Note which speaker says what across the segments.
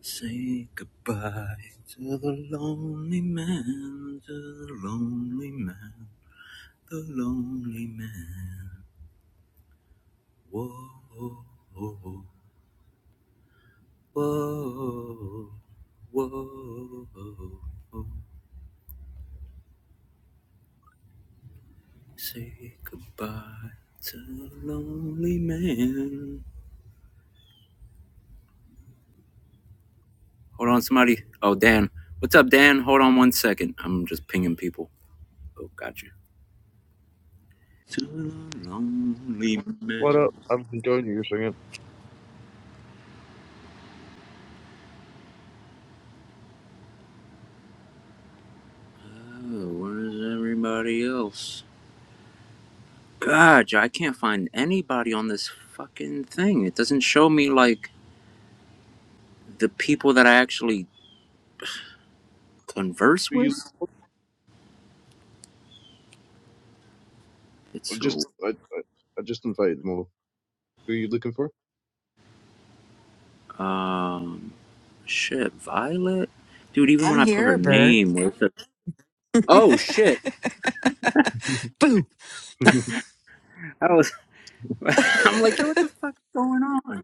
Speaker 1: Say goodbye to the lonely man, to the lonely man, the lonely man. Whoa, whoa, whoa, whoa, whoa. whoa. Say goodbye to the lonely man. Hold on, somebody. Oh, Dan. What's up, Dan? Hold on one second. I'm just pinging people. Oh, gotcha. To the lonely
Speaker 2: What
Speaker 1: man.
Speaker 2: up? I haven't joined you for a
Speaker 1: Oh, where is everybody else? God, I can't find anybody on this fucking thing. It doesn't show me like the people that I actually converse
Speaker 2: Who you
Speaker 1: with. It's
Speaker 2: I
Speaker 1: so
Speaker 2: just I I, I just invited them over. Who you looking for?
Speaker 1: um shit, Violet, dude. Even
Speaker 3: I'm
Speaker 1: when I put her
Speaker 3: here, Bert.
Speaker 1: name, where the oh shit,
Speaker 2: yo,
Speaker 3: Boo.
Speaker 1: I was I'm like, yo, what the fuck's going on?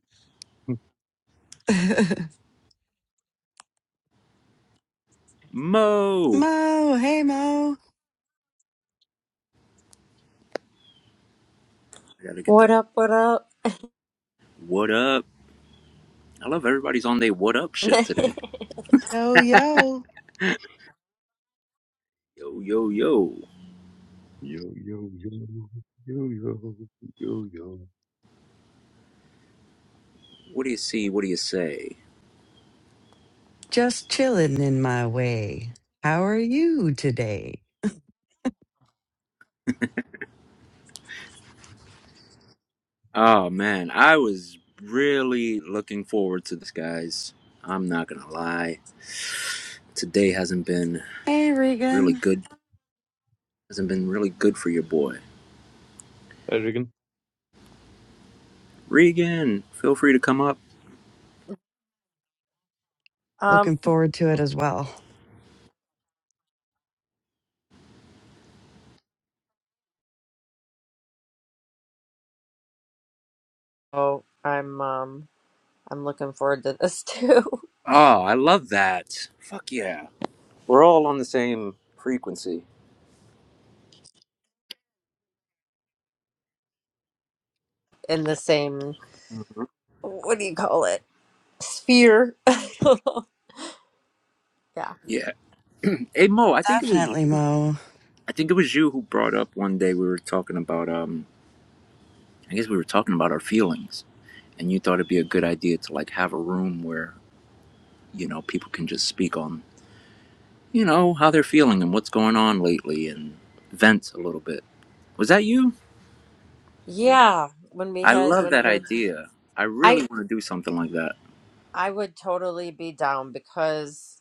Speaker 1: Mo,
Speaker 3: Mo, hey Mo.
Speaker 1: I gotta get the
Speaker 4: What up? What up?
Speaker 1: what up. I love everybody's on their what up shit today.
Speaker 3: Yo yo.
Speaker 1: Yo, yo, yo.
Speaker 2: yo, yo, yo, yo, yo, yo.
Speaker 1: What do you see? What do you say?
Speaker 3: Just chilling in my way. How are you today?
Speaker 1: Oh man, I was really looking forward to this, guys. I'm not gonna lie. Today hasn't been
Speaker 3: Hey
Speaker 1: really
Speaker 3: Regan.
Speaker 1: good. Hasn't been really good for your boy.
Speaker 2: Hi Regan.
Speaker 1: Regan, feel free to come up.
Speaker 4: um.
Speaker 3: Looking forward to it as well.
Speaker 4: Oh, I'm um. I'm looking forward to this too.
Speaker 1: Oh, I love that. Fuck yeah. We're all on the same frequency.
Speaker 4: In the same, what do you call it? Sphere. yeah.
Speaker 1: Yeah. Hey Mo, I think it was
Speaker 3: Definitely,
Speaker 1: you.
Speaker 3: Mo.
Speaker 1: I think it was you who brought up one day we were talking about um I guess we were talking about our feelings and you thought it'd be a good idea to like have a room where, you know, people can just speak on you know, how they're feeling and what's going on lately and vent a little bit. Was that you?
Speaker 4: Yeah. When we
Speaker 1: I
Speaker 4: had
Speaker 1: love
Speaker 4: when
Speaker 1: that
Speaker 4: we were,
Speaker 1: idea. I really
Speaker 4: I
Speaker 1: want to do something like that.
Speaker 4: I would totally be down because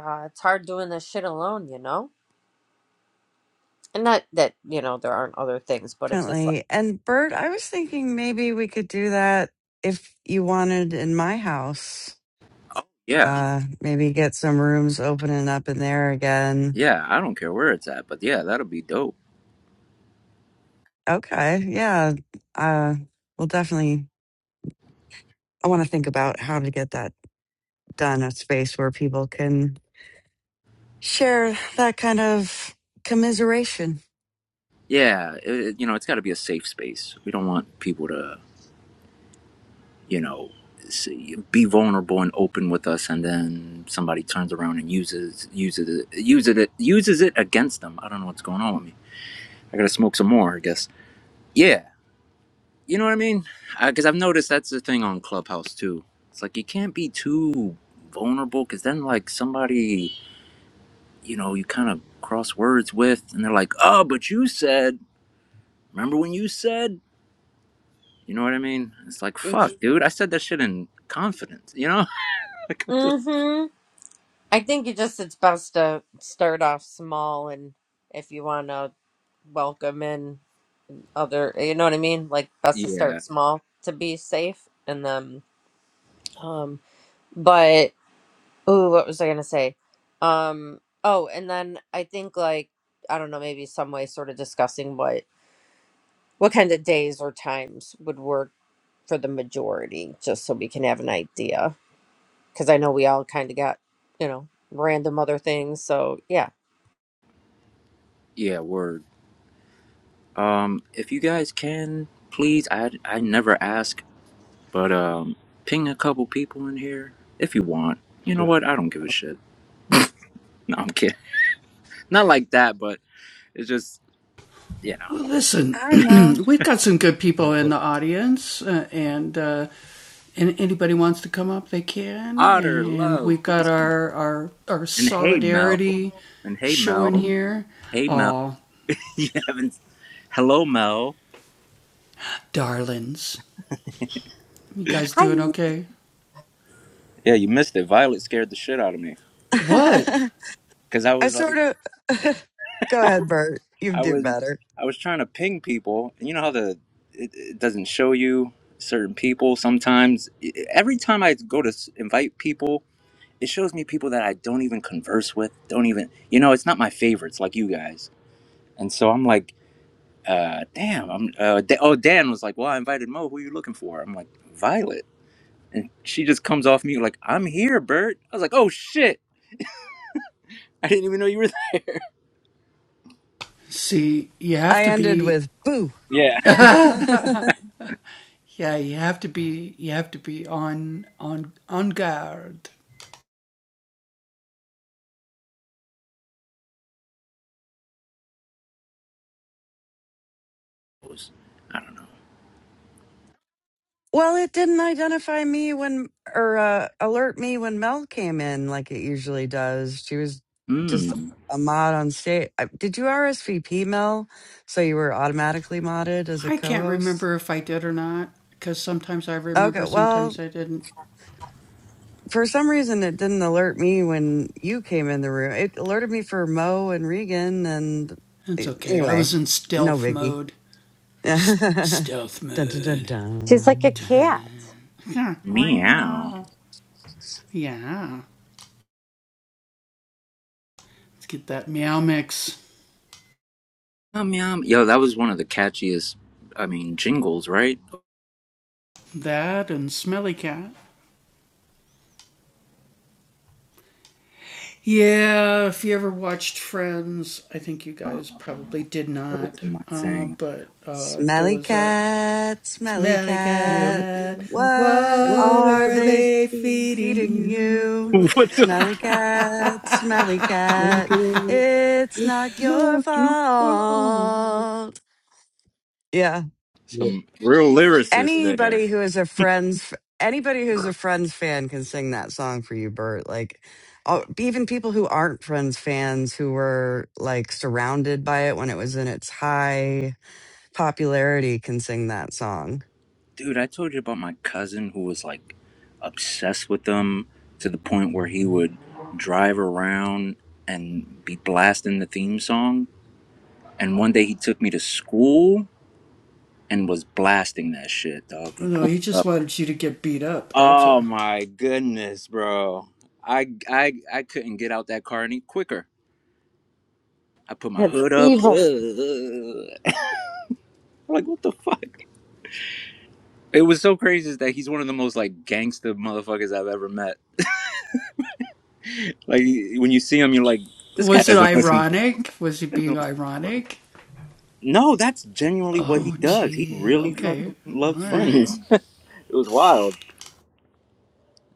Speaker 4: uh, it's hard doing this shit alone, you know. And not that you know there aren't other things, but it's just
Speaker 3: Definitely. And Bert, I was thinking maybe we could do that if you wanted in my house.
Speaker 1: Yeah.
Speaker 3: Uh maybe get some rooms opening up in there again.
Speaker 1: Yeah. I don't care where it's at, but yeah, that'll be dope.
Speaker 3: Okay. Yeah. Uh we'll definitely I want to think about how to get that done a space where people can share that kind of commiseration.
Speaker 1: Yeah. It, it- you know, it's got to be a safe space. We don't want people to, you know, see, be vulnerable and open with us and then somebody turns around and uses uses it uses it uses it against them. I don't know what's going on with me. I got to smoke some more, I guess. Yeah. You know what I mean? Because I've noticed that's the thing on Clubhouse too. It's like you can't be too vulnerable because then, like, somebody, you know, you kind of cross words with and they're like, oh, but you said, remember when you said, you know what I mean? It's like,
Speaker 4: like.
Speaker 1: fuck, dude, I said that shit in confidence, you know? like, what the?
Speaker 4: Mm-hmm. I think you just it's best to start off small, and if you want to welcome in. other you know what i mean like best to
Speaker 1: Yeah,
Speaker 4: start small to be safe and then um but ooh what was i gonna say um oh and then i think like i don't know maybe some way sort of discussing what what kind of days or times would work for the majority just so we can have an idea because i know we all kind of got you know random other things so yeah
Speaker 1: yeah, word. Um, if you guys can, please, I, I never ask, but, um, ping a couple people in here if you want. You
Speaker 2: Yeah,
Speaker 1: know what? I don't give a shit. No, I'm kidding not like that, but. It's just you know,
Speaker 3: I don't
Speaker 2: that
Speaker 3: know.
Speaker 2: was
Speaker 1: otter love, please come. And hey Mel, and hey Mel, hey Mel, you haven't. Hello Mel.
Speaker 4: hi
Speaker 1: Yeah, you missed it. Violet scared the shit out of me because I
Speaker 3: I
Speaker 1: was
Speaker 3: sort
Speaker 1: like,
Speaker 3: of go ahead, Bert. You
Speaker 1: I
Speaker 3: do
Speaker 1: was,
Speaker 3: better.
Speaker 1: I was trying to ping people, and you know how the it, it doesn't show you certain people sometimes. E, e, Every time I go to s- invite people. It shows me people that I don't even converse with, don't even, you know, it's not my favorites like you guys. And so I'm like, uh, damn, I'm, uh, da- oh, Dan was like, well, I invited Mo. Who are you looking for? I'm like, Violet. And she just comes off mute like, I'm here, Bert. I was like, oh, shit. I didn't even know you were there.
Speaker 3: I ended with boo.
Speaker 1: Yeah.
Speaker 3: well, it didn't identify me when or uh, alert me when Mel came in like it usually does. She was just
Speaker 1: Mm,
Speaker 3: a mod on stage. I- Did you RSVP Mel? So you were automatically modded as a co-host? Okay. Well, for some reason it didn't alert me when you came in the room. It alerted me for Mo and Regan and anyway, no biggie. dun, dun, dun,
Speaker 4: She's like a
Speaker 3: dun.
Speaker 4: cat.
Speaker 1: meow. Um, Yum. Yo, that was one of the catchiest, I mean, jingles, right? Uh, That wasn't my thing.
Speaker 3: Smelly cat, smelly
Speaker 2: Well,
Speaker 3: cat.
Speaker 2: God,
Speaker 3: What are they feeding you?
Speaker 1: what the?
Speaker 3: Smelly cat, smelly
Speaker 2: what it's my
Speaker 3: cat.
Speaker 2: God,
Speaker 3: It's
Speaker 2: it's
Speaker 3: not your
Speaker 2: not your fault.
Speaker 3: fault. Yeah.
Speaker 2: Yeah,
Speaker 1: Some real lyricist there.
Speaker 3: anybody who is a friends anybody who's a friends fan can sing that song for you bert like oh, even people who aren't friends fans who were like surrounded by it when it was in its high popularity can sing that song
Speaker 1: Dude, I told you about my cousin who was like obsessed with them to the point where he would drive around and be blasting the theme song. And one day he took me to school and was blasting that shit, dog. Oh my goodness, bro. I I I couldn't get out that car any quicker. I put my
Speaker 4: That's
Speaker 1: hood up.
Speaker 4: evil.
Speaker 1: Ugh. like what the fuck? It was so crazy that he's one of the most like gangster motherfuckers I've ever met. Like when you see him, you're like, this guy doesn't listen. To, no, that's genuinely what he does. He really fucking loved Friends. it was wild,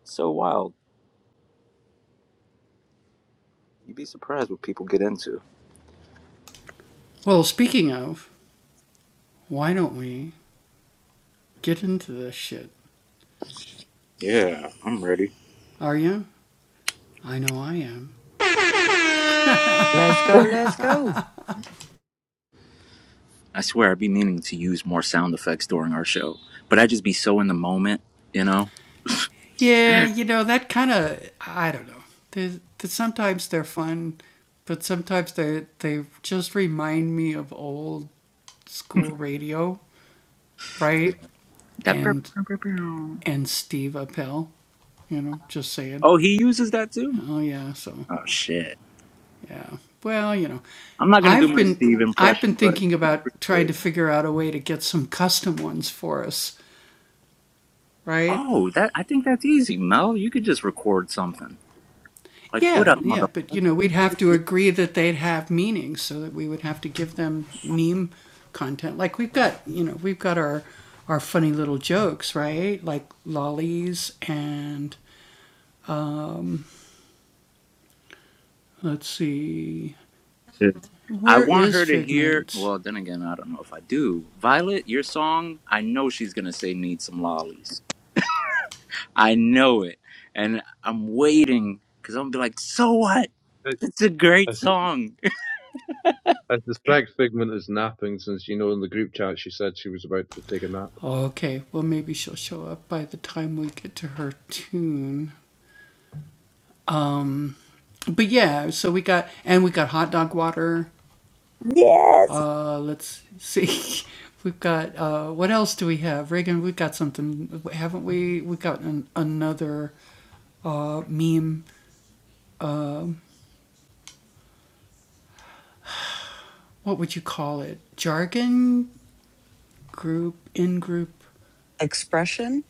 Speaker 1: so wild. You'd be surprised what people get into. Yeah, I'm ready.
Speaker 3: let's go let's go
Speaker 1: I swear, I'd be meaning to use more sound effects during our show, but I'd just be so in the moment, you know. That. burp, burp, burp, burp. Oh, he uses that too. Oh shit. I'm not gonna do my Steve impression, but it's pretty good. Oh, that I think that's easy, Mel. You could just record something. Like, what up, motherfucker? 'Cause I want her to hear. Well, then again, I don't know if I do. Violet, your song, I know she's going to say need some lollies. I know it. And I'm waiting because I'm going to be like, so what?
Speaker 2: I,
Speaker 1: It's a
Speaker 2: I,
Speaker 1: great
Speaker 2: sus-
Speaker 1: song.
Speaker 2: I suspect Figment is napping since you know in the group chat she said she was about to take a nap.
Speaker 4: yes.
Speaker 3: expression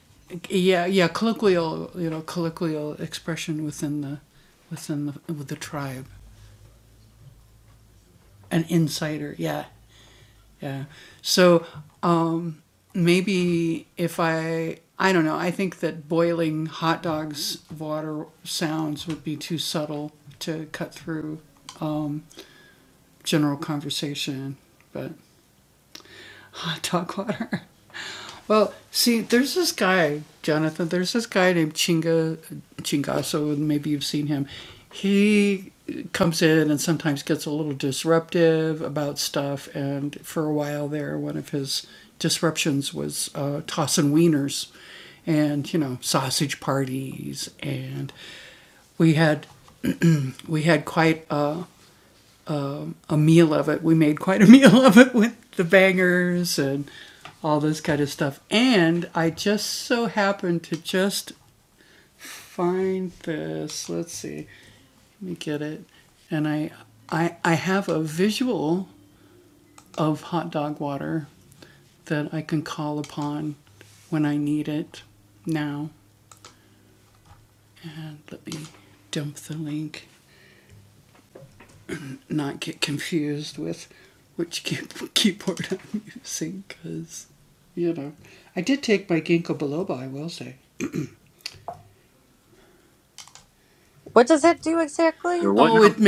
Speaker 4: What does that do exactly?
Speaker 1: Or what now?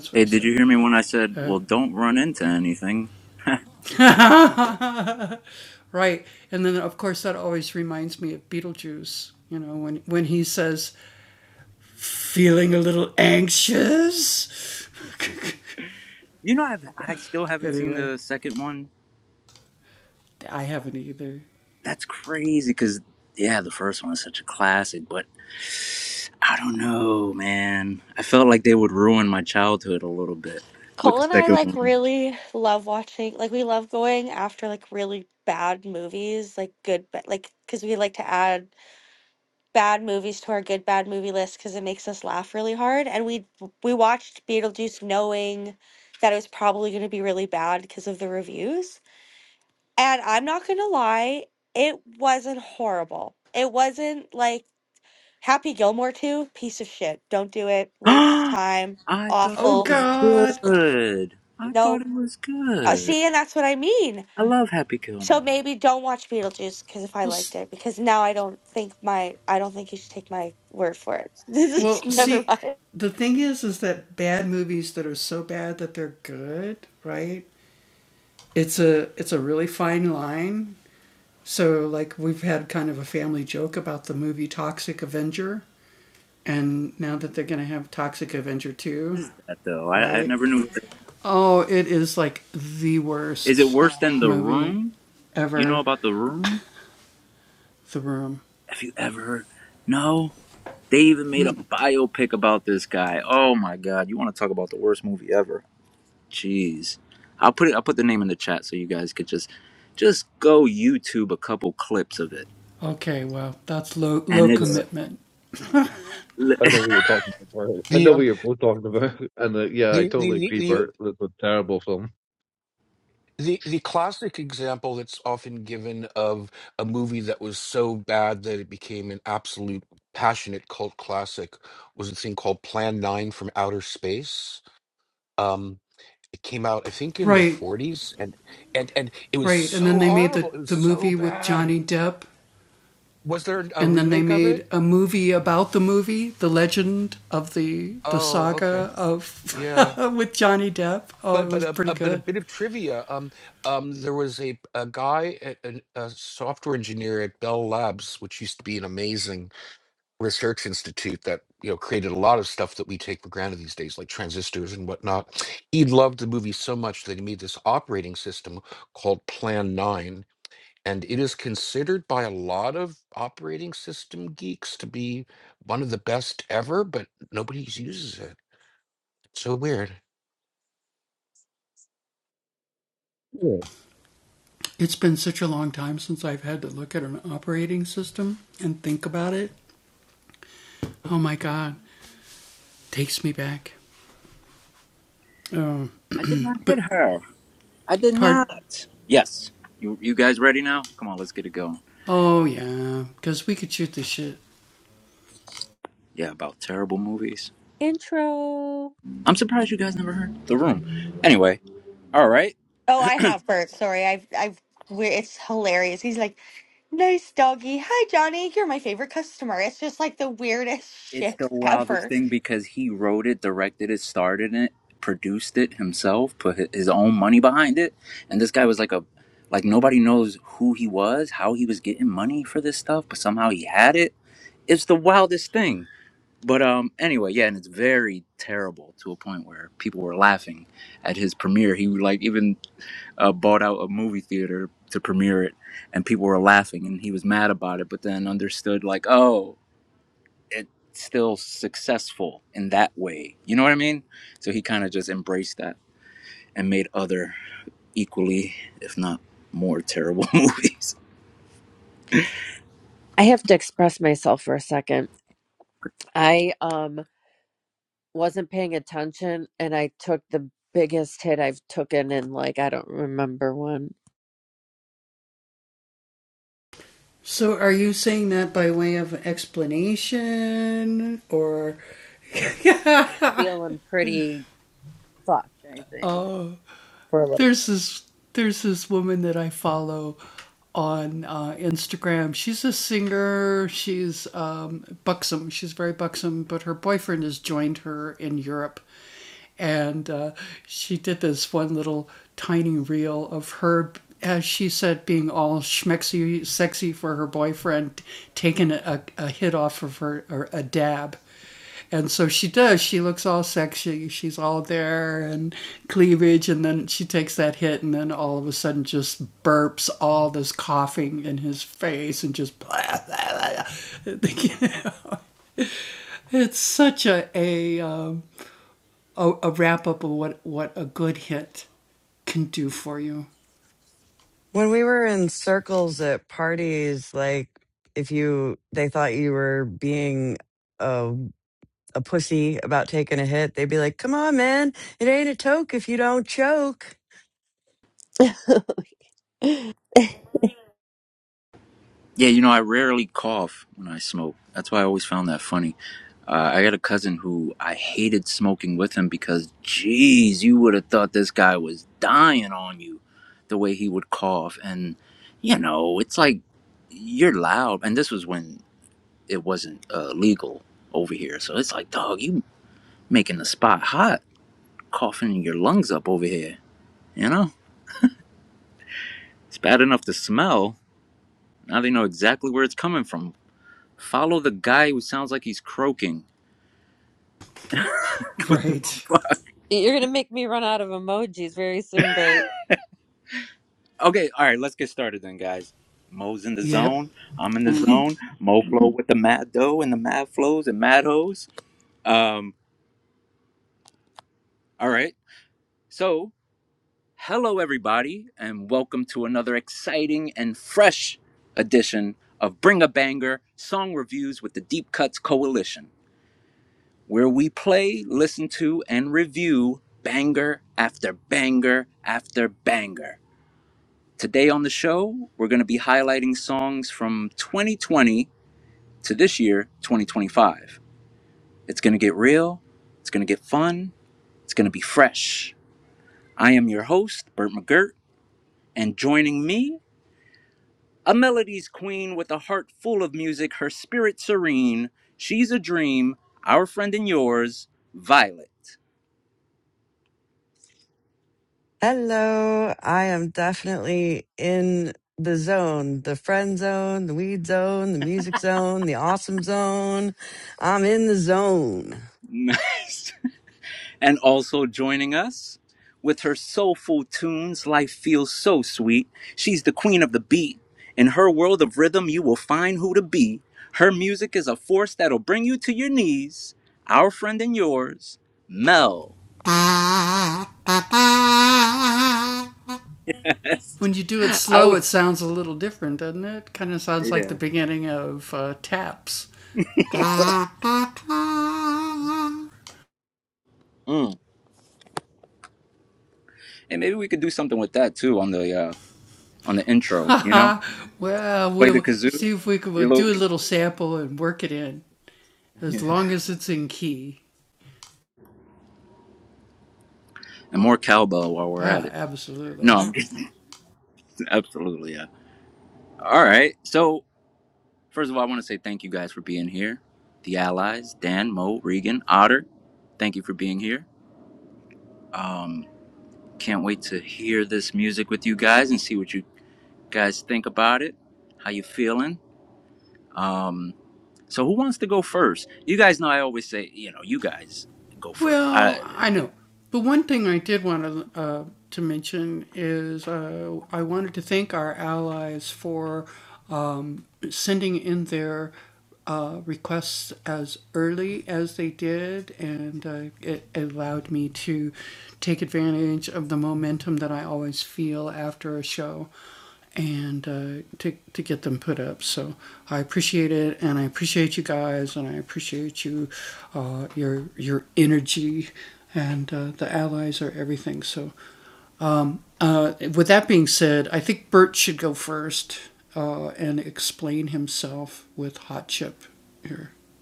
Speaker 1: hey, did you hear me when I said, well, don't run into anything? You know, I've, I still haven't seen the second one That's crazy because yeah, the first one is such a classic, but I don't know, man. I felt like they would ruin my childhood a little bit with
Speaker 5: Cole
Speaker 1: the
Speaker 5: and I
Speaker 1: second
Speaker 5: like
Speaker 1: one.
Speaker 5: really love watching, like we love going after like really bad movies, like good, but like because we like to add bad movies to our good bad movie list because it makes us laugh really hard. And we we watched Beetlejuice knowing that it was probably going to be really bad because of the reviews. And I'm not gonna lie, it wasn't horrible. It wasn't like Happy Gilmore 2, piece of shit. Don't do it. Waste time.
Speaker 1: I thought it
Speaker 5: Awful.
Speaker 1: was good. I thought
Speaker 5: No.
Speaker 1: it was
Speaker 5: Uh,
Speaker 1: good.
Speaker 5: see, and that's what I mean.
Speaker 1: I love Happy
Speaker 5: So
Speaker 1: Gilmore.
Speaker 5: maybe don't watch Beetlejuice because if I liked it, because now I don't think my I don't think you should take my word for it. This is never mind.
Speaker 1: That though, I, I never knew. Is it worse than The Room? You know about The Room? Have you ever? heard- No. They even made a biopic about this guy. Oh my god! You want to talk about the worst movie ever? Jeez. I'll put it I'll put the name in the chat so you guys could just just go YouTube a couple clips of it. And it's
Speaker 2: I know what you're talking about. Bart. I
Speaker 6: The
Speaker 2: know what
Speaker 6: um
Speaker 2: you're both talking about, and uh, yeah, I
Speaker 6: the the
Speaker 2: totally
Speaker 6: the
Speaker 2: agree,
Speaker 6: the
Speaker 2: Bert. That's a terrible film.
Speaker 6: the, the classic example that's often given of a movie that was so bad that it became an absolute passionate cult classic was a thing called Plan 9 from Outer Space. Um it came out I think in the 40s and and and it was so horrible. It was so bad. Was there a remake of it? Oh, okay. yeah. but but a, a but a bit of trivia. Um, um, there was a a guy, at, an- a software engineer at Bell Labs, which used to be an amazing research institute that you know created a lot of stuff that we take for granted these days, like transistors and whatnot. He loved the movie so much that he made this operating system called Plan Nine, and it is considered by a lot of operating system geeks to be one of the best ever, but nobody uses it. So weird.
Speaker 1: I did not hit her. I did not. Yes. You you guys ready now? Come on, let's get it going. Yeah, about terrible movies.
Speaker 4: Intro.
Speaker 1: I'm surprised you guys never heard The Room. Anyway, all right.
Speaker 5: Oh, I have Bert. Sorry, I've I've we're, it's hilarious. He's like, nice doggy. Hi, Johnny. You're my favorite customer. It's just like the weirdest
Speaker 1: It's
Speaker 5: shit
Speaker 1: the wildest
Speaker 5: ever.
Speaker 1: thing because he wrote it, directed it, started it, produced it himself, put hi- his own money behind it, and this guy was like a like nobody knows who he was, how he was getting money for this stuff, but somehow he had it. It's the wildest thing. But um anyway, yeah, and it's very terrible to a point where people were laughing at his premiere. He like even uh, bought out a movie theater to premiere it and people were laughing and he was mad about it, but then understood like, "Oh, it's still successful in that way. You know what I mean? So he kind of just embraced that and made other equally, if not more, terrible movies.
Speaker 4: I have to express myself for a second. I um wasn't paying attention and I took the biggest hit I've taken in like I don't remember when. Feeling pretty fucked, I think, for a little
Speaker 3: when we were in circles at parties like if you they thought you were being a, a pussy about taking a hit they'd be like come on man it ain't a toke if you don't choke
Speaker 4: bit.
Speaker 1: Yeah, you know, I rarely cough when I smoke. That's why I always found that funny. Uh, I got a cousin who I hated smoking with him because, geez, you would have thought this guy was dying on you the way he would cough. And, you know, it's like you're loud. And this was when it wasn't uh, legal over here. So it's like, dog, you making the spot hot, coughing your lungs up over here. You know, it's bad enough to smell. Now they know exactly where it's coming from. Follow the guy who sounds like he's croaking. What the fuck?
Speaker 4: You're gonna make me run out of emojis very soon, Bert.
Speaker 1: Okay, all right, let's get started then, guys. Mo's in the zone. I'm in the Mhm. zone. Mo flow with the mad dough and the mad flows and mad hoes. Um, all right. So, hello everybody, and welcome to another exciting and fresh edition of Bring a Banger Song Reviews with the Deep Cuts Coalition. where we play, listen to, and review banger after banger after banger. Today on the show, we're going to be highlighting songs from 2020 to this year, 2025. It's going to get real, it's going to get fun, it's going to be fresh. I am your host, Burt McGirt, and joining me, a melodies queen with a heart full of music, her spirit serene. She's a dream, our friend and yours, Violet.
Speaker 3: Hello. I am definitely in the zone, the friend zone, the weed zone, the music zone, the awesome zone. I'm in the zone.
Speaker 1: Nice. and also joining us with her soulful tunes life feels so sweet she's the queen of the beat in her world of rhythm you will find who to be her music is a force that'll bring you to your knees our friend and yours mel i would yeah Mm. and maybe we could do something with that too on the uh on the intro you know play the kazoo you know? and more cowbell while we're at it no i'm just absolutely yeah all right so First of all, I want to say thank you guys for being here. The allies, Dan, Mo, Regan, Otter, thank you for being here. Um, can't wait to hear this music with you guys and see what you guys think about it. How you feeling? Um, so who wants to go first? You guys know I always say, you know, you guys go first. I,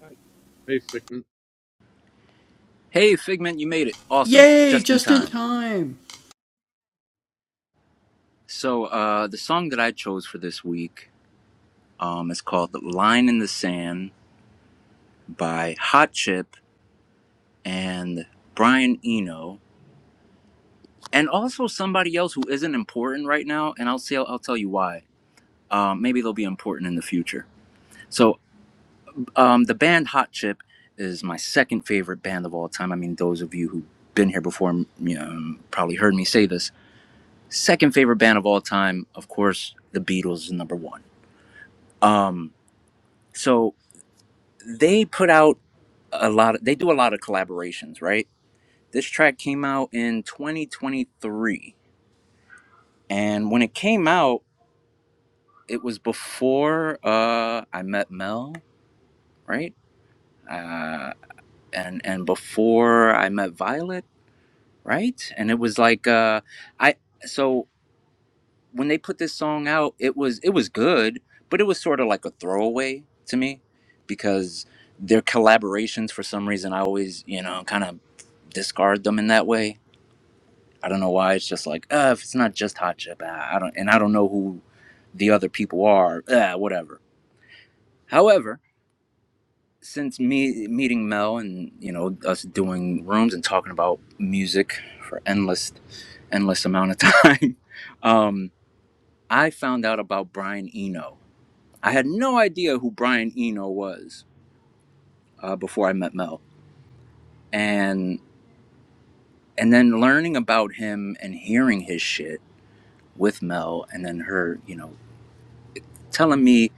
Speaker 2: I, I freaking
Speaker 1: hey, Figment, you made it. Awesome. Just in time. So uh, the song that I chose for this week um, is called "Line in the Sand" by Hot Chip and Brian Eno, and also somebody else who isn't important right now. And I'll see. I'll, I'll tell you why. Um, maybe they'll be important in the future. So um, the band Hot Chip is my second favorite band of all time. I mean, those of you who've been here before mm, you know, um, probably heard me say this. Second favorite band of all time, of course, the Beatles is number one. Um, so they put out a lot. Of, they do a lot of collaborations, right? This track came out in 2023 And when it came out, it was before uh, I met Mel, right? Uh, and and before I met Violet, right? And it was like uh, I so when they put this song out, it was it was good, but it was sort of like a throwaway to me because their collaborations for some reason I always you know kind of discard them in that way. I don't know why. It's just like uh, if it's not just Hot Chip, ah, I don't and I don't know who the other people are, uh, whatever However, since me meeting Mel and you know us doing rooms and talking about music for endless, endless amount of time, um, I found out about Brian Eno. I had no idea who Brian Eno was uh, before I met Mel, and and then learning about him and hearing his shit with Mel, and then her, you know. telling me,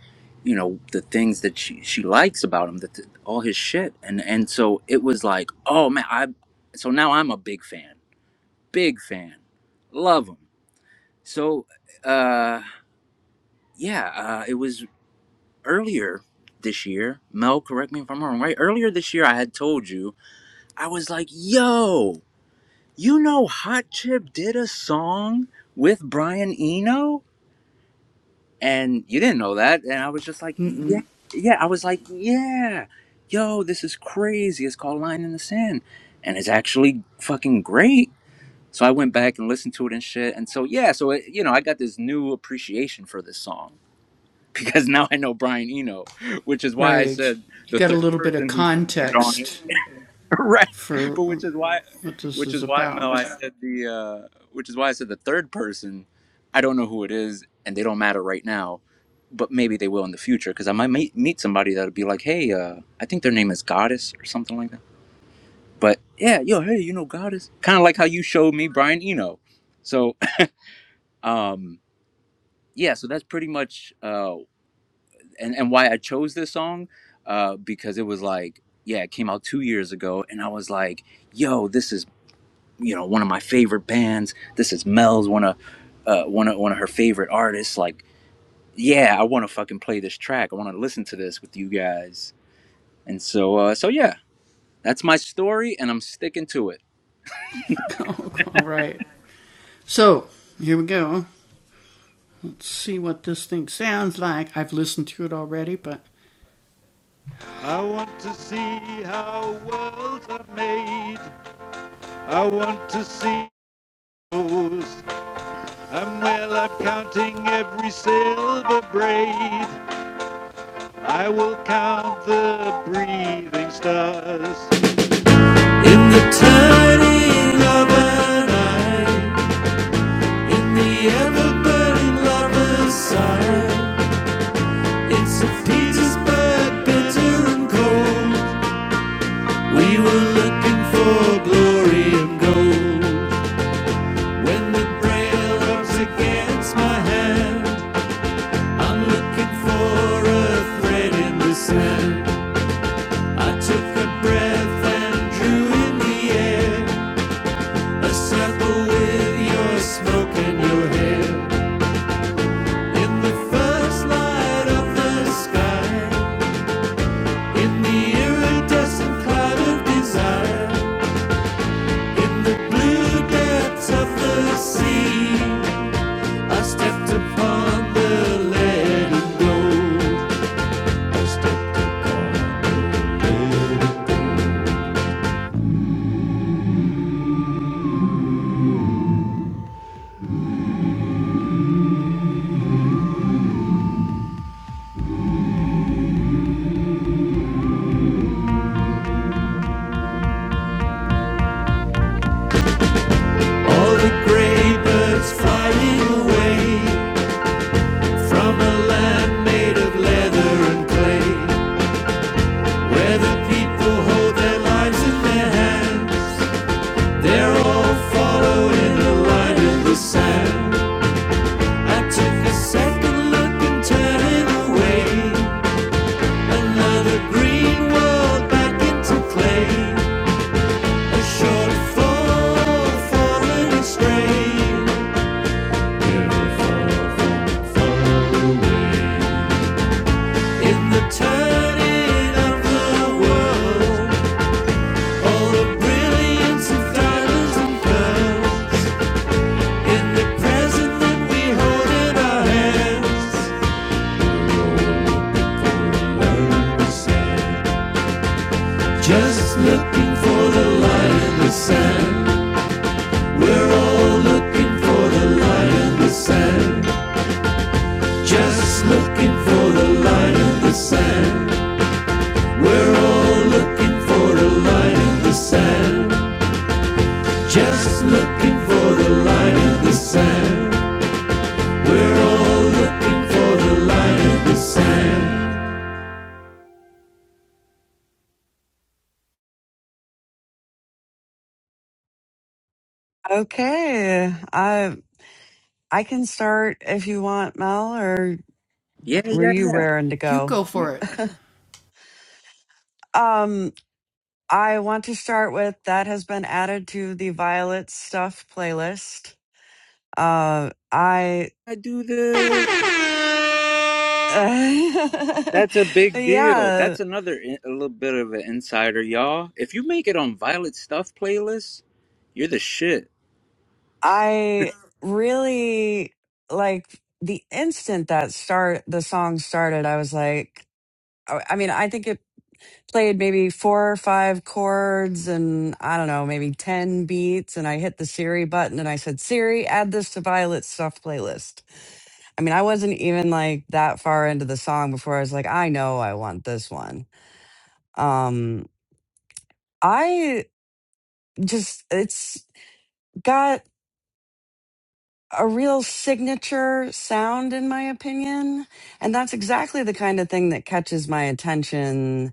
Speaker 1: you know, the things that she, she likes about him, that all his shit, and and so it was like, oh man, I, so now I'm a big fan, big fan, love him. So, uh, yeah, uh, it was earlier this year. Mel, correct me if I'm wrong, right? Earlier this year, I had told you I was like, yo, you know, Hot Chip did a song with Brian Eno and you didn't know that and i was just like yeah yeah i was like yeah yo this is crazy it's called line in the sand and it's actually fucking great so i went back and listened to it and shit and so yeah so it, you know i got this new appreciation for this song because now i know brian eno which is why i said the third person who's featured on it right but which is why which is why mel i said the uh which is why i said the third person i don't know who it is and they don't matter right now but maybe they will in the future because i might meet, meet somebody that'll be like hey uh i think their name is goddess or something like that but yeah yo hey you know goddess kind of like how you showed me brian eno so um yeah so that's pretty much uh and and why i chose this song uh because it was like yeah it came out two years ago and i was like yo, this is you know one of my favorite bands. This is Mel's one of uh, one of one of her favorite artists. Like, yeah, I want to fucking play this track. I want to listen to this with you guys. And so, uh, so yeah, that's my story, and I'm sticking to it.
Speaker 7: I want to see how worlds are made. I want to see those. And well, I'm counting every silver braid. I will count the breathing stars. In the turning of an eye, in the ever-burning lover's sigh, in St. Petersburg, bitter and cold, we were looking for glory and gold. When the braille rubs against my hand, I'm looking for a thread in the sand. I took a breath and drew in the air, a circle with your smoke and your hair. In the first light of the sky, in the iridescent cloud of desire, in the blue depths of the sea, I stepped upon the leaden gold. All the gray birds flying away from a land made of leather and clay, where the people hold their lives in their hands. They're all followed. I took a second look and turning away. Another green world back into clay. A short fall, falling astray. Never far, far, far away. In the turning of the world, all the
Speaker 3: Okay. I I can start if you want, Mel, or
Speaker 1: Yeah,
Speaker 3: were
Speaker 1: yeah,
Speaker 3: you
Speaker 1: yeah.
Speaker 3: raring to go?
Speaker 1: I
Speaker 3: Um, I want to start with that has been added to the Violet Stuff playlist. Uh I
Speaker 1: do this. That's a big deal.
Speaker 3: yeah.
Speaker 1: That's another in- a little bit of an insider, y'all. If you make it on Violet Stuff playlist, you're the shit.
Speaker 3: I really like the instant that start the song started, I was like, I I mean, I think it played maybe four or five chords and I don't know, maybe 10 beats. And I hit the Siri button and I said, Siri, add this to Violet's stuff playlist. I mean, I wasn't even like that far into the song before I was like, I know I want this one. Um, I just, it's got. a real signature sound, in my opinion. And that's exactly the kind of thing that catches my attention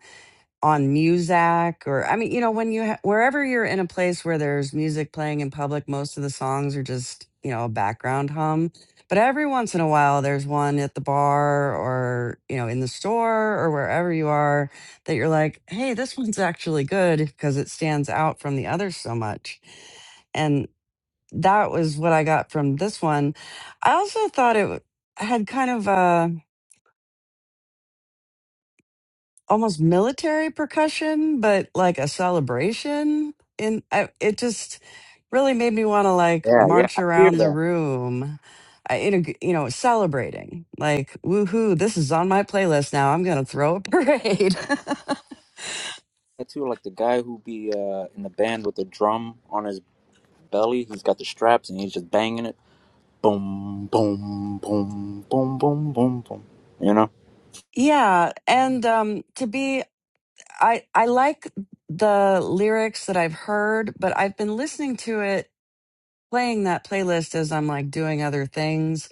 Speaker 3: on Muzak or, I mean, you know, when you, ha- wherever you're in a place where there's music playing in public, most of the songs are just, you know, a background hum. But every once in a while, there's one at the bar or, you know, in the store or wherever you are that you're like, hey, this one's actually good because it stands out from the others so much and that was what I got from this one. I also thought it w- had kind of a almost military percussion, but like a celebration. And I, it just really made me want to like
Speaker 1: Yeah, yeah,
Speaker 3: march
Speaker 1: I hear
Speaker 3: around the
Speaker 1: that.
Speaker 3: room, I, in a, g- you know, celebrating. Like, woohoo! This is on my playlist now. I'm gonna throw a parade.
Speaker 1: I too like the guy who be uh, in the band with the drum on his belly. He's got the straps and he's just banging it. Boom, boom, boom, boom, boom, boom, boom. You know?
Speaker 3: Yeah, and um to be I I like the lyrics that I've heard, but I've been listening to it playing that playlist as I'm like doing other things.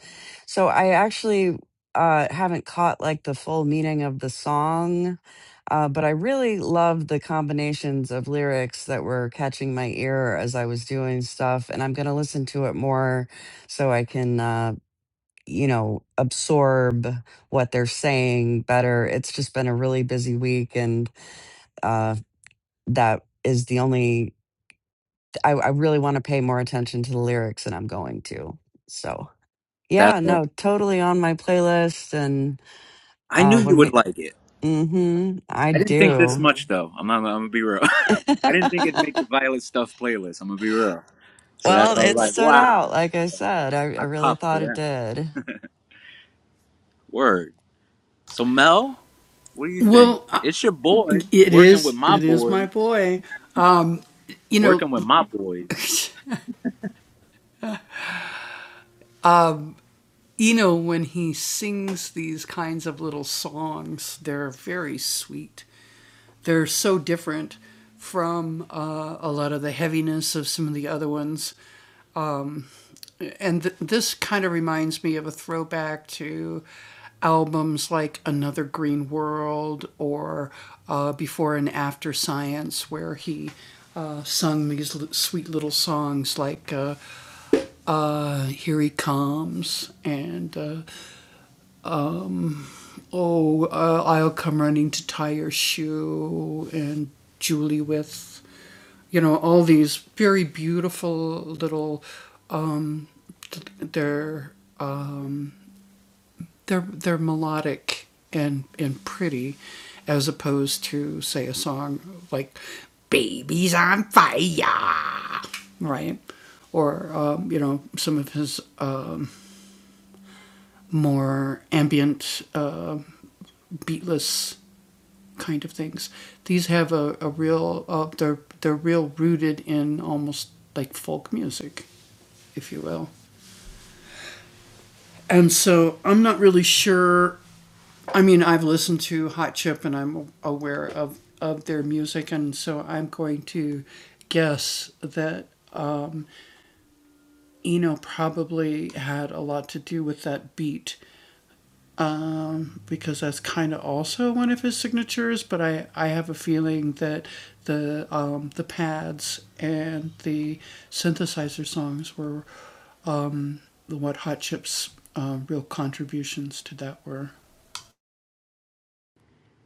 Speaker 3: So I actually uh, haven't caught like the full meaning of the song, uh, but I really loved the combinations of lyrics that were catching my ear as I was doing stuff. And I'm going to listen to it more so I can, uh, you know, absorb what they're saying better. It's just been a really busy week. And uh, that is the only, I, I really want to pay more attention to the lyrics and I'm going to. So.
Speaker 1: That
Speaker 3: Yeah,
Speaker 1: one.
Speaker 3: no, totally on my playlist. And
Speaker 1: I
Speaker 3: uh,
Speaker 1: knew you
Speaker 3: when
Speaker 1: would
Speaker 3: we,
Speaker 1: like it.
Speaker 3: mm-hmm, I
Speaker 1: I didn't think this
Speaker 3: do.
Speaker 1: much though. I'm not, I'm gonna be real. I didn't think it'd make the Violet Stuff playlist. I'm gonna be real. So that's
Speaker 3: well,
Speaker 1: why I was
Speaker 3: it
Speaker 1: like,
Speaker 3: stood
Speaker 1: wow,
Speaker 3: out. Like I said, I, I
Speaker 1: I
Speaker 3: really
Speaker 1: popped for
Speaker 3: thought it
Speaker 1: that.
Speaker 3: did.
Speaker 1: Word. So Mel, what do you think? It's your boy working with my boys. Working with my boys.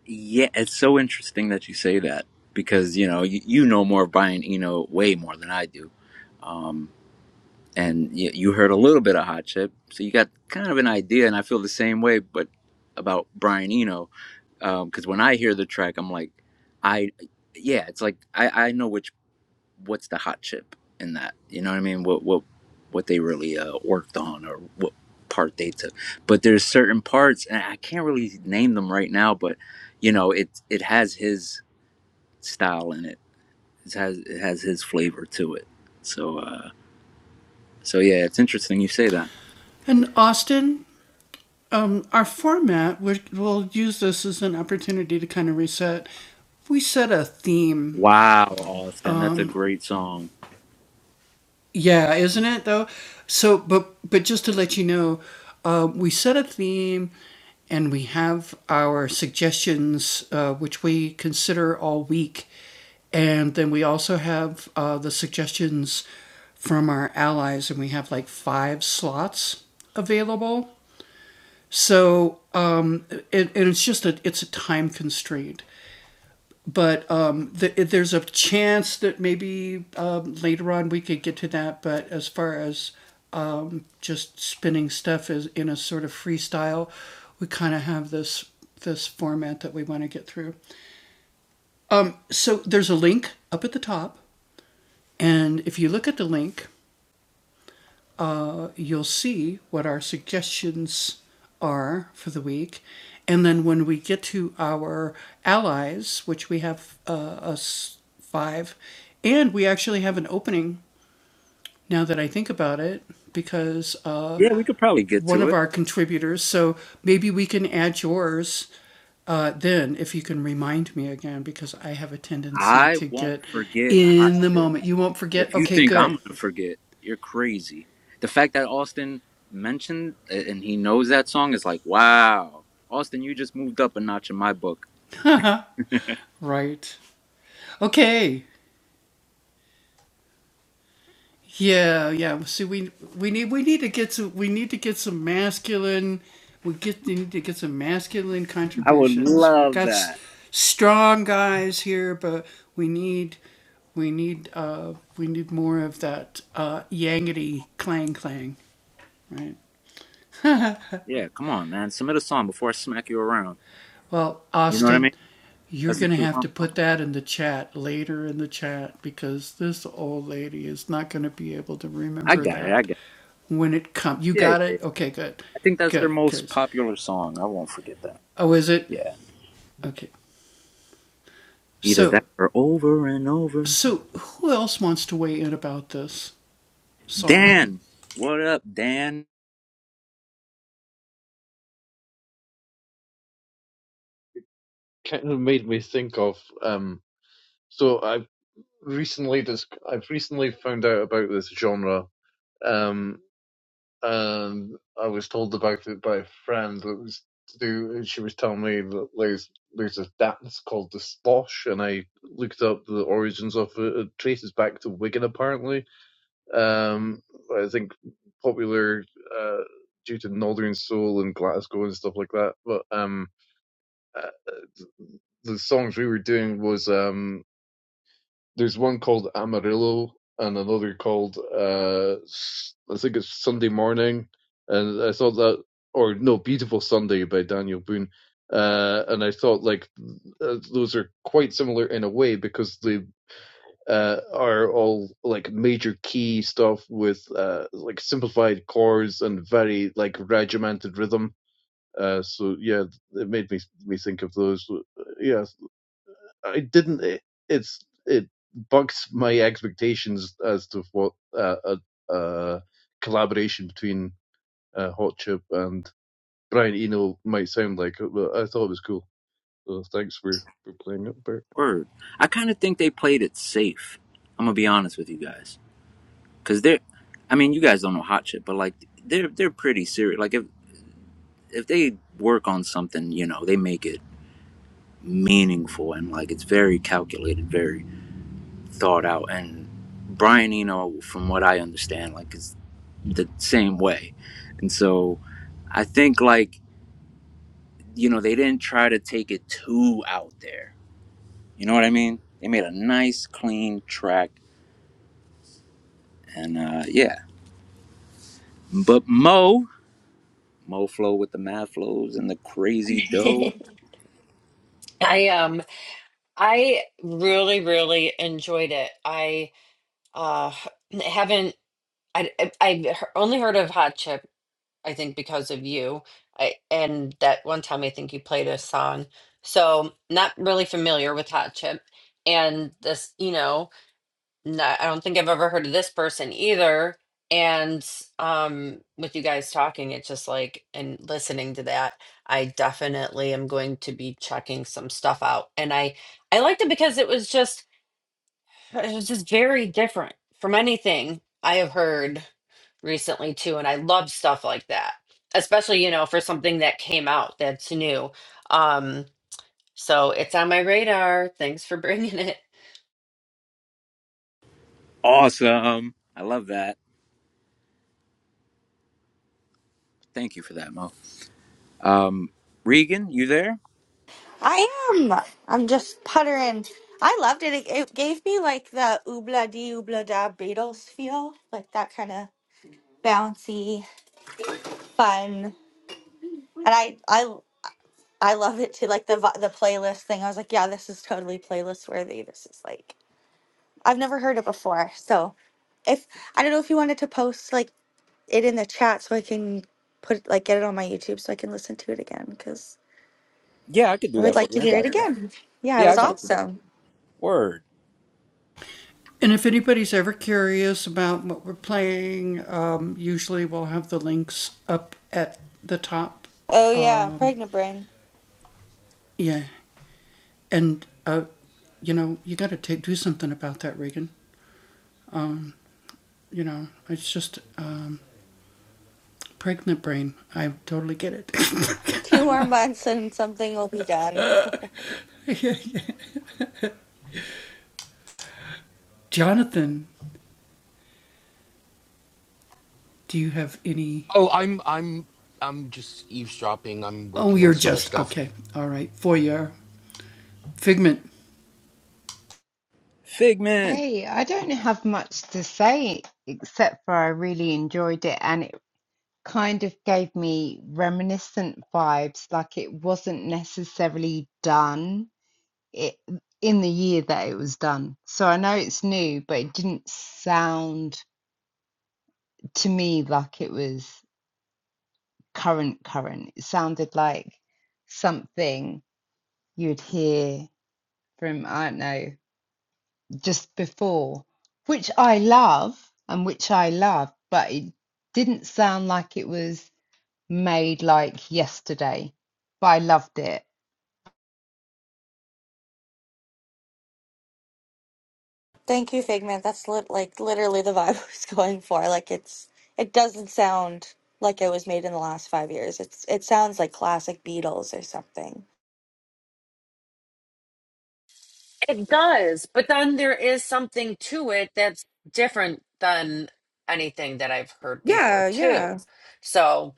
Speaker 1: Yeah, it's so interesting that you say that because you know you, you know more of Brian Eno way more than I do um, and you, you heard a little bit of Hot Chip, so you got kind of an idea. And I feel the same way, but about Brian Eno, because when I hear the track, I'm like, I, yeah, it's like I, I know which what's the hot chip in that. You know what I mean? What what what they really uh, worked on or what part they took. But there's certain parts, and I can't really name them right now. But you know, it it has his style in it. It has it has his flavor to it. So uh, so yeah, it's interesting you say that. Wow, Austin, that's a great song. Yeah, we could probably get to it. I won't forget hot shit. If you think I'm gonna forget, you're crazy. The fact that Austin mentioned a- and he knows that song is like, wow, Austin, you just moved up a notch in my book. I would love that. Yeah, come on, man, submit a song before I smack you around. You know what I mean? That's what you want, bro. I got it. I got it. Yeah, yeah, yeah. I think that's their most popular song. I won't forget that. Yeah, either that or over and over. Dan, what up, Dan?
Speaker 2: kind of made me think of. Um, so I have recently just I've recently found out about this genre. Um, and I was told about it by a friend that was to do. She was telling me that there's there's a dance called the splosh, and I looked up the origins of it. It traces back to Wigan, apparently. Um, I think popular uh, due to Northern Soul and Glasgow and stuff like that. But um, uh, the songs we were doing was um there's one called Amarillo and another called uh, S- I think it's Sunday Morning, and I thought that or no, Beautiful Sunday by Daniel Boone. Uh, and I thought like uh, those are quite similar in a way because they uh, are all like major key stuff with uh, like simplified chords and very like regimented rhythm. Uh, so yeah, it made me me think of those. uh, Yeah, I didn't. It, it's it bucks my expectations as to what uh, a, a collaboration between uh, Hot Chip and Brian Eno might sound like. But I thought it was cool. So thanks for for playing it, Bert.
Speaker 1: Word. I kind of think they played it safe. I'm gonna be honest with you guys, cause they're, I mean, you guys don't know hot shit, but like they're they're pretty serious. Like if if they work on something, you know, they make it meaningful and like it's very calculated, very thought out. And Brian Eno, from what I understand, like is the same way. And so I think like you know they didn't try to take it too out there You know what I mean? They made a nice, clean track, and uh, yeah. But Mo, Mo Flow with the mad flows and the crazy dough,
Speaker 4: I um I really, really enjoyed it. I uh h- haven't I I- I've he- only heard of Hot Chip, I think, because of you. I and that one time I think you played a song. So not really familiar with Hot Chip. And this, you know, not, I don't think I've ever heard of this person either. And um with you guys talking, it's just like and listening to that, I definitely am going to be checking some stuff out. And I I liked it because it was just it was just very different from anything I have heard recently too, and I love stuff like that, especially you know for something that came out that's new. Um, so it's on my radar. Thanks for bringing it.
Speaker 1: awesome. I love that. Thank you for that, Mo. Um, Regan, you there?
Speaker 5: I am. I'm just puttering. I loved it. It, it gave me like the oobla dee oobla da Beatles feel, like that kind of bouncy, fun. And I I I love it too. Like the vi- the playlist thing. I was like, yeah, this is totally playlist worthy. This is like I've never heard it before. So if I don't know if you wanted to post like it in the chat so I can put like get it on my YouTube so I can listen to it again because
Speaker 1: Yeah, I could
Speaker 5: I
Speaker 1: do
Speaker 5: would
Speaker 1: that for
Speaker 5: like to
Speaker 1: you. I
Speaker 5: hear it
Speaker 1: got you.
Speaker 5: again. Yeah, it
Speaker 1: Yeah, I
Speaker 5: was
Speaker 1: got you.
Speaker 5: awesome.
Speaker 1: Word.
Speaker 5: Oh yeah, pregnant brain. Two more months and something will be done.
Speaker 6: Oh, I'm I'm I'm just eavesdropping. I'm working on some other stuff.
Speaker 1: Figment.
Speaker 8: Hey, I don't have much to say except for I really enjoyed it and it kind of gave me reminiscent vibes, like it wasn't necessarily done it in the year that it was done. So I know it's new, but it didn't sound to me like it was current current. It sounded like something you'd hear from, I don't know, just before, which I love and which I love, but it didn't sound like it was made like yesterday. But I loved it.
Speaker 5: Thank you, Figment. That's lit like literally the vibe I was going for. Like it's it doesn't sound like it was made in the last five years. It's it sounds like classic Beatles or something.
Speaker 4: It does, but then there is something to it that's different than anything that I've heard before
Speaker 5: Yeah,
Speaker 4: too.
Speaker 5: yeah.
Speaker 4: So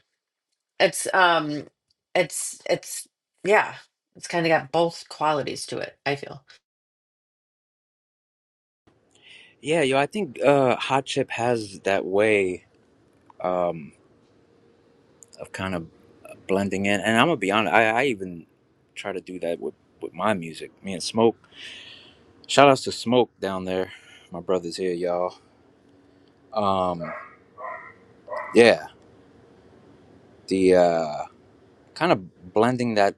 Speaker 4: it's um, it's it's yeah, it's kind of got both qualities to it. I feel.
Speaker 1: Yeah, yo, I think uh, Hot Chip has that way of kind of blending in, and I'm gonna be honest. I, I even try to do that with with my music. Me and Smoke. Shout outs to Smoke down there. My brother's here, y'all. Um, yeah, the uh, kind of blending that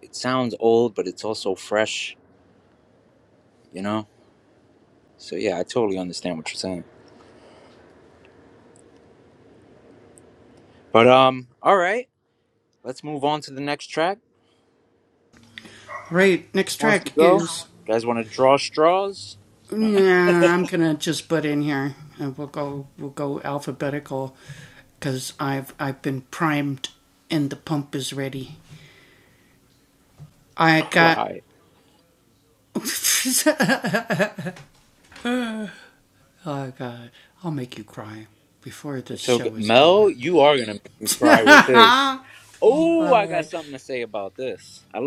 Speaker 1: it sounds old, but it's also fresh, you know? So yeah, I totally understand what you're saying. But um, all right, let's move on to the next track. Who wants to go? You guys want to draw straws? No, cry. It's so good. Mel, you are gonna make me cry with this. Oh, I got something to say about this. I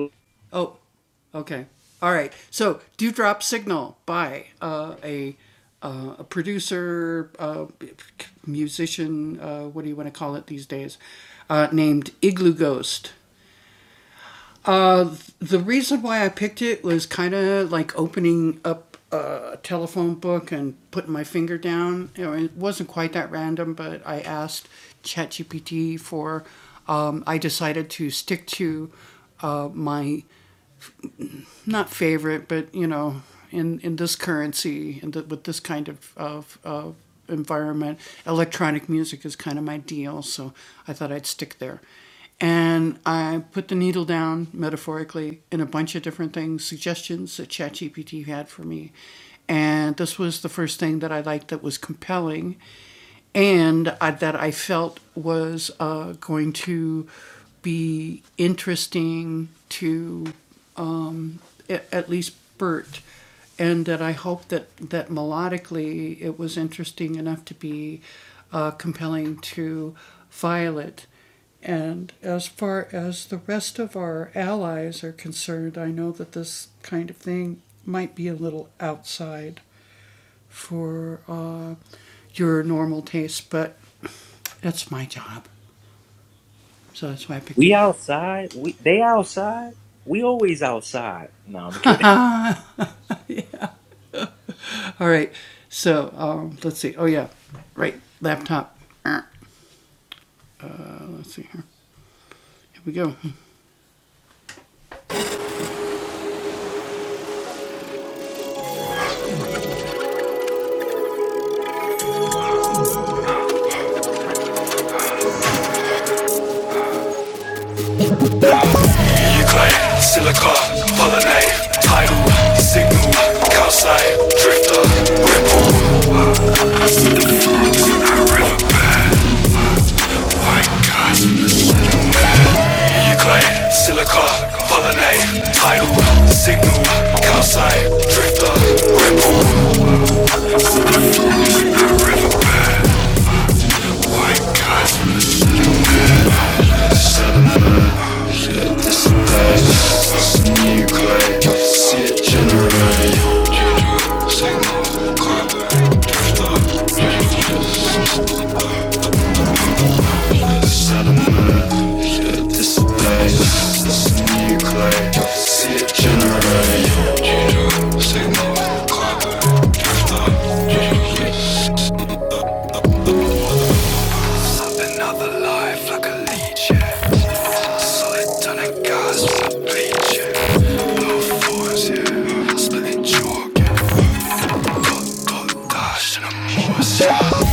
Speaker 1: We outside. We they outside. We always outside. No, I'm kidding.
Speaker 7: Clay, silica, pollinate, tidal, signal, calcite, drifter. Clay, silica, pollinate, tidal, signal, calcite, drifter. Displays, this nuclei, see it generate. Signal, carbon, drifter. Another life like a leech, yeah. Slit on a gauze with a bleach, yeah. No forms, yeah. Splitting chalk, yeah. Got, got, dash, and I'm morse, yeah.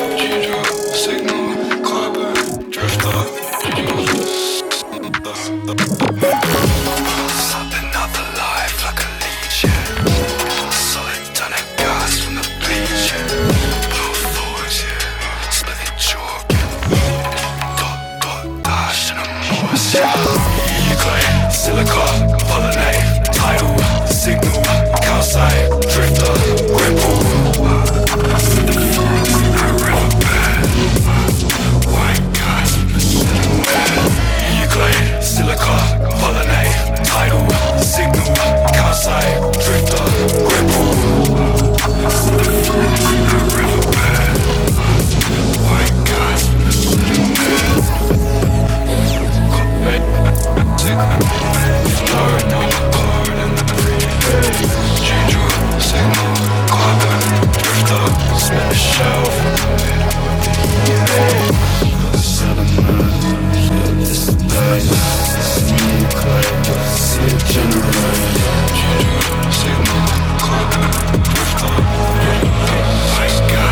Speaker 7: G-drop, signal, climber, drift up, G-drop, Another life like a legion. Solid done from the bleacher. Power force, yeah. Split it chalk. Dot, dot, dash, and a morse, yeah. Euclid, silica, pollinate, tidal, signal, calcite, drifter, ripple, river, white guys. Euclid, silica, pollinate, tidal, signal, calcite, drifter, set the shelves, guys.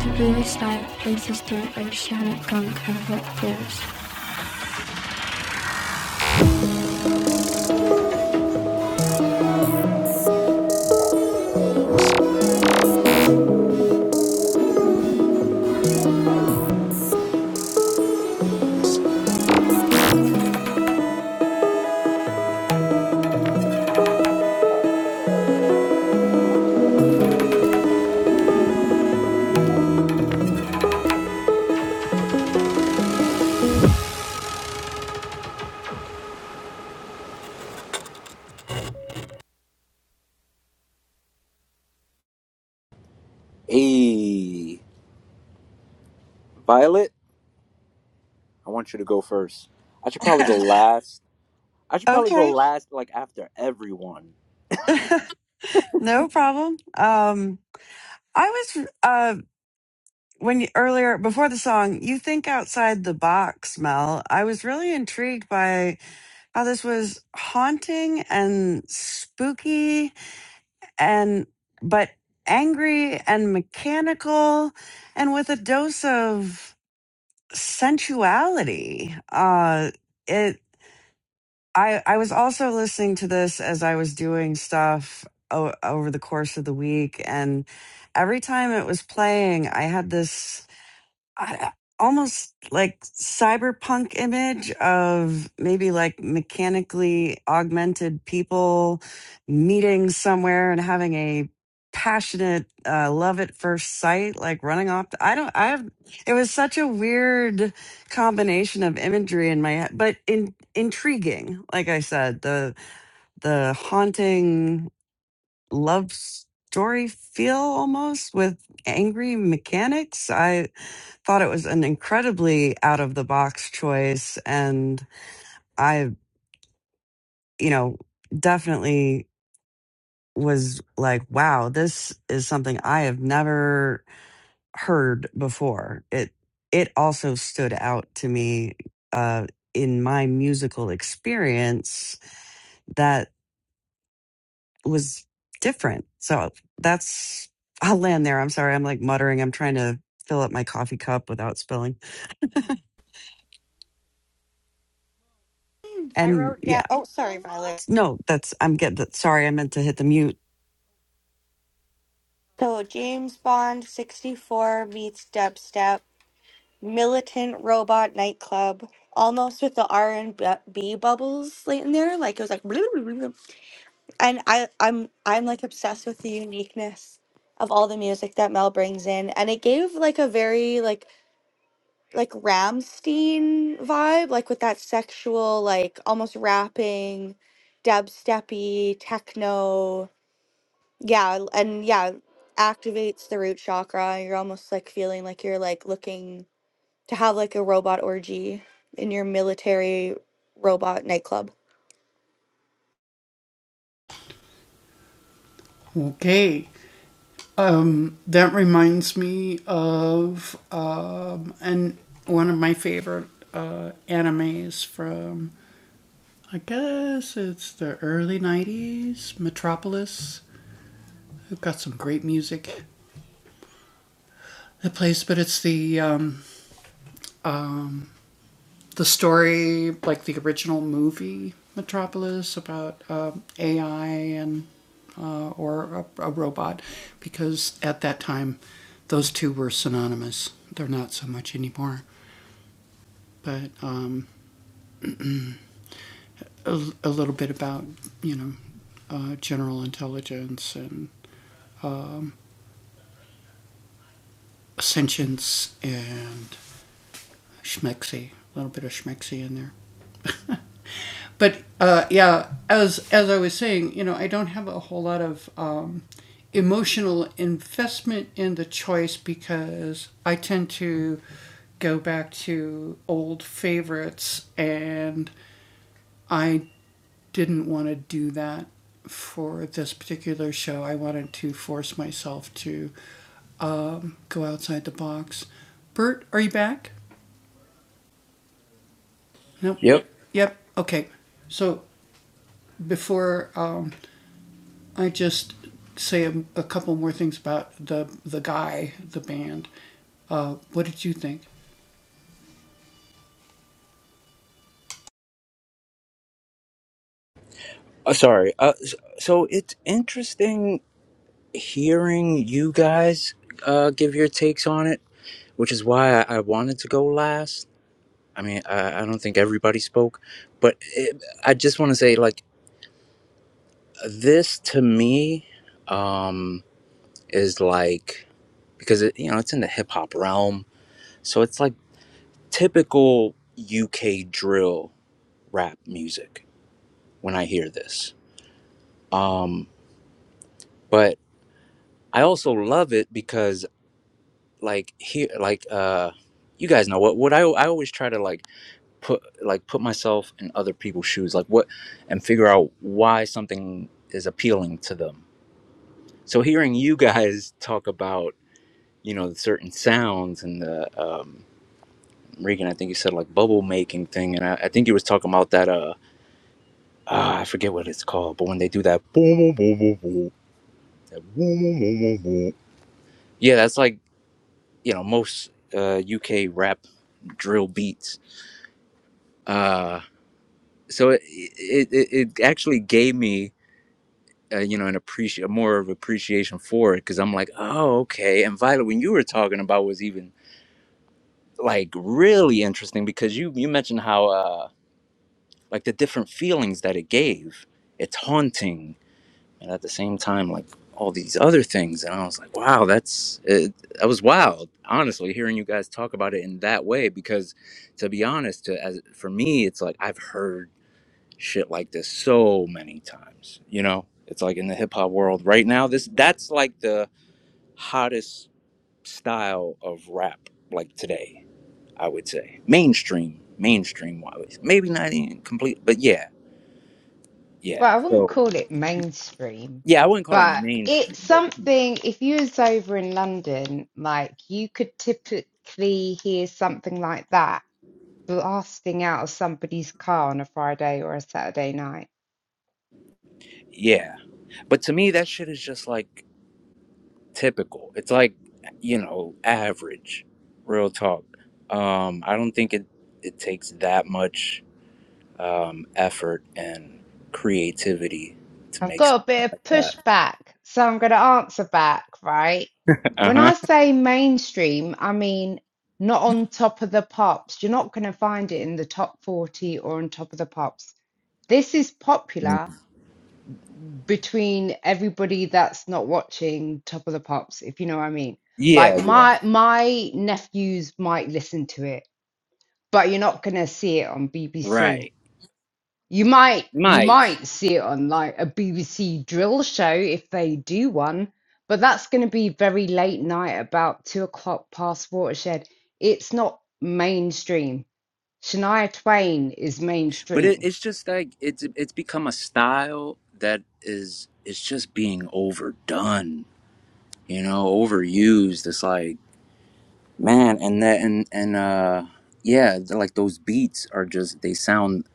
Speaker 7: The previous life places to Oceanic Drunk and Tears.
Speaker 1: Hey, Violet, I want you to go first. I should probably go last. I should probably go
Speaker 3: okay,
Speaker 1: last, like after everyone.
Speaker 3: no problem. Um, I was uh, when you, earlier before the song, you think outside the box, Mel. I was really intrigued by how this was haunting and spooky and but angry and mechanical and with a dose of sensuality uh it i i was also listening to this as i was doing stuff o- over the course of the week and every time it was playing i had this I, almost like cyberpunk image of maybe like mechanically augmented people meeting somewhere and having a passionate uh, love at first sight like running off to, i don't i have it was such a weird combination of imagery in my head but in intriguing like i said the the haunting love story feel almost with angry mechanics I thought it was an incredibly out of the box choice. And I, you know, definitely was like, wow, this is something I have never heard before. It, it also stood out to me, uh, in my musical experience that was different. So that's, I'll land there. I'm sorry. I'm like muttering. I'm trying to fill up my coffee cup without spilling.
Speaker 5: I
Speaker 3: And
Speaker 5: wrote
Speaker 3: yeah,
Speaker 5: down. Oh, sorry, Violet.
Speaker 3: no, that's, I'm getting, sorry, I meant to hit the mute
Speaker 5: So James Bond 64 meets dubstep, militant robot nightclub, almost with the R and B bubbles late in there. Like it was like. and I I'm I'm like obsessed with the uniqueness of all the music that Mel brings in and it gave like a very like like Ramstein vibe like with that sexual like almost rapping dubsteppy techno yeah l- and yeah activates the root chakra and you're almost like feeling like you're like looking to have like a robot orgy in your military robot nightclub
Speaker 1: Yep. Uh, sorry. Uh, s- so it's interesting hearing you guys uh, give your takes on it, which is why I, I wanted to go last. I mean, I, I don't think everybody spoke, but it, I just want to say, like, this to me. Um, is like because it you know it's in the hip hop realm, so it's like typical UK drill rap music when I hear this. Um, but I also love it because like here like uh you guys know what what I I always try to like put like put myself in other people's shoes like what and figure out why something is appealing to them. So hearing you guys talk about you know certain sounds and the um Regan, I think you said like bubble making thing, and I, I think he was talking about that. Uh, ah, I forget what it's called, but when they do that, boom, boom, boom, boom, boom, that boom, boom, boom, boom, boom. yeah, that's like you know most uh, UK rap drill beats. Uh, so it, it it it actually gave me uh, you know an appreci more of appreciation for it because I'm like, oh, okay. And Violet, when you were talking about was even like really interesting because you you mentioned how uh like the different feelings that it gave. It's haunting and at the same time like all these other things and i was like wow that's it, that was wild honestly hearing you guys talk about it in that way because to be honest to, as for me it's like i've heard shit like this so many times you know it's like in the hip hop world right now this that's like the hottest style of rap like today i would say mainstream mainstream wise maybe not even complete but yeah yeah
Speaker 8: Well, I wouldn't
Speaker 1: so
Speaker 8: call it mainstream,
Speaker 1: yeah i wouldn't call it
Speaker 8: but
Speaker 1: mainstream
Speaker 8: it's
Speaker 1: but
Speaker 8: something. If you was over in London, like you could typically hear something like that blasting out of somebody's car on a Friday or a Saturday night.
Speaker 1: yeah But to me, that shit is just like typical. It's like, you know, average, real talk. Um, I don't think it, it takes that much um, effort and creativity to
Speaker 8: I've
Speaker 1: make s-
Speaker 8: got a bit of
Speaker 1: that.
Speaker 8: pushback, so I'm going to answer back, right?
Speaker 1: Uh
Speaker 8: When I
Speaker 1: huh.
Speaker 8: say mainstream, I mean not on top of the pops. You're not going to find it in the top 40 or on top of the pops. This is popular between everybody that's not watching top of the pops, if you know what I mean.
Speaker 1: Yeah,
Speaker 8: Like
Speaker 1: yeah.
Speaker 8: my my nephews might listen to it, but you're not going to see it on BBC.
Speaker 1: Right.
Speaker 8: You might you
Speaker 1: Might.
Speaker 8: might see it on like a BBC drill show if they do one, but that's going to be very late night, about two o'clock past Watershed. It's not mainstream. Shania Twain is
Speaker 1: But it,
Speaker 8: mainstream.
Speaker 1: it's just like, it's, it's become a style that is, it's just being overdone, you know, overused. It's like, man and that and and uh yeah th- like those beats are just they sound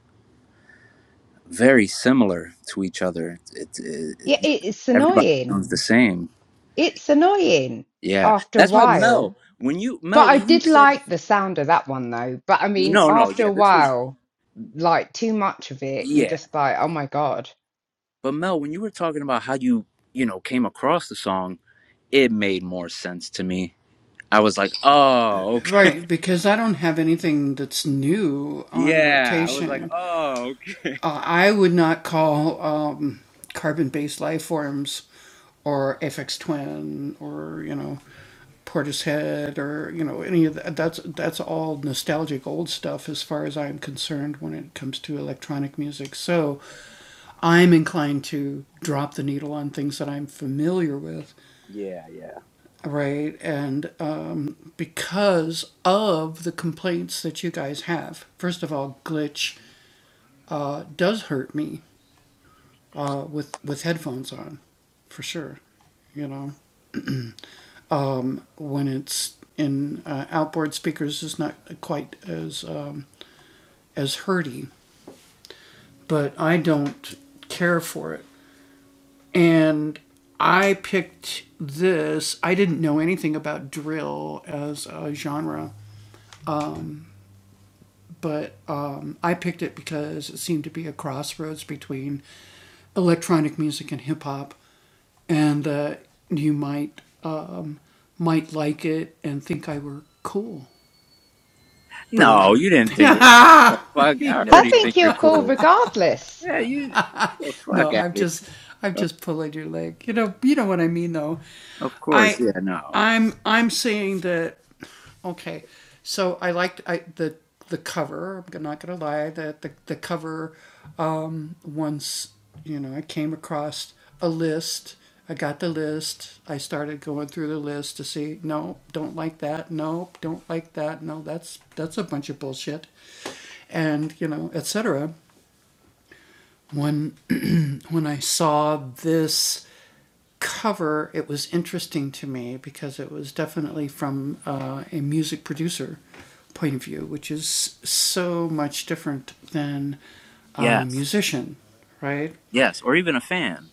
Speaker 1: very similar to each other it, it,
Speaker 8: Yeah,
Speaker 1: it-
Speaker 8: it- it's
Speaker 1: everybody
Speaker 8: annoying.
Speaker 1: sounds the same
Speaker 8: It's annoying
Speaker 1: yeah
Speaker 8: after a
Speaker 1: that's why mel
Speaker 8: while.
Speaker 1: when you
Speaker 8: But
Speaker 1: mel
Speaker 8: I
Speaker 1: when you
Speaker 8: did
Speaker 1: said
Speaker 8: like the sound of that one though. But I mean,
Speaker 1: no no
Speaker 8: after
Speaker 1: yeah
Speaker 8: a
Speaker 1: this was
Speaker 8: while, like too much of it, you're
Speaker 1: yeah
Speaker 8: just like, oh my God.
Speaker 1: but mel when you were talking about how you you know came across the song it made more sense to me i was like oh okay yeah i was like oh okay yeah yeah no you didn't think that what the fuck i
Speaker 8: I
Speaker 1: already
Speaker 8: think
Speaker 1: think you're
Speaker 8: you're cool
Speaker 1: cool
Speaker 8: regardless.
Speaker 1: Yeah, you the fuck out of here. Uh, Of course, yeah, no. Yes, yes, or even a fan.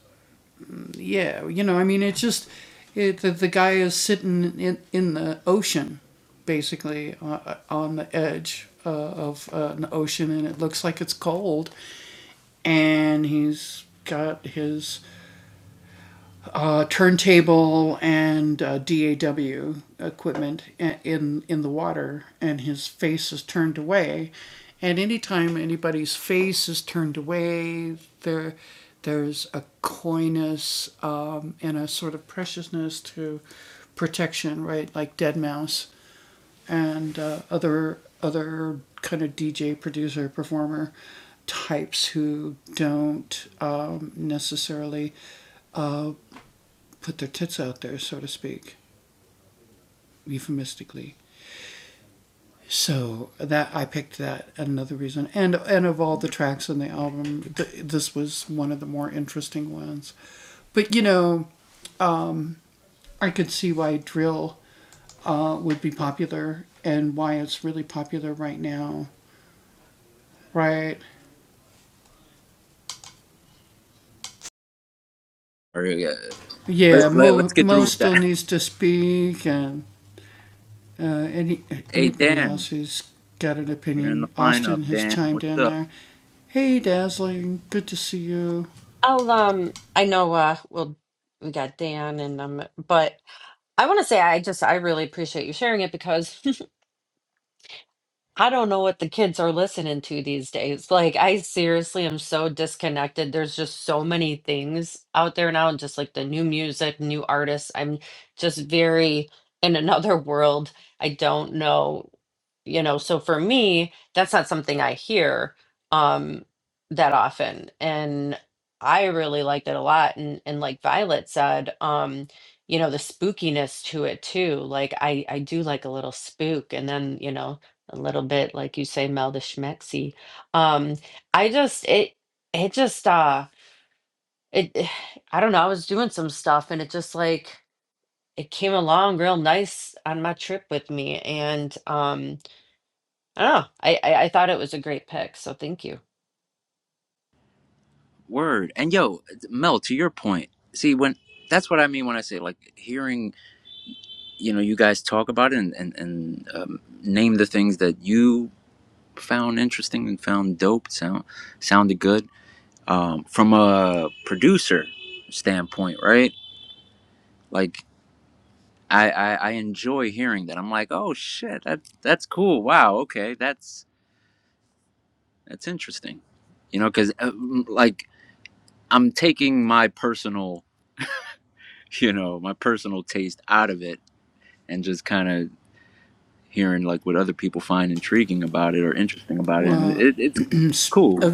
Speaker 1: Or uh, let's let, let's get through with that. Hey, Dan, you're in the lineup. Dan, what's up?
Speaker 4: I'll um I know uh we'll we got Dan and um but I want to say I just I really appreciate you sharing it because I don't know what the kids are listening to these days. Like I seriously am so disconnected. There's just so many things out there now and just like the new music, new artists. I'm just very in another world. I don't know you know so for me that's not something i hear um that often and i really liked it a lot and and like violet said um you know the spookiness to it too like i i do like a little spook and then you know a little bit like you say mel the schmexy um i just it it just uh it i don't know i was doing some stuff and it just like it came along real nice on my trip with me and um Oh. I, I I thought it was a great pick, so thank you.
Speaker 1: Word. And yo, Mel, to your point. See, when that's what I mean when I say like hearing, you know, you guys talk about it and and, and um, name the things that you found interesting and found dope. Sound sounded good. Um, from a producer standpoint, right? Like I, I I enjoy hearing that. I'm like, oh shit, that that's cool. Wow, okay, that's that's interesting. You know, because uh, like I'm taking my personal, you know, my personal taste out of it and just kind of hearing like what other people find intriguing about it or interesting about it, and it, it's cool.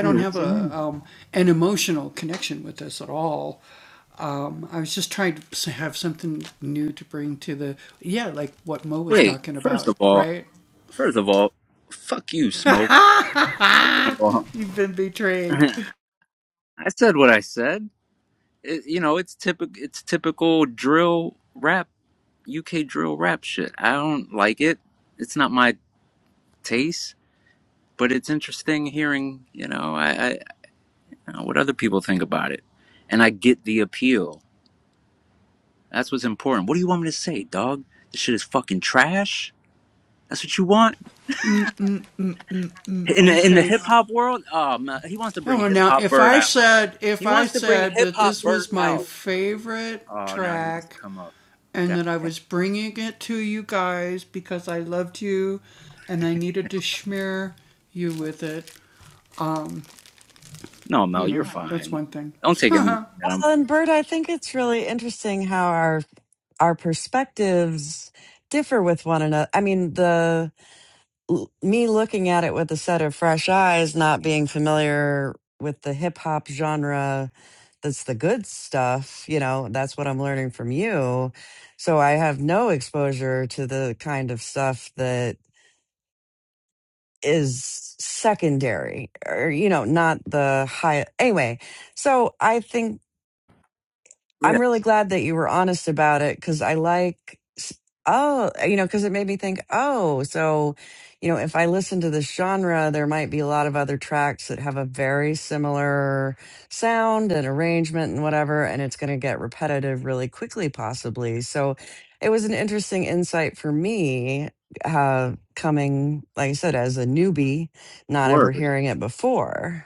Speaker 1: Hey, what's he mean? Wait, first of all, First of all, fuck you, Smoke. I said what I said. It, you know, it's typical. It's typical drill rap, UK drill rap shit. I don't like it. It's not my taste, but it's interesting hearing. You know, I, I you know, what other people think about it, and I get the appeal. That's what's important. What do you want me to say, dog? This shit is fucking trash. That's what you want in the, in the hip hop world. Oh man, he wants to bring hip hop bird out. He wants to bring hip hop bird out. Oh, now he wants to come up. God. No, Mel, you're fine. Don't take anything that I'm.
Speaker 3: Well, and Bert, I think it's really interesting how our our perspectives differ with one another. I mean, the l- me looking at it with a set of fresh eyes, not being familiar with the hip hop genre, that's the good stuff. You know, that's what I'm learning from you. So I have no exposure to the kind of stuff that is secondary or you know not the high anyway so i think I'm
Speaker 1: Yeah.
Speaker 3: really glad that you were honest about it because I like, oh, you know, because it made me think, oh, so, you know, if I listen to this genre, there might be a lot of other tracks that have a very similar sound and arrangement and whatever, and it's going to get repetitive really quickly, possibly. So it was an interesting insight for me uh, coming, like I said, as a newbie, not ever
Speaker 1: Word.
Speaker 3: hearing it before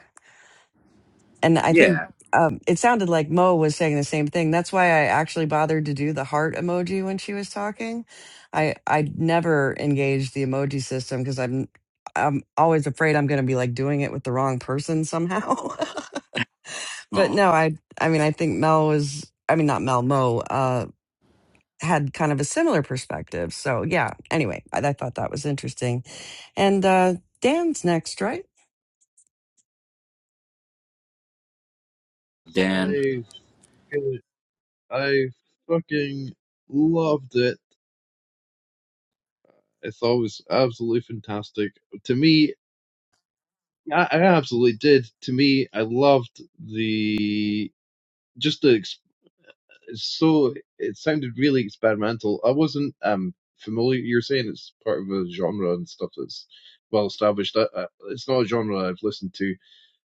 Speaker 3: and I think
Speaker 1: Yeah.
Speaker 3: um, it sounded like Mo was saying the same thing. That's why I actually bothered to do the heart emoji when she was talking. I I never engaged the emoji system because I'm I'm always afraid I'm going to be like doing it with the wrong person somehow. but
Speaker 1: Oh,
Speaker 3: no, I I mean I think Mel was I mean not Mel Mo uh, had kind of a similar perspective. So yeah. Anyway, I, I thought that was interesting, and uh, Dan's next, right?
Speaker 1: Dan.
Speaker 2: I fucking- I fucking loved it. I thought it was absolutely fantastic. To me, I, I absolutely did. To me, I loved the just the so it sounded really experimental. I wasn't um familiar. You're saying it's part of a genre and stuff that's well established. I, I, it's not a genre I've listened to.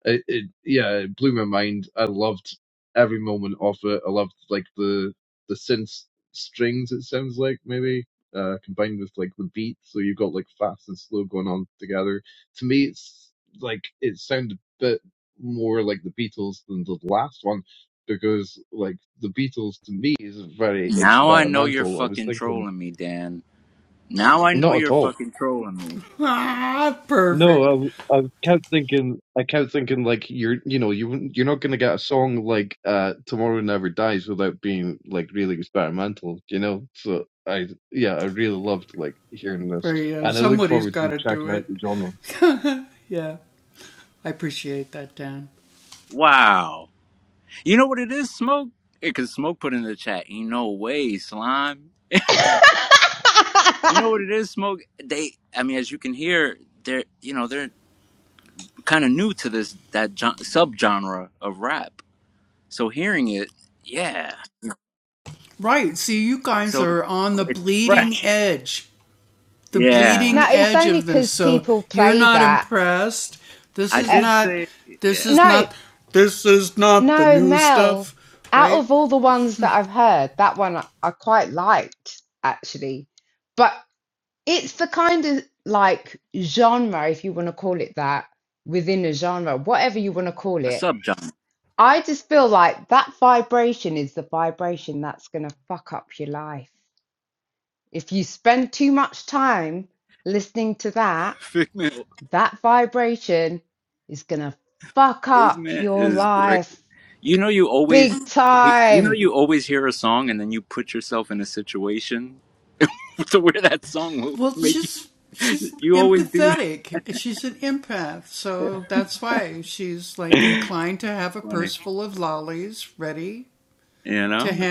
Speaker 2: It, it yeah, it blew my mind. I loved every moment of it. I loved like the the synth strings. It sounds like maybe uh, combined with like the beat, so you've got like fast and slow going on together. To me, it's like it sounded a bit more like the Beatles than the last one because like the Beatles to me is very
Speaker 1: Now I know you're
Speaker 2: experimental. I was
Speaker 1: fucking
Speaker 2: thinking
Speaker 1: trolling me, Dan. Now I know
Speaker 2: not at
Speaker 1: you're
Speaker 2: all
Speaker 1: fucking trolling me.
Speaker 2: No, I, I kept thinking, I kept thinking like you're, you know, you you're not gonna get a song like uh "Tomorrow Never Dies" without being like really experimental, you know. So I, yeah, I really loved like hearing this, and I look forward to checking out the genre.
Speaker 1: Wow. You know what it is, Smoke? Because Smoke put in the chat, ain't no way, Slime. You know what it is, Smoke? They, I mean, as you can hear, they're, you know, they're kind of new to this, that gen- subgenre of rap. So hearing it, yeah. So it's fresh. Yeah,
Speaker 8: no, it's only because people play that.
Speaker 1: I
Speaker 8: Uh,
Speaker 1: did say yeah.
Speaker 8: no, no, Mel. Out of all the ones that I've heard, that one I, I quite liked actually. But it's the kind of like genre, if you want to call it that, within a genre, whatever you want to call
Speaker 1: A
Speaker 8: it.
Speaker 1: subgenre.
Speaker 8: I just feel like that vibration is the vibration that's going to fuck up your life. If you spend too much time listening to that,
Speaker 1: Figment.
Speaker 8: That vibration is gonna fuck up
Speaker 1: Figment
Speaker 8: your
Speaker 1: is great.
Speaker 8: life
Speaker 1: You know, you always
Speaker 8: big
Speaker 1: he- you know
Speaker 8: time.
Speaker 1: you always hear a song and then you put yourself in a situation to where that song will make you. You always do that. Funny, you know?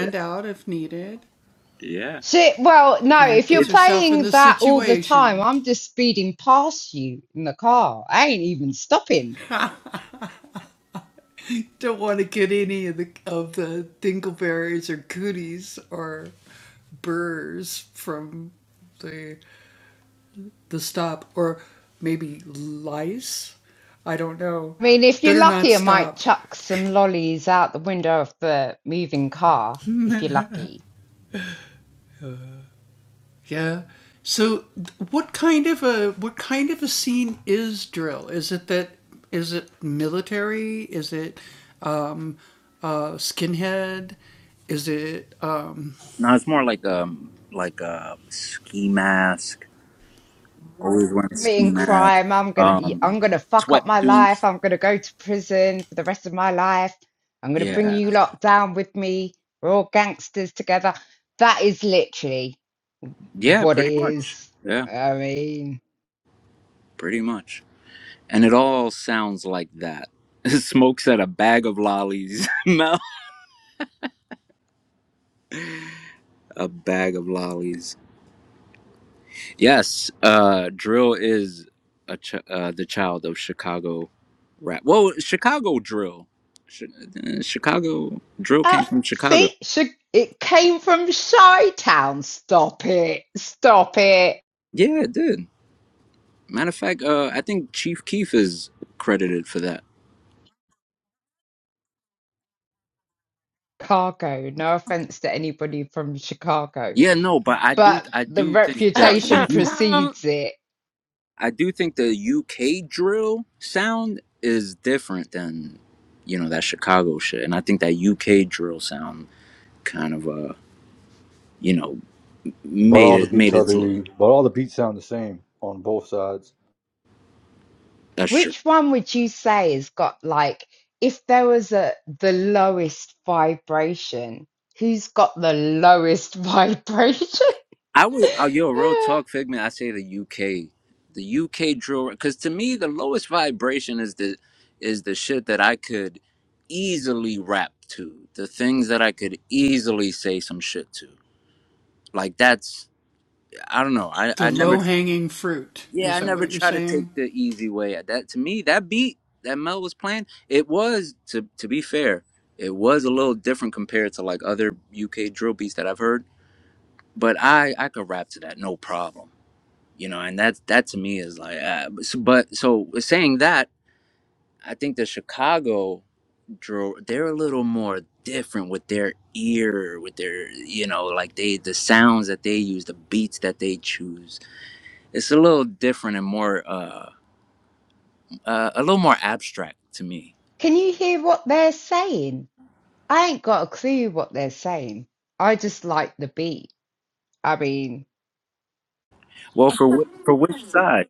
Speaker 1: Yeah.
Speaker 8: Shit, well, no, if you're
Speaker 1: It
Speaker 8: playing that all the time, I'm just speeding past you in the car. I ain't even stopping. I mean, if you're lucky, I might chuck some lollies out the window of the moving car, if you're lucky.
Speaker 1: no, it's more like um like a ski mask. Always wearing a ski
Speaker 8: committing
Speaker 1: mask.
Speaker 8: crime. I'm gonna
Speaker 1: Um,
Speaker 8: I'm gonna fuck up my
Speaker 1: sweatsuit.
Speaker 8: life. I'm gonna go to prison for the rest of my life. I'm gonna bring
Speaker 1: Yeah,
Speaker 8: you lot down with me. We're all gangsters together. That is literally
Speaker 1: yeah,
Speaker 8: what it
Speaker 1: pretty much.
Speaker 8: is.
Speaker 1: Yeah,
Speaker 8: I mean,
Speaker 1: pretty much. And it all sounds like that. Smoke said a bag of lollies. no, a bag of lollies. Yes, uh, drill is a ch- uh, the child of Chicago rap. Well, Chicago drill. Ch- uh, Chicago drill
Speaker 8: oh,
Speaker 1: came from Chicago.
Speaker 8: see, should, it came from Shy Town. Stop it! Stop it!
Speaker 1: Yeah, it did. Matter of fact, uh, I think Chief Keef is credited for that.
Speaker 8: Chicago. No offense to anybody from Chicago,
Speaker 1: Yeah, no, but I do,
Speaker 8: but
Speaker 1: I
Speaker 8: the
Speaker 1: do think that like, the
Speaker 8: reputation
Speaker 1: U
Speaker 8: precedes it.
Speaker 1: I do think the UK drill sound is different than, you know, that Chicago shit, and I think that UK drill sound kind of uh, you know,
Speaker 9: But
Speaker 1: made
Speaker 9: all the
Speaker 1: it made
Speaker 9: beats are
Speaker 1: it to
Speaker 9: the but all the beats sound the same on both sides.
Speaker 1: that's true.
Speaker 8: Which one would you say has got like, if there was a the lowest vibration, who's got the lowest vibration?
Speaker 1: I would, oh, yo, real
Speaker 8: Ah,
Speaker 1: talk, Figment. I say the UK, the UK drill, because to me the lowest vibration is the is the shit that I could easily rap to, the things that I could easily say some shit to. Like that's, I don't know. I I never. Yeah, I never try to take the easy way. out. That to me, that beat that Mel was playing, it was to to be fair, it was a little different compared to like other UK drill beats that I've heard. But I I could rap to that, no problem. You know, and that's that to me is like, uh, but so but- so saying that, I think the Chicago drill they're a little more different with their ear, with their you know, like they the sounds that they use, the beats that they choose. It's a little different and more. Uh, uh, a little more abstract to me.
Speaker 8: Can you hear what they're saying? I ain't got a clue what they're saying. I just like the beat. I mean,
Speaker 1: Well, for for which side?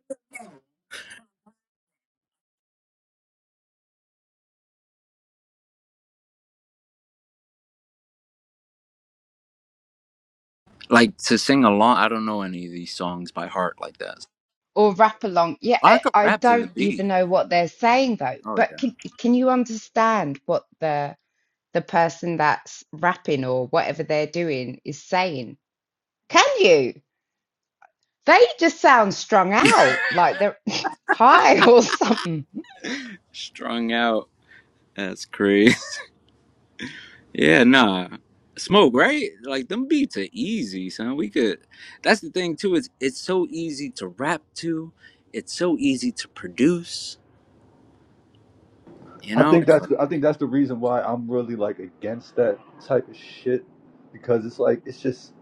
Speaker 1: Like to sing along. I don't know any of these songs by heart like that.
Speaker 8: or rap along. Yeah,
Speaker 1: I
Speaker 8: I,
Speaker 1: could
Speaker 8: I
Speaker 1: rap to the
Speaker 8: don't
Speaker 1: beat.
Speaker 8: even know what they're saying though.
Speaker 1: Oh
Speaker 8: But
Speaker 1: yeah,
Speaker 8: can can you understand what the the person that's rapping or whatever they're doing is saying. Can you? They just sound strung out, like they're high or something.
Speaker 1: strung out. That's crazy. yeah, nah. Smoke, right? Like them beats are easy, son. We could. That's the thing too. It's it's so easy to rap to. It's so easy to produce. You
Speaker 9: I
Speaker 1: know.
Speaker 9: think
Speaker 1: It's
Speaker 9: that's
Speaker 1: like,
Speaker 9: I think that's the reason why I'm really like against that type of shit because it's like it's just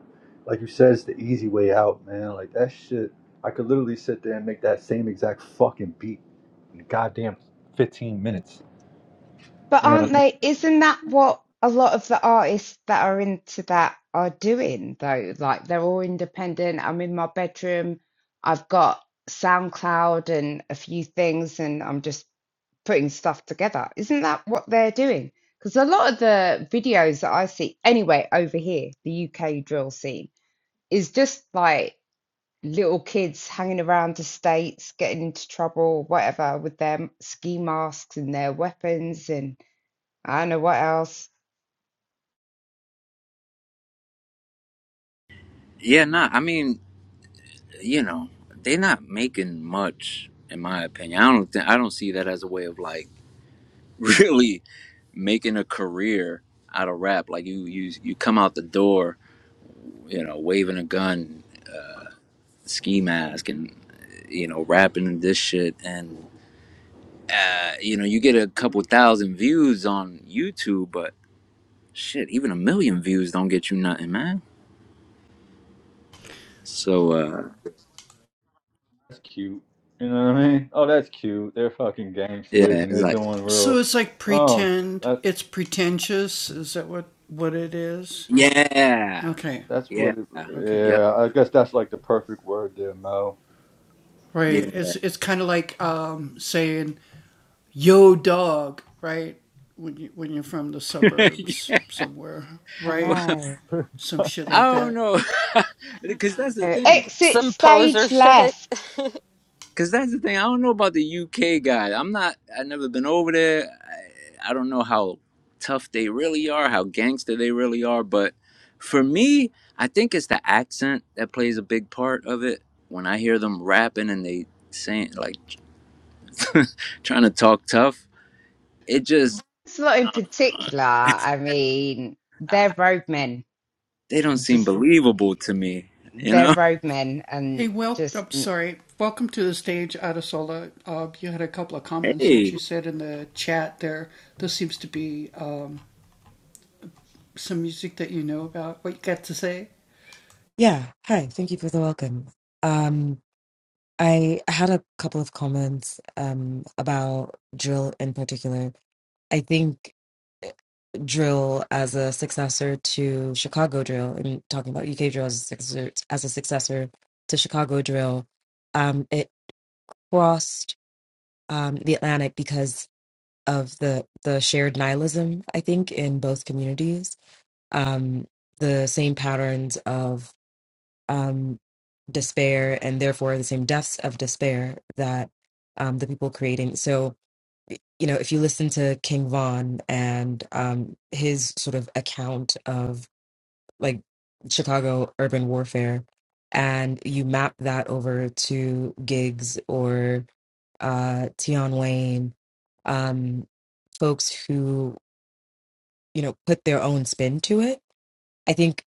Speaker 9: like you said it's the easy way out, man. Like that shit, I could literally sit there and make that same exact fucking beat in goddamn 15 minutes.
Speaker 8: But
Speaker 9: You know
Speaker 8: aren't
Speaker 9: what I mean?
Speaker 8: they? Isn't that what a lot of the artists that are into that are doing, though? Like they're all independent. I'm in my bedroom. I've got SoundCloud and a few things, and I'm just putting stuff together. Isn't that what they're doing? Because a lot of the videos that I see, anyway, over here, the UK drill scene, is just like little kids hanging around estates, getting into trouble, whatever, with their ski masks and their weapons and I don't know what else.
Speaker 1: yeah, nah. I mean, you know, they're not making much, in my opinion. I don't. Think, I don't see that as a way of like really making a career out of rap. Like you, you, you come out the door, you know, waving a gun, ski mask, and you know, rapping this shit, and uh, you know, you get a couple thousand views on YouTube, but shit, even a million views don't get you nothing, man. So uh,
Speaker 9: That's cute. You know what I mean? Oh, that's cute. They're fucking
Speaker 1: yeah,
Speaker 9: gangsters and
Speaker 1: it's
Speaker 9: they're
Speaker 1: like
Speaker 9: doing real. Oh, that
Speaker 1: yeah,
Speaker 9: that's
Speaker 1: yeah,
Speaker 9: what. It,
Speaker 1: yep,
Speaker 9: yeah, I guess that's like the perfect word there, Mo.
Speaker 1: yeah.
Speaker 8: I know.
Speaker 1: I don't know, because that's the
Speaker 8: Uh,
Speaker 1: thing.
Speaker 8: Exit
Speaker 4: Some poser
Speaker 8: stage
Speaker 4: shit.
Speaker 8: left.
Speaker 1: Cause that's the thing. I don't know about the UK guy. I'm not. I've never been over there. I, I don't know how tough they really are, how gangster they really are. But for me, I think it's the accent that plays a big part of it. When I hear them rapping and they saying like trying to talk tough, it just
Speaker 8: It's not in particular. I mean,
Speaker 1: uh,
Speaker 8: they're roadmen.
Speaker 1: they don't seem
Speaker 8: Just
Speaker 1: believable to me. You
Speaker 8: they're
Speaker 1: know?
Speaker 8: roadmen and just
Speaker 1: Hey,
Speaker 10: Yeah. Hi. Thank you for the welcome. Um, I had a couple of comments um, about drill in particular. I think drill as a successor to Chicago drill, and talking about UK drill as a successor, as a successor to Chicago drill, um, it crossed um, the Atlantic because of the the shared nihilism. I think in both communities, um, the same patterns um, despair and therefore the same depths of despair that um, the people creating. So, you know, if you listen to King Von and um, his sort of account of like Chicago urban warfare, and you map that over to Gigs or uh, Tion Wayne, um, folks who, you know, put their own spin to it, I think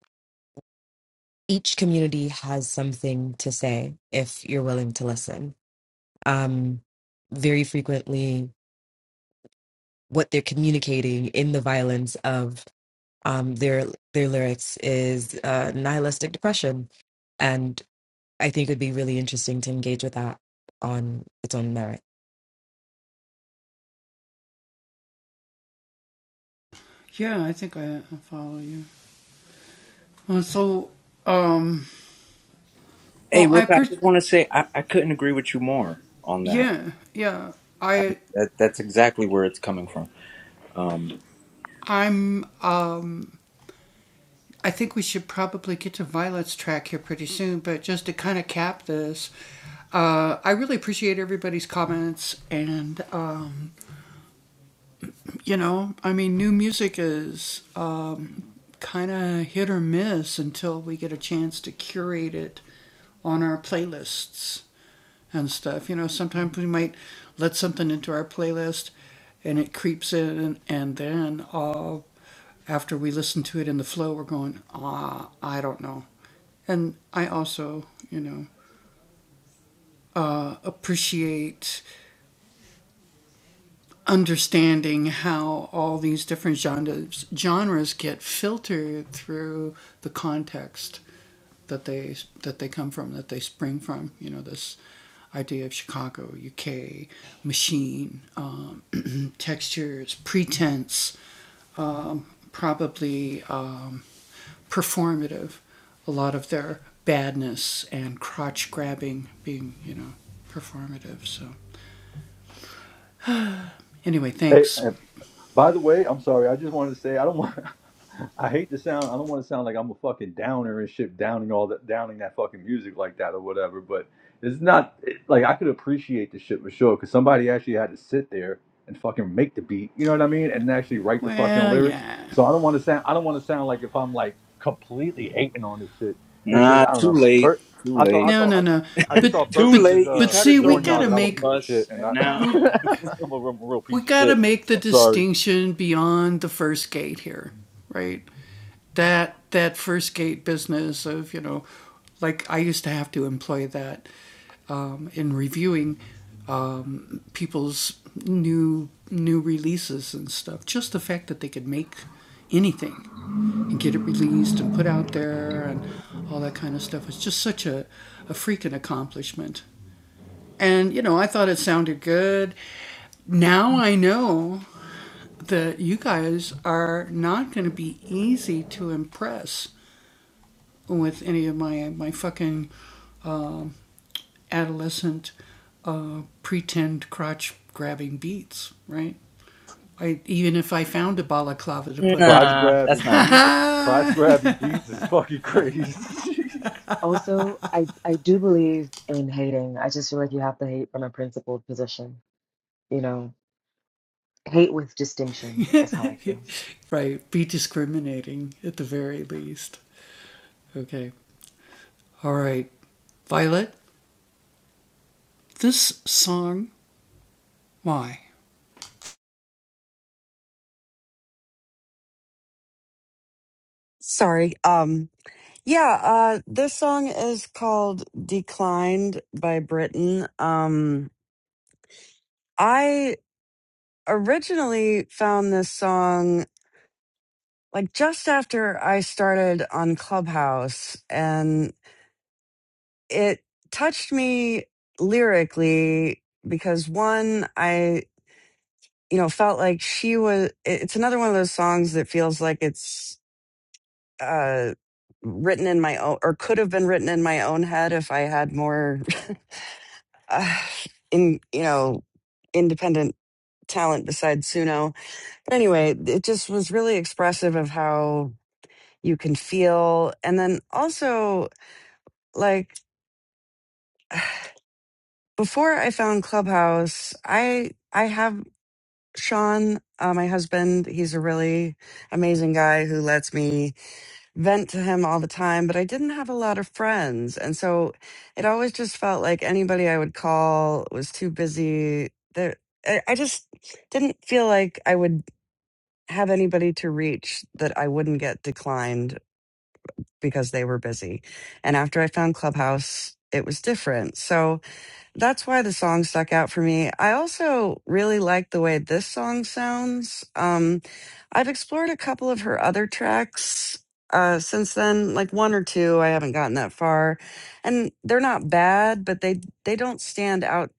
Speaker 10: each community has something to say if you're willing to listen um, very frequently what they're communicating in the violence of um, their their lyrics is uh, nihilistic depression, and I think it would be really interesting to engage with that on its own merit.
Speaker 1: Hey, Rick, I just want to say I, I couldn't agree with you more on that. I, that that's exactly where it's coming from. Um.
Speaker 9: Hey, by the way, I'm sorry. I just wanted to say I don't want. I hate to sound. I don't want to sound like I'm a fucking downer and shit, downing all that, downing that fucking music like that or whatever. But it's not it- like I could appreciate the shit for sure because somebody actually had to sit there and fucking make the beat. You know what I mean? And actually write the fucking lyrics. So I don't want to sound. I don't want to sound like if I'm like completely hating on this shit. It's just
Speaker 1: Nah,
Speaker 9: I don't
Speaker 1: too
Speaker 9: know.
Speaker 1: late.
Speaker 9: Bert,
Speaker 1: Too
Speaker 9: I thought I
Speaker 1: late.
Speaker 9: thought I, I just thought Bert
Speaker 1: Too
Speaker 9: would just
Speaker 1: late. You
Speaker 9: uh
Speaker 1: try to throw
Speaker 9: warn
Speaker 1: me
Speaker 9: y'all that
Speaker 1: under
Speaker 9: I'm a
Speaker 1: the
Speaker 9: piece of shit
Speaker 1: bus,
Speaker 9: and
Speaker 1: and
Speaker 9: I
Speaker 1: now.
Speaker 9: I'm a real, real piece of shit. I'm sorry. Crotch
Speaker 1: Nah, that's
Speaker 9: grabbing
Speaker 1: not true.
Speaker 9: beats, crotch grabbing beats is fucking crazy.
Speaker 10: Also, I, I do believe in hating. I just feel like you have to hate from a principled position. You know, hate with distinction is how I feel.
Speaker 3: Sorry. Um, Yeah, uh, this song is called Declined by Britain. Um, I originally found this song like just after I started on Clubhouse, and it touched me lyrically because one, I, you know, felt like she was, it- it's another one of those songs that feels like it's, uh, written in my own or could have been written in my own head if i had more uh, in you know independent talent besides Suno. But anyway, it just was really expressive of how you can feel, and then also like before I found Clubhouse, I I have Sean, uh, my husband. He's a really amazing guy who lets me vent to him all the time, but I didn't have a lot of friends. And so it always just felt like anybody I would call was too busy. There, I I just didn't feel like I would have anybody to reach that I wouldn't get declined because they were busy. And after I found Clubhouse, it was different. So that's why the song stuck out for me. I also really like the way this song sounds. Um, I've explored a couple of her other tracks uh, since then, like one or two. I haven't gotten that far, and they're not bad, but they they don't stand out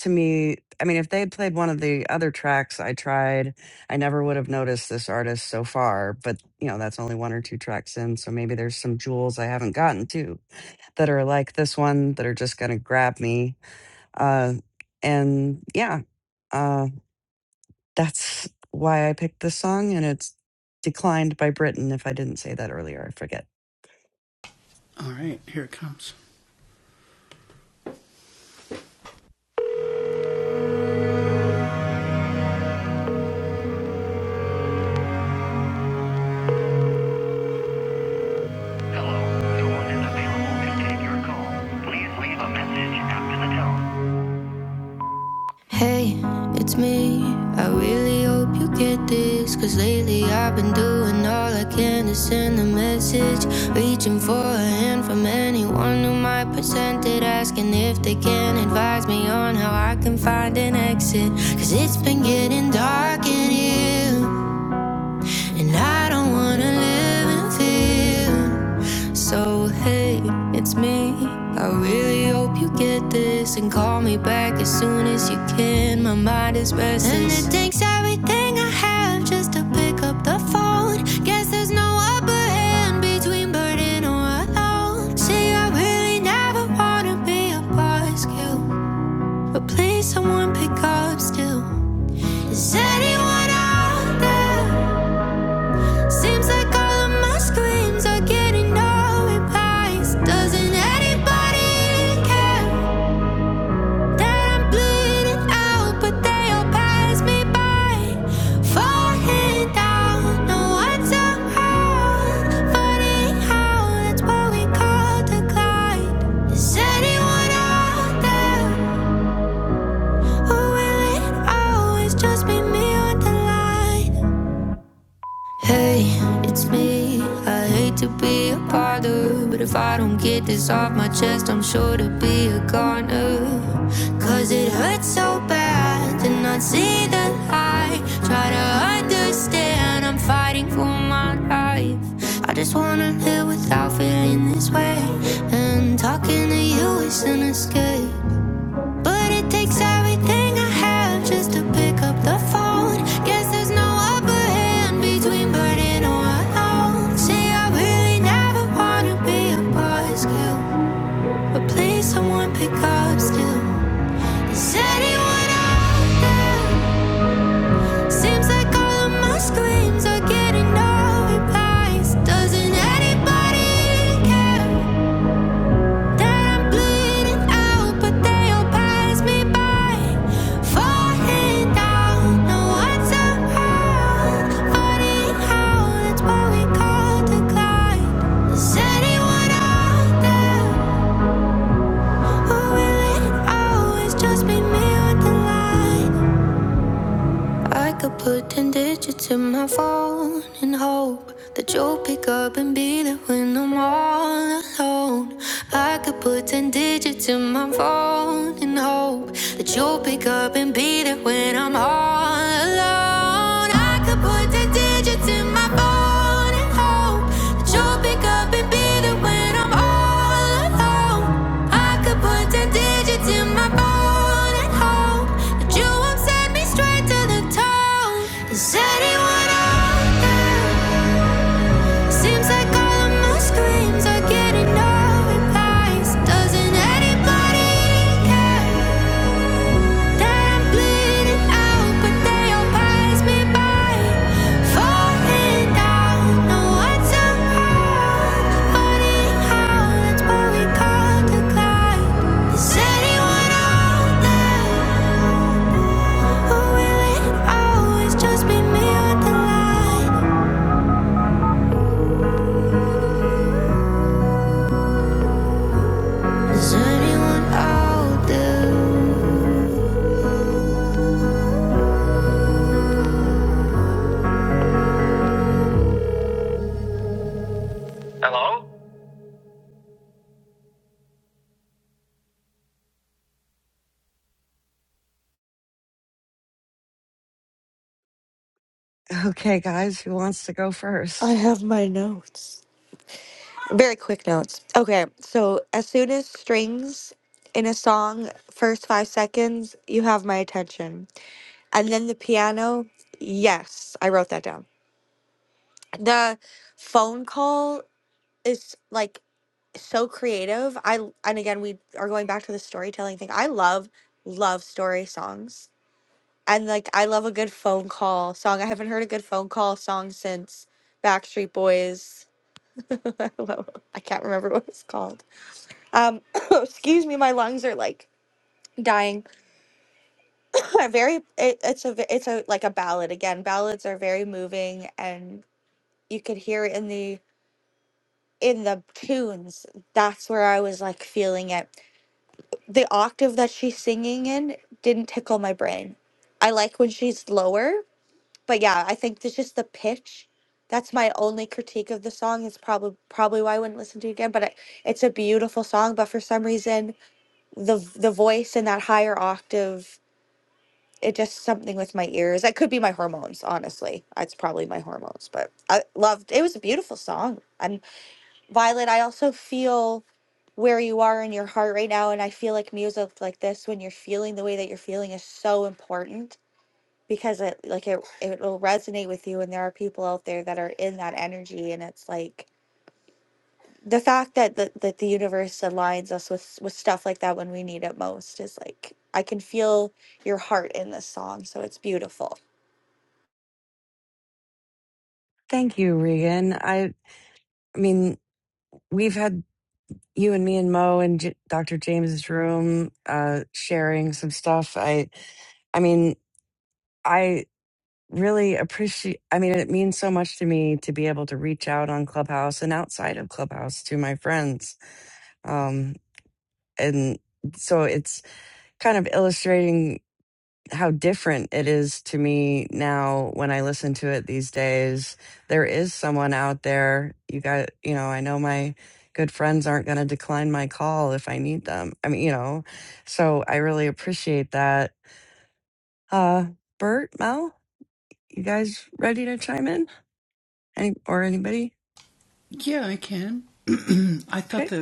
Speaker 3: to me. I mean, if they had played one of the other tracks I tried, I never would have noticed this artist so far. But you know, that's only one or two tracks in, so maybe there's some jewels I haven't gotten to that are like this one that are just going to grab me uh, and yeah, uh, that's why I picked this song, and it's declined by Britain. If I didn't say that earlier, I forget.
Speaker 7: Hey, it's me. I really hope you get this. Cause lately I've been doing all I can to send a message. Reaching for a hand from anyone who might present it. Asking if they can advise me on how I can find an exit. Cause it's been getting dark in here. And I don't wanna live in fear. So, hey, it's me. I really hope you get this and call me back as soon as you can. My mind is restless. And it takes everything I have just to pick up the phone. Guess there's no upper hand between burden or alone. See, I really never wanna be a boss buzzkill, but please, someone pick up still. Is anyone out there? Seems like all of my screams are getting no replies. Doesn't anybody care that I'm bleeding out? But they all pass me by, falling down. No one's around. Funny how that's what we call decline. Is anyone out there, or will it always just be me on the line? Hey, it's me. I hate to be a bother, but if I don't get this off my chest, I'm sure to be a goner. Cause it hurts so bad to not see the light. Try to understand, I'm fighting for my life. I just wanna live without feeling this way. And talking to you is an escape. But it takes everything I have just to pick up the phone. Guess there's no upper hand between burden or alone. See, I really never wanna be a boss but please someone pick up still. Is anyone out there? Seems like all of my screams are getting no replies. Doesn't anybody care? Just be me with the light I could put 10 digits in my phone and hope that you'll pick up and be there when I'm all alone. I could put 10 digits in my phone and hope that you'll pick up and be there when I'm all alone. I could put digits in my phone and hope that you'll pick up and be there when I'm all alone. I could put ten digits in my phone and hope that you won't send me straight to the tone. Is anyone out there? Seems like all of my screams are getting no replies. Doesn't anybody care? Just be me or the light. Is anyone out there?
Speaker 3: Okay, guys, who wants to go
Speaker 5: I
Speaker 3: first?
Speaker 5: have my notes Very quick notes. Okay, so as soon as strings in a song, first five seconds, you have my attention. And then the piano, yes, I wrote that down. The phone call is like so creative. I and again we are going back to the storytelling thing. I love love story songs. And like I love a good phone call song. I haven't heard a good phone call song since Backstreet Boys. I can't remember what it's called Um, excuse me, my lungs are like dying. A very, it, it's a, v- it's a like a ballad again. Ballads are very moving, and you could hear it in the in the tunes. That's where I was like feeling it. The octave that she's singing in didn't tickle my brain. I like when she's lower, but yeah, I think it's just the pitch. That's my only critique of the song. It's probably probably why I wouldn't listen to it again. But I, it's a beautiful song. But for some reason, the v- the voice in that higher octave it just something with my ears. That could be my hormones, honestly. It's probably my hormones, but I loved it was a beautiful song. And Violet, I also feel where you are in your heart right now and I feel like music like this when you're feeling the way that you're feeling is so important because it like it it will resonate with you and there are people out there that are in that energy and it's like the fact that the, that the universe aligns us with with stuff like that when we need it most is like I can feel your heart in this song so it's beautiful.
Speaker 3: Thank you, Regan. I, I mean, we've had you and me and Mo and J- Dr. James's room uh, sharing some stuff. I, I mean, I really appreciate i mean it means so much to me to be able to reach out on clubhouse and outside of clubhouse to my friends um and so it's kind of illustrating how different it is to me now when i listen to it these days there is someone out there you got you know i know my good friends aren't going to decline my call if i need them i mean you know so i really appreciate that uh bert mel you guys ready to chime in Any or anybody? Okay.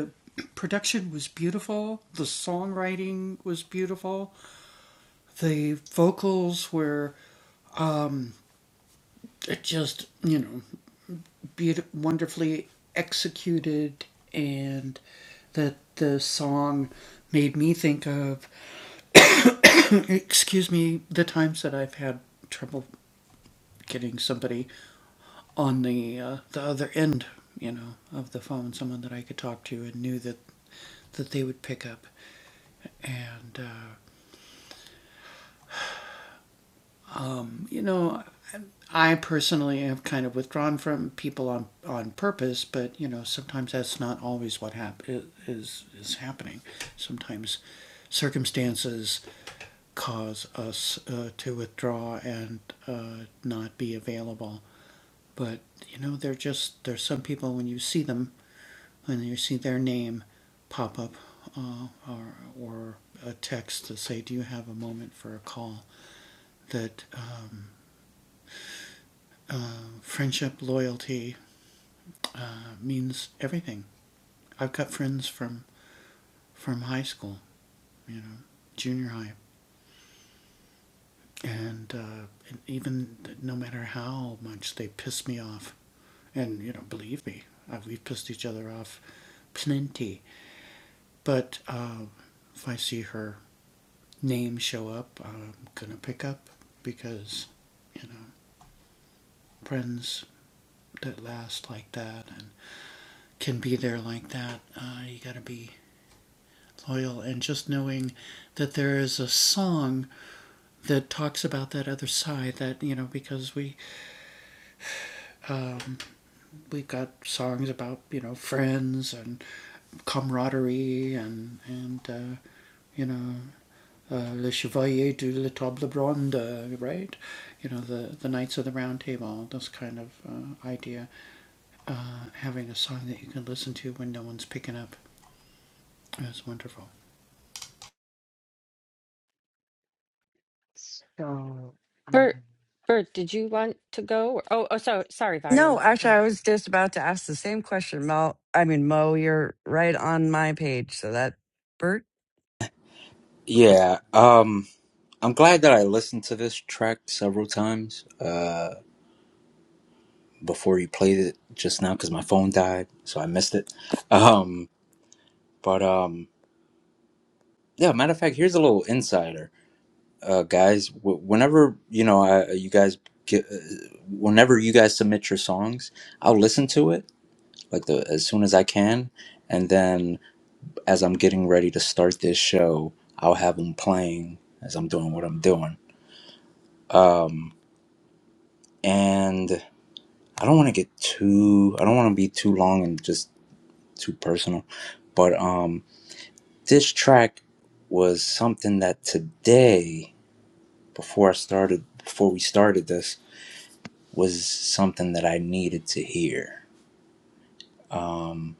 Speaker 10: So,
Speaker 4: Bert,
Speaker 10: um,
Speaker 4: Bert, did you want to go? oh, oh, so sorry,
Speaker 3: No,
Speaker 4: Violet. Go
Speaker 3: actually, I
Speaker 4: ahead.
Speaker 3: was just about to ask the same question, Mo. I mean, Mo, you're right on my page. So that, Bert.
Speaker 1: Yeah. Um, I'm glad that I listened to this track several times uh, before you played it just now because my phone died, so I missed it. Um, but um, yeah. Matter of fact, here's a little insider, uh, guys. W- whenever you know, I, you guys get, uh, whenever you guys submit your songs, I'll listen to it like the as soon as I can, and then. as I'm getting ready to start this show, I'll have them playing as I'm doing what I'm doing. Um, and I don't want to get too, I don't want to be too long and just too personal, but um, this track was something that today, before I started, before we started this, was something that I needed to hear. Um,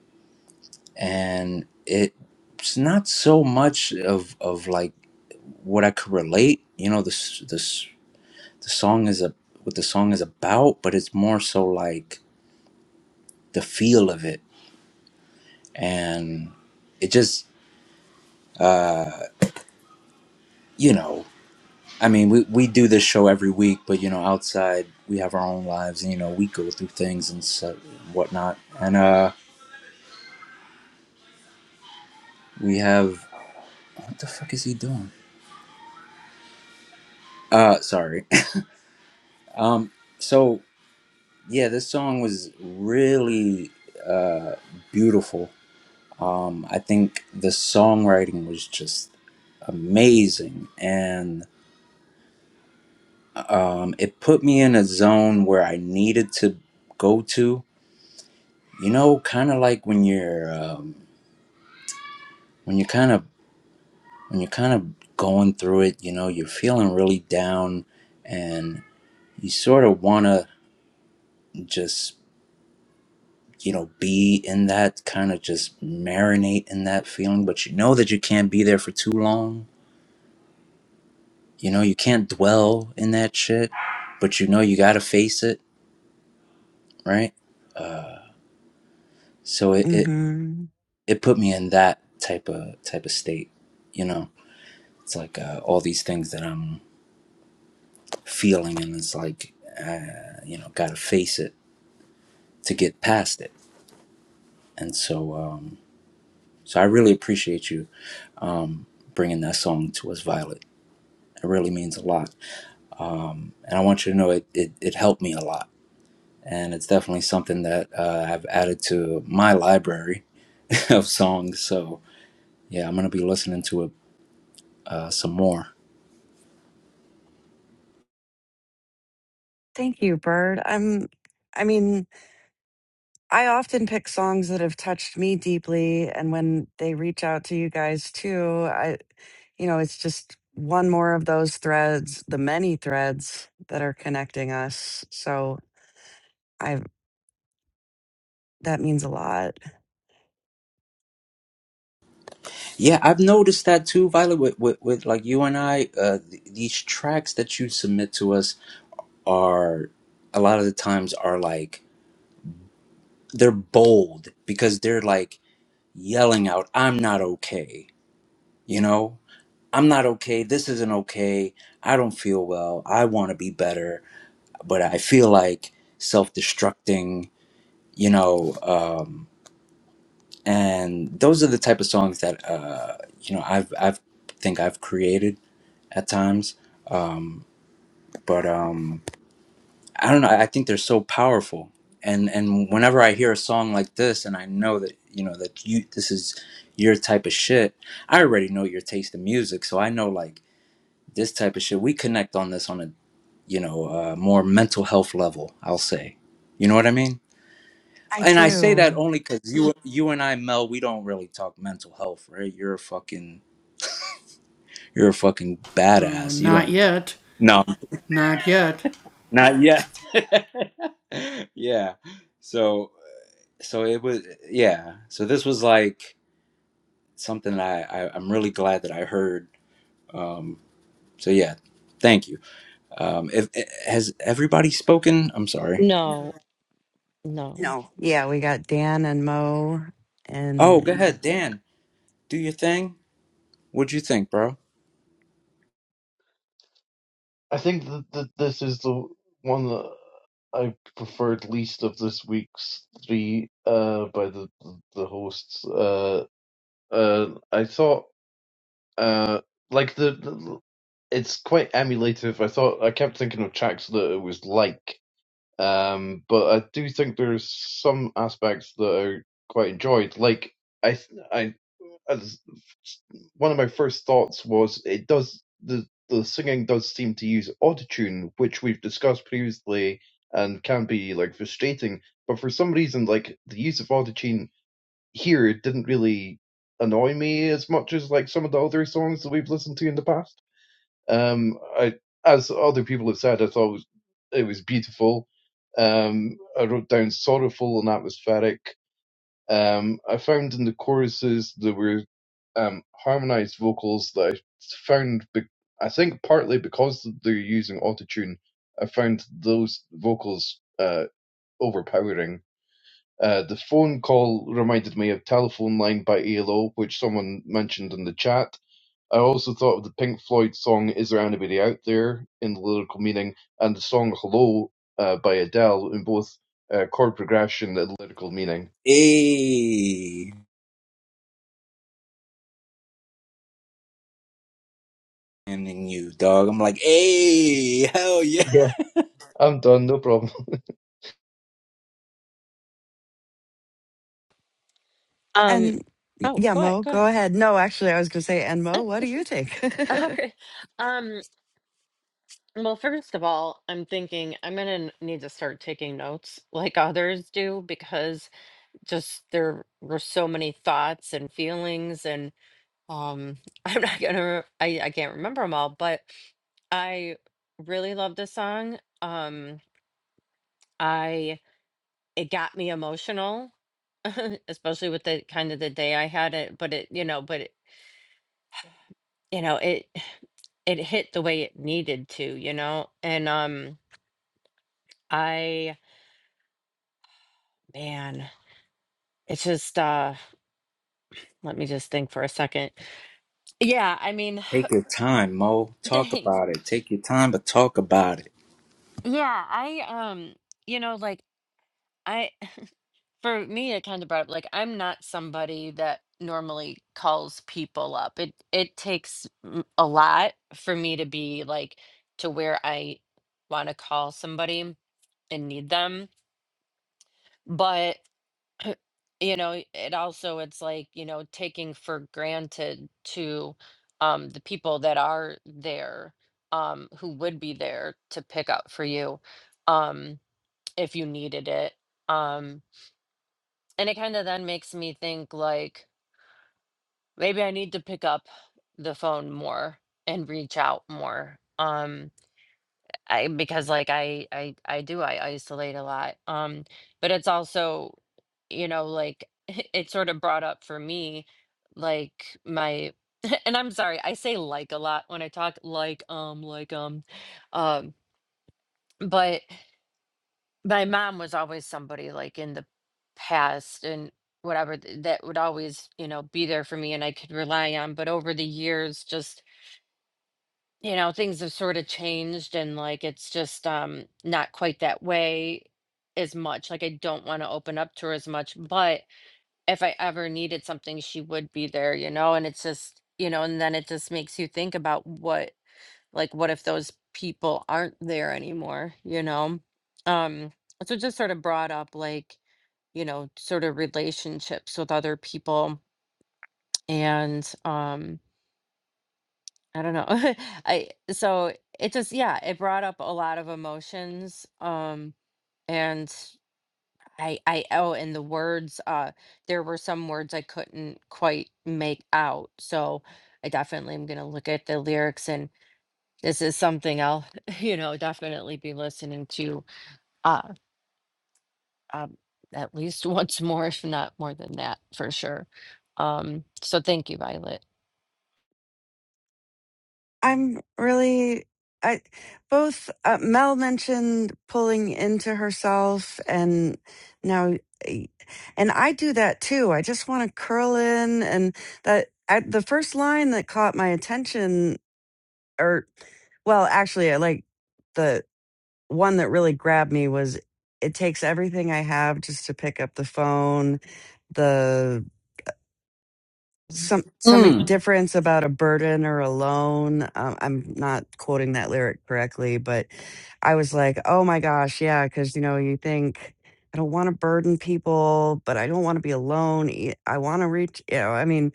Speaker 1: and it's not so much of of like what I could relate, you know, the s- the the song is a what the song is about, but it's more so like the feel of it, and it just uh, you know, I mean, we we do this show every week, but you know, outside we have our own lives, and you know, we go through things and so, whatnot, and uh, we have what the fuck is he doing? Uh, sorry. um, so yeah, this song was really uh beautiful Um, I think the songwriting was just amazing, and um, it put me in a zone where I needed to go to. You know, kind of like when you're um, when you're kind of when you're kind of going through it. You know, you're feeling really down, and you sort of want to just you know be in that kind of just marinate in that feeling, but you know that you can't be there for too long You know, you can't dwell in that shit, but you know you gotta face it, right? So it it,
Speaker 3: Mm-hmm.
Speaker 1: it put me in that type of type of state. You know, it's like uh, all these things that I'm feeling, and it's like uh, you know, gotta face it to get past it. And so, um, so I really appreciate you um, bringing that song to us, Violet. It really means a lot, and I want you to know it it, it helped me a lot. And it's definitely something that uh, I've added to my library of songs. So yeah, I'm gonna be listening to it uh, some more.
Speaker 3: Thank you, Bert. I'm. I mean, I often pick songs that have touched me deeply, and when they reach out to you guys too, I, you know, it's just one more of those threads, the many threads that are connecting us. So I, that means a lot.
Speaker 1: Yeah, I've noticed that too, Violet. With with, with like you and I, uh, th- these tracks that you submit to us are a lot of the times are like they're bold because they're like yelling out, "I'm not okay," you know. I'm not okay. This isn't okay. I don't feel well. I want to be better, but I feel like self-destructing. You know, um, and those are the type of songs that uh, you know I've I've think I've created at times. Um, but um, I don't know. I think they're so powerful, and and whenever I hear a song like this, and I know that you know that you this is your type of shit, I already know your taste in music, so I know like this type of shit. We connect on this on a you know uh, more mental health level. I'll say, you know what I mean?
Speaker 3: I
Speaker 1: and I say that
Speaker 3: do.
Speaker 1: only because you you and I, Mel, we don't really talk mental health, right? You're a fucking you're a fucking badass. You don't. No, not yet. yeah. So so it was yeah. So this was like something that I, I I'm really glad that I heard. Um. So yeah, thank you. Um. If eh, has everybody spoken? I'm sorry.
Speaker 4: no, no.
Speaker 3: No. Yeah, we got Dan and Mo
Speaker 1: Oh,
Speaker 3: and
Speaker 1: go ahead, Dan. Do your thing. What'd you think, bro?
Speaker 2: I think that, that this is the one that I preferred least of this week's three uh, by the the hosts. Uh, uh, I thought. Uh, like the, the, it's quite emulative. I thought I kept thinking of tracks that it was like, um, but I do think there's some aspects that I quite enjoyed. Like I, th- I, as one of my first thoughts was it does the the singing does seem to use autotune, which we've discussed previously and can be like frustrating. But for some reason, like the use of autotune here it didn't really annoy me as much as like some of the other songs that we've listened to in the past. Um, I, as other people have said, I thought it was, beautiful. Um, I wrote down sorrowful and atmospheric. Um, I found in the choruses there were um, harmonized vocals that I found, be- I think partly because they're using autotune, I found those vocals uh, overpowering uh, the phone call reminded me of Telephone Line by ELO, which someone mentioned in the chat. I also thought of the Pink Floyd song Is There Anybody Out There in the lyrical meaning and the song Hello uh, by Adele in both uh, chord progression and lyrical meaning.
Speaker 1: Hey. and you, dog. I'm like, hey, hell yeah.
Speaker 2: Yeah. I'm done, no problem.
Speaker 4: Um.
Speaker 3: and
Speaker 4: Oh,
Speaker 3: yeah,
Speaker 4: go ahead.
Speaker 3: Mo,
Speaker 4: Go
Speaker 3: go
Speaker 4: ahead.
Speaker 3: ahead. No, actually I was gonna say, and Mo, what do you take?
Speaker 4: Okay. Um, well, first of all, I'm thinking I'm gonna n- need to start taking notes like others do because just there were so many thoughts and feelings Um, I'm not gonna, I, I can't remember them all, but I really love this song. Um, I, it got me emotional, especially with the kind of the day I had it, but it, you know, but it, you know, it, it hit the way it needed to, you know? And um I man, it's just uh let me just think for a second. Yeah, I mean,
Speaker 1: Take your time, Mo. Talk
Speaker 4: thanks.
Speaker 1: about it. Take your time, but talk about it.
Speaker 4: Yeah, I um you know like I for me it kind of brought up like i'm not somebody that normally calls people up it it takes m- a lot for me to be like to where i want to call somebody and need them but you know it also it's like you know taking for granted to um the people that are there um who would be there to pick up for you um if you needed it um and it kind of then makes me think like Maybe I need to pick up the phone more and reach out more. Um, I because like I I I do I isolate a lot. Um, but it's also, you know, like it sort of brought up for me like my and I'm sorry, I say like a lot when I talk like um like um um but my mom was always somebody like in the past and whatever th- that would always you know be there for me and i could rely on but over the years just you know things have sort of changed and like it's just um not quite that way as much like i don't want to open up to her as much but if i ever needed something she would be there you know and it's just you know and then it just makes you think about what like what if those people aren't there anymore you know um so it just sort of brought up like you know sort of relationships with other people and um i don't know i so it just yeah it brought up a lot of emotions um and i i oh and the words uh there were some words i couldn't quite make out so i definitely am going to look at the lyrics and this is something I'll, you know, definitely be listening to uh, um, at least once more, if not more than that, for sure. Um, so thank you, Violet.
Speaker 3: I'm really I both uh, Mel mentioned pulling into herself and now eh, and I do that too. I just want to curl in and that I, the first line that caught my attention or well, actually I like one that really grabbed me was it takes everything I have just to pick up the phone, the some some
Speaker 1: Mm.
Speaker 3: difference about a burden or a loan. Um, I'm not quoting that lyric correctly, but I was like, oh my gosh, yeah, because you know you think I don't want to burden people, but I don't want to be alone. e- I want to reach, you know, I mean,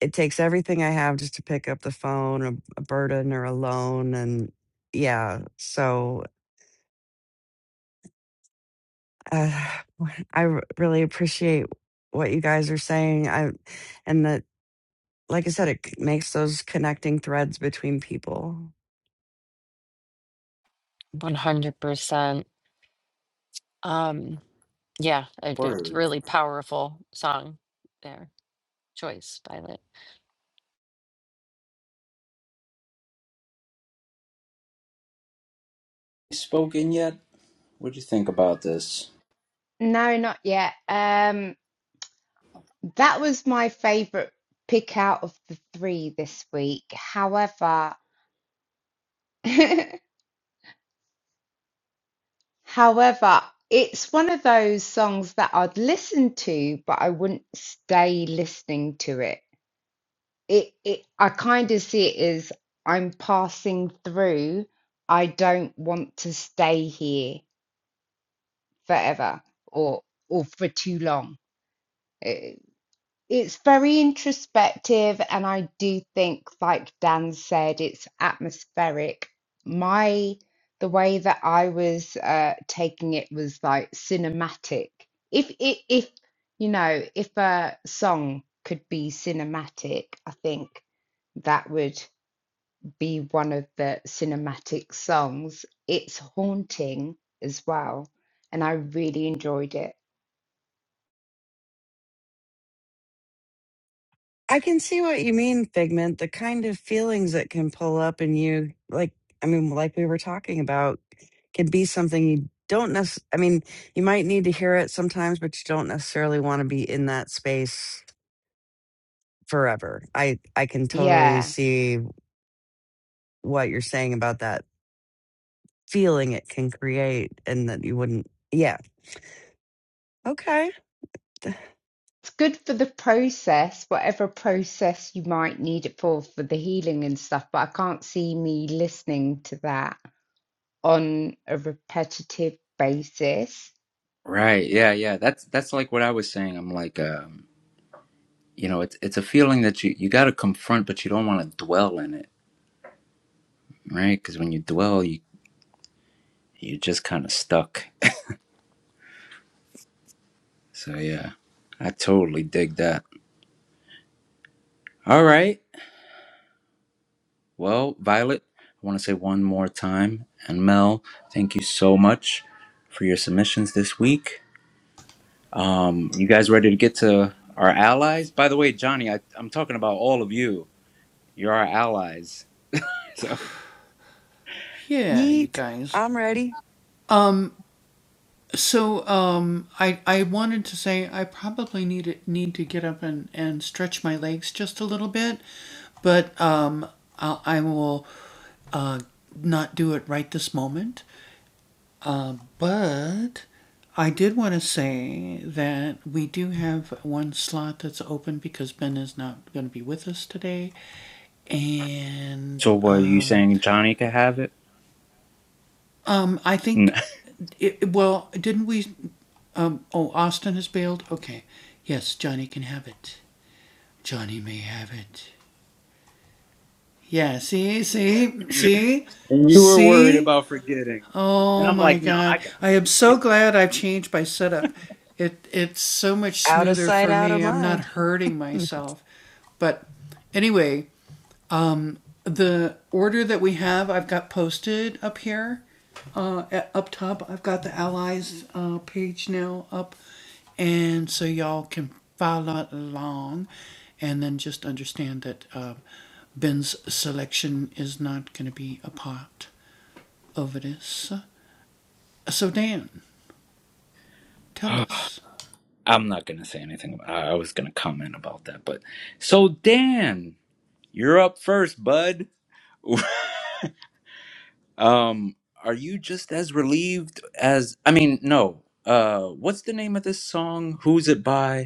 Speaker 3: it takes everything I have just to pick up the phone, a, a burden or a loan, and yeah, so uh, I r- really appreciate what you guys are saying. I and that, like I said, it c- makes those connecting threads between people.
Speaker 4: One hundred percent. Um, yeah, it, it's a
Speaker 1: Word.
Speaker 4: really powerful song there. Choice, Violet.
Speaker 1: Spoken yet? What do you think about this?
Speaker 8: No, not yet. Um, that was my favorite pick out of the three this week. However, however, it's one of those songs that I'd listen to, but I wouldn't stay listening to it. It, it, I kind of see it as I'm passing through. I don't want to stay here forever or or for too long. Uh, It's very introspective, and I do think, like Dan said, it's atmospheric. My the way that I was uh, taking it was like cinematic. If if, if you know, if a song could be cinematic, I think that would be one of the cinematic songs. It's haunting as well, and I really enjoyed it.
Speaker 3: I can see what you mean, Figment. The kind of feelings that can pull up in you, like I mean, like we were talking about, can be something you don't necessarily. I mean, you might need to hear it sometimes, but you don't necessarily want to be in that space forever. I I can totally
Speaker 8: Yeah.
Speaker 3: see what you're saying about that feeling it can create and that you wouldn't. Yeah. Okay.
Speaker 8: It's good for the process, whatever process you might need it for, for the healing and stuff, but I can't see me listening to that on a repetitive basis.
Speaker 1: Right. Yeah. Yeah. That's that's like what I was saying. I'm like, um, you know, it's it's a feeling that you you got to confront, but you don't want to dwell in it, right? Because when you dwell, you you're just kind of stuck. So yeah, I totally dig that. All right. Well, Violet, I want to say one more time, and Mel, thank you so much for your submissions this week. Um, you guys ready to get to our allies? By the way, Johnny, I, I'm talking about all of you. You're our allies. So,
Speaker 3: Yeet. I'm ready.
Speaker 1: so what are you saying? Johnny could have it, No. and you were worried about forgetting, and I'm like, no, I
Speaker 3: Out of sight, out of mind.
Speaker 1: got. I'm not gonna say anything. About, I I was gonna comment about that, but so Dan, you're up first, bud. Um, are you just as relieved as I mean, no. Uh, what's the name of this song? Who's it by?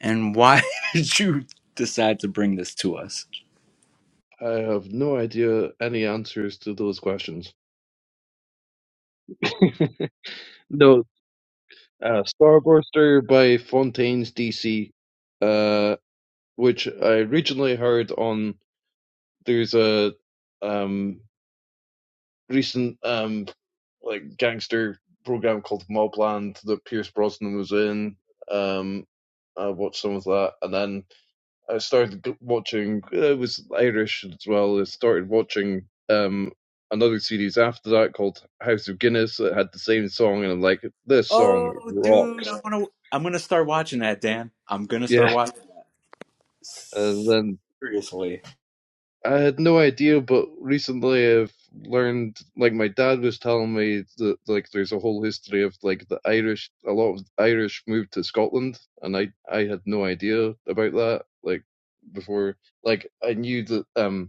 Speaker 1: And why did you decide to bring this to us?
Speaker 2: I have no idea any answers to those questions. no, uh, Starburster by Fontaines DC, uh, which I originally heard on there's a um, recent um, like gangster program called Mobland that Pierce Brosnan was in. Um, I watched some of that, and then I started watching. uh, It was Irish as well. I started watching um, another series after that called House of Guinness that had the same song, and I'm like, this song
Speaker 1: Oh, dude,
Speaker 2: rocks.
Speaker 1: I'm gonna I'm gonna start watching that, Dan. I'm gonna start
Speaker 2: Yeah,
Speaker 1: watching.
Speaker 2: and
Speaker 1: that.
Speaker 2: then
Speaker 1: Seriously.
Speaker 2: I had no idea, but recently I've learned, like my dad was telling me that like there's a whole history of like the Irish, a lot of Irish moved to Scotland, and I I had no idea about that. Like before, like I knew that um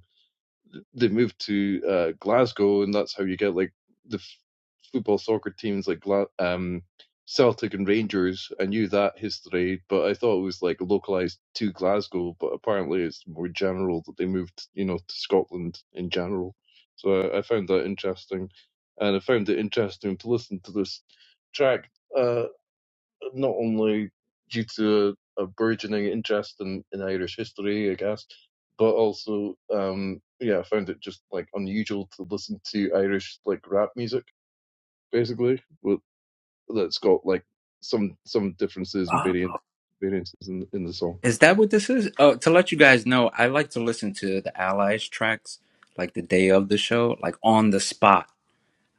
Speaker 2: they moved to uh, Glasgow, and that's how you get like the f- football soccer teams like Gla- um, Celtic and Rangers. I knew that history, but I thought it was like localized to Glasgow. But apparently, it's more general that they moved, you know, to Scotland in general. So I, I found that interesting, and I found it interesting to listen to this track. Uh, not only due to a, a burgeoning interest in, in Irish history, I guess, but also, um, yeah, I found it just like unusual to listen to Irish like rap music, basically, with, that's got like some some differences and
Speaker 1: Ah,
Speaker 2: variant variances in in the song.
Speaker 1: Is that what this is? Oh, to let you guys know, I like to listen to the Allies tracks like the day of the show, like on the spot.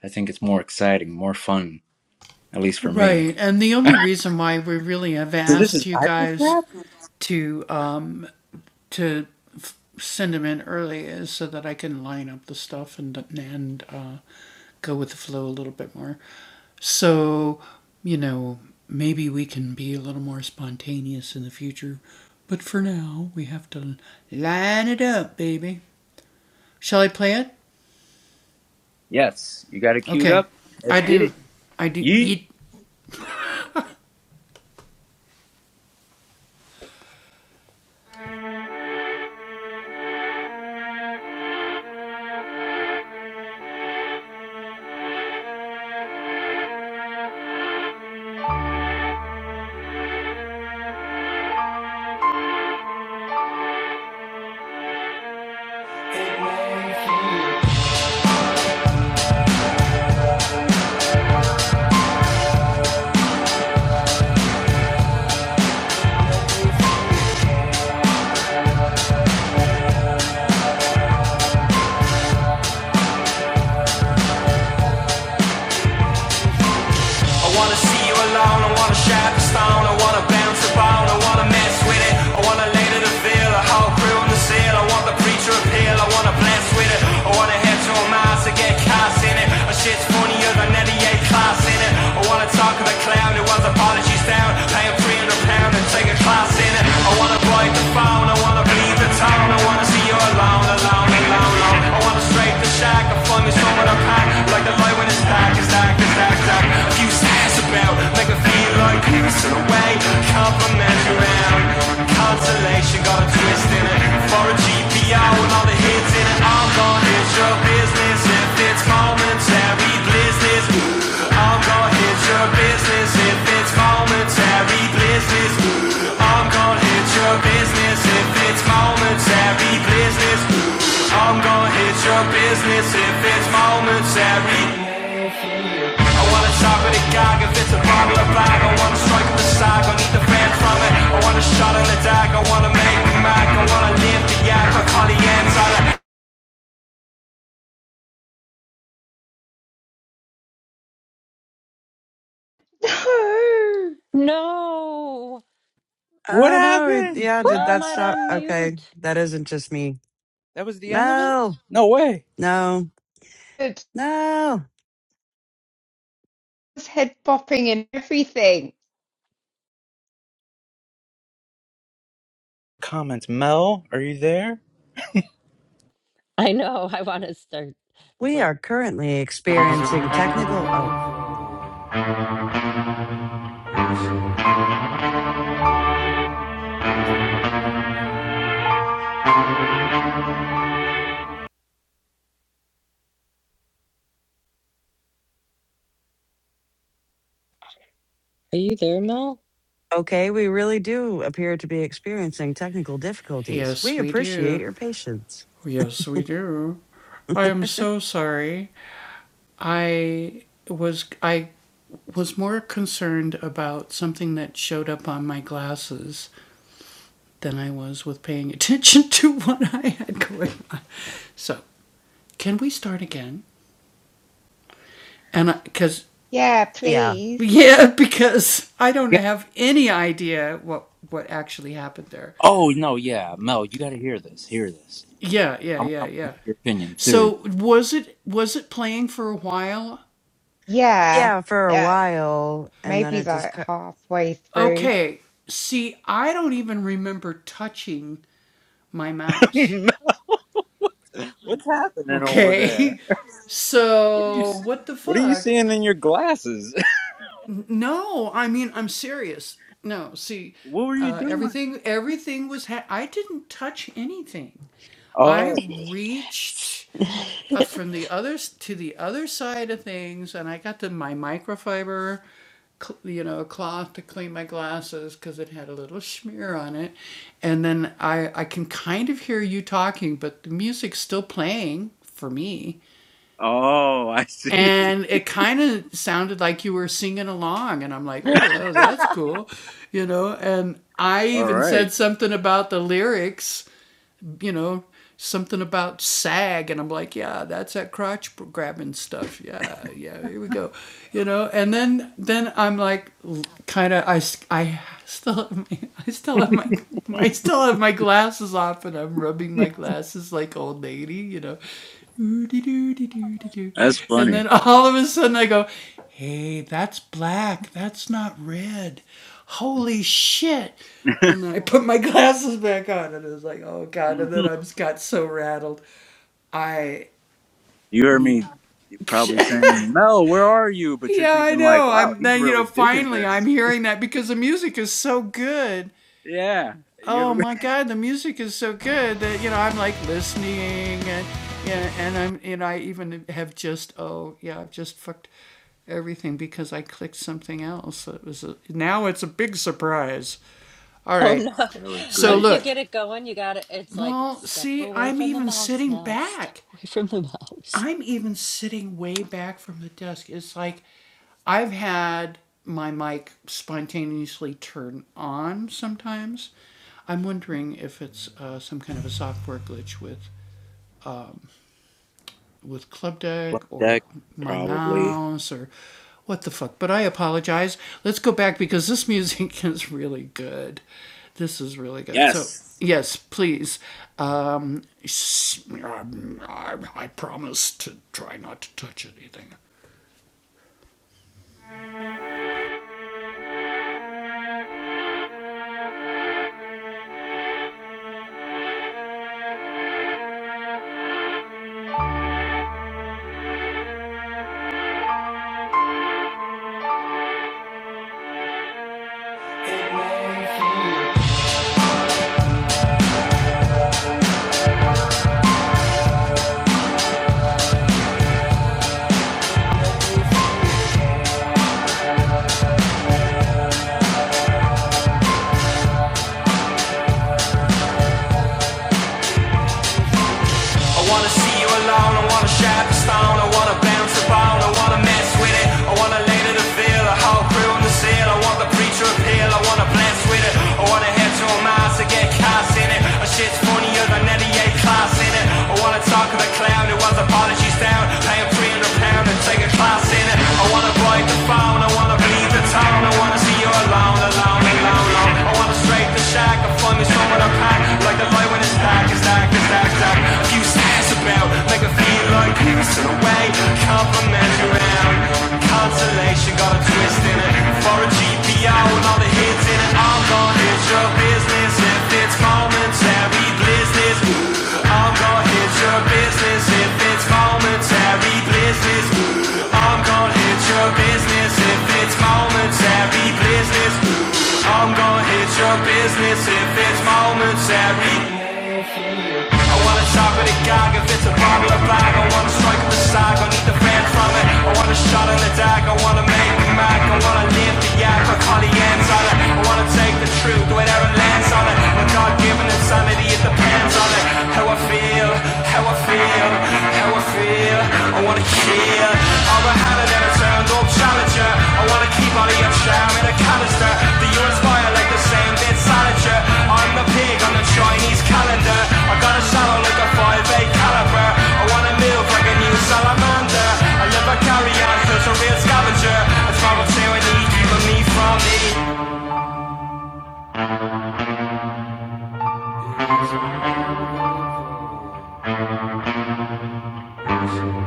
Speaker 1: I think it's more exciting, more fun, at least for me. So this is Irish rap? Yes, you got it queued up. Let's get it. Yeet.
Speaker 7: I wanna see you alone, I wanna shatter the stone, I wanna bounce the bone, I wanna mess with it, I wanna lay to the veil, a whole crew in the seal, I want the preacher appeal, I wanna bless with it, I wanna head to a Mars to get cast in it, a shit's funnier than any A class in it, I wanna talk to the clown who has apologies down, pay him 300 pound and take a class in it, I wanna ride the phone, I wanna bleed the town, I wanna see you alone, alone, alone, alone, I wanna strafe the shack, I find me somewhere to pack, like the light when it's dark, it's dark, it's that duck you sass about Make her feel like piss in a way Cover mesh around Consolation got a twist in it For a GPO and all the hits in it I'm All gone is your business If it's momentary blizzness All gone is your business If it's momentary blizzness I'm gonna hit your business if it's momentary blizzness. I'm gonna hit your business if it's momentary. I wanna talk with a gag if it's a bottle of the bag. I wanna strike the sag, I need the fan from it. I wanna shot in the dark.
Speaker 4: No,
Speaker 1: What
Speaker 3: Oh no. It,
Speaker 1: happened?
Speaker 3: yeah. Did that
Speaker 4: Melmot
Speaker 3: stop?
Speaker 4: on
Speaker 3: Okay.
Speaker 4: mute.
Speaker 3: That isn't just me.
Speaker 1: That was the end of it?
Speaker 3: No.
Speaker 1: No way.
Speaker 3: No.
Speaker 8: No! It's
Speaker 3: No.
Speaker 8: head bopping and everything.
Speaker 1: Comments, Mel, are you there?
Speaker 4: I know. I want to start. It's
Speaker 3: We
Speaker 4: like,
Speaker 3: are currently experiencing technical. Oh,
Speaker 4: are you there, Mel?
Speaker 3: okay. We really do appear to be experiencing technical difficulties. We appreciate your patience.
Speaker 8: Yeah,
Speaker 3: Yeah.
Speaker 8: please.
Speaker 1: Yeah. Oh no, yeah, Mel, you got to hear this. Hear this. I want to hear your opinion. Seriously.
Speaker 8: Yeah.
Speaker 3: Yeah. For a
Speaker 8: Yeah.
Speaker 3: while. And then
Speaker 8: Maybe
Speaker 3: it just
Speaker 8: like
Speaker 3: cut.
Speaker 8: halfway through.
Speaker 1: What's happening over there? What are you s- What are you seeing in your glasses? What were you doing? Oh, Oh, I see. All right. That's funny. You heard me probably saying, "Mel, where are you?" But you're thinking like, "Wow, he's really digging this." Yeah, you're.
Speaker 4: Oh no.
Speaker 1: that was great.
Speaker 4: Once you get it going, you got it. It's like step away from the mouse, Mel. Step away from the mouse.
Speaker 1: Plug deck, probably. Yes.
Speaker 7: I wanna see you alone, I wanna shatter the stone, I wanna bounce the bone, I wanna mess with it, I wanna lay to the veil, a whole crew in the seal, I want the preacher appeal, I wanna blast with it, I wanna head to a mass and get cast in it, a shit's funnier than any A class in it, I wanna talk to the clown who has apologies down, pay him 300 pound and take a class in it, I wanna bite the phone, I wanna bleed the town, I wanna see you alone, alone, alone, alone, I wanna straight the shack, I find me somewhere to pack, like the like the light when it's dark, it's dark, it's dark, it's dark. Few stairs about, make her feel like pigs in a way. Compliment around, consolation got a twist in it. For a GPO all the hits in it, all gone is your business. If it's momentary blizzards, all gone is your business. If it's momentary blizzards, I'm gonna hit your business if it's momentary business. I'm gonna hit your business if there's moments that read I wanna shop at a gag if it's a bottle of bag I wanna strike up a sag, I need the fans from it I want a shot in the dag, I wanna make me mad I wanna live the yak, I call the ends on it I wanna take the truth whenever it lands on it My God-given insanity, it depends on it How I feel, how I feel, how I feel I wanna heal Overhanded and a turned up challenger I wanna keep all of your charm in a canister Do you inspire like the same bit salad I'm the pig on the Chinese calendar. I got a shadow like a five eight caliber. I wanna move like a new salamander. I live a carry on, cause a real scavenger. That's why I'll say I need keeping me from me.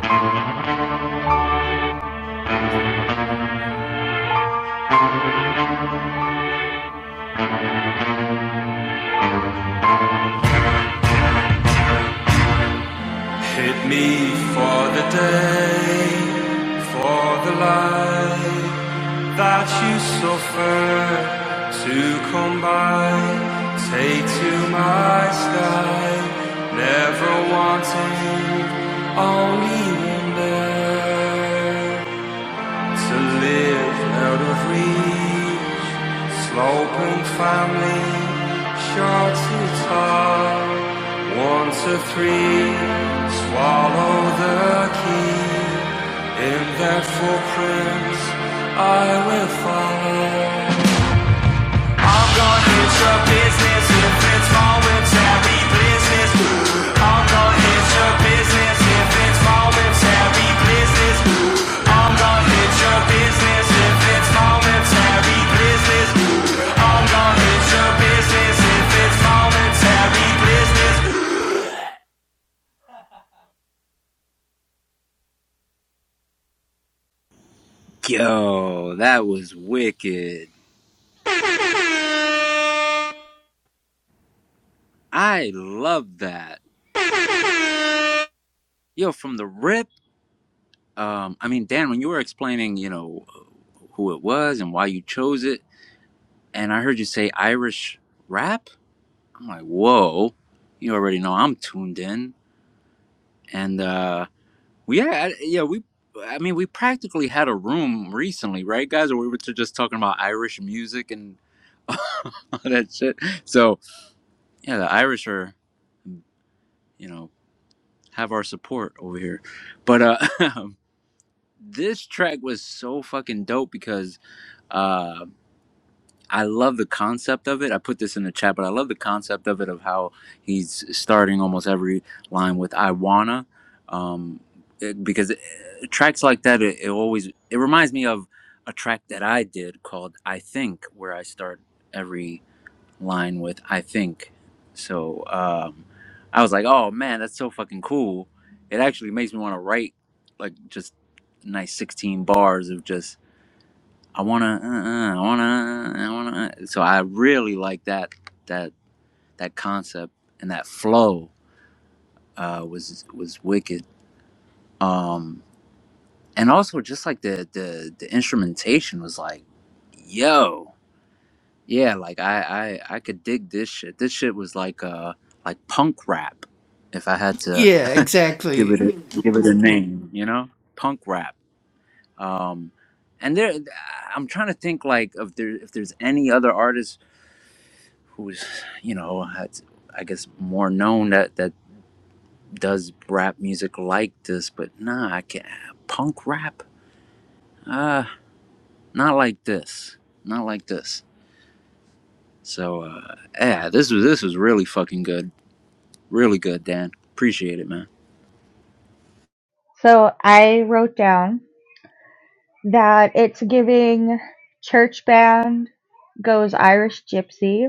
Speaker 7: Hit me for the day, for the light. that you suffer to come by. Take to my side, never wanting, only wonder to live out of reach. Sloping family, short to tall, one to three. Swallow the key in that full profile. I'm gonna hit your business if it's momentary business. I'm gonna hit your business if it's momentary business. I'm gonna hit your business if it's momentary business. I'm gonna hit your business if it's momentary business.
Speaker 1: Yo, that was wicked. I love that. Yo, from the rip. Um, I mean, Dan, when you were explaining, you know, who it was and why you chose it, and I heard you say Irish rap, I'm like, whoa, you already know I'm tuned in. and uh yeah yeah we i mean we practically had a room recently right guys where we were just talking about irish music and all that shit so yeah the irish are you know have our support over here but uh this track was so fucking dope because Uh, I love the concept of it. I put this in the chat, but I love the concept of it of how he's starting almost every line with "I wanna," um, it- because it, tracks like that it, it always it reminds me of a track that I did called "I Think," where I start every line with "I think." So um, I was like, "Oh man, that's so fucking cool!" It actually makes me want to write like just nice sixteen bars of just I wanna, uh, uh, I wanna, uh, uh, I wanna. Uh. So I really like that that that concept and that flow uh, was was wicked. Um, and also just like the the the instrumentation was like, yo, yeah, like I I I could dig this shit. This shit was like uh like punk rap, if I had to give it a, give it a name, you know, punk rap. Um, and there, I'm trying to think like if there if there's any other artists who's you know has, I guess more known that that does rap music like this, but nah, I can't punk rap. Uh, not like this. Not like this. So uh, yeah, this was this was really fucking good. Really good, Dan. Appreciate it, man.
Speaker 5: So I wrote down that it's giving church band goes Irish gypsy.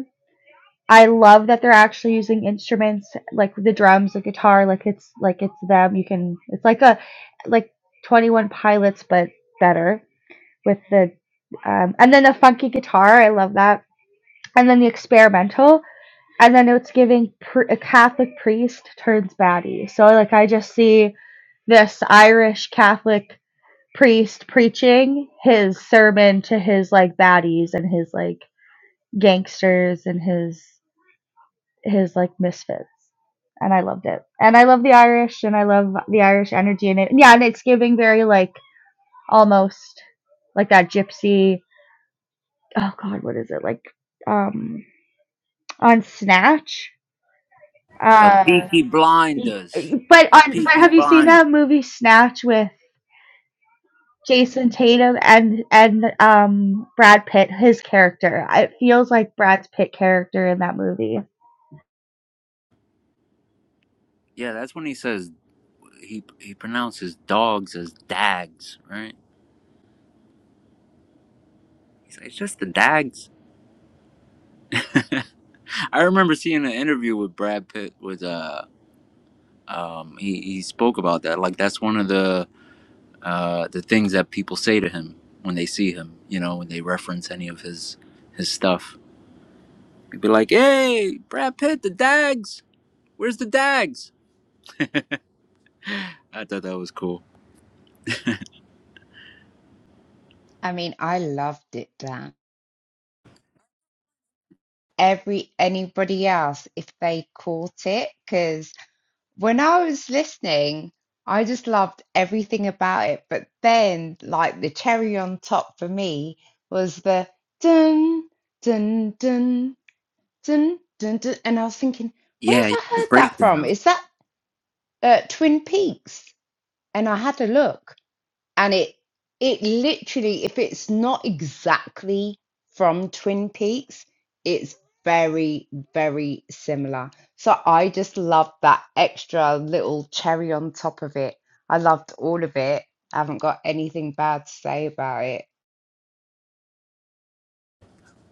Speaker 5: I love that they're actually using instruments like the drums, the guitar, like it's like it's them. You can it's like a like 21 Pilots but better with the um, and then the funky guitar. I love that. And then the experimental and then it's giving pr- a Catholic priest turns baddie. So like I just see this Irish Catholic priest preaching his sermon to his like baddies and his like gangsters and his his like misfits. And I loved it. And I love the Irish and I love the Irish energy in it. And Yeah, and it's giving very like almost like that gypsy oh god, what is it? Like um on Snatch.
Speaker 1: A
Speaker 5: Uh
Speaker 1: Peaky Blinders.
Speaker 5: but
Speaker 1: The
Speaker 5: on but
Speaker 1: Peaky
Speaker 5: have you seen
Speaker 1: Blind.
Speaker 5: that movie Snatch with Jason Tatum and and um Brad Pitt, his character. It feels like Brad Pitt character in that movie.
Speaker 1: Yeah, that's when he says he he pronounces dogs as dags, right? He's like, it's just the dags. I remember seeing an interview with Brad Pitt with uh um, he, he spoke about that. Like that's one of the uh, the things that people say to him when they see him. You know, when they reference any of his his stuff, they'd be like, "Hey, Brad Pitt, the Dags. Where's the Dags?" I thought that was cool.
Speaker 8: I mean, I loved it, Dan. Every anybody else, if they caught it, 'cause when I was listening, I just loved everything about it. But then, like the cherry on top for me was the dun dun dun dun dun dun, and I was thinking, where
Speaker 1: Yeah,
Speaker 8: have
Speaker 1: yeah
Speaker 8: I
Speaker 1: the
Speaker 8: heard that from?
Speaker 1: breakdown.
Speaker 8: Is that uh, Twin Peaks? And I had a look and it it literally if it's not exactly from twin peaks it's very very similar so i just loved that extra little cherry on top of it i loved all of it i haven't got anything bad to say about it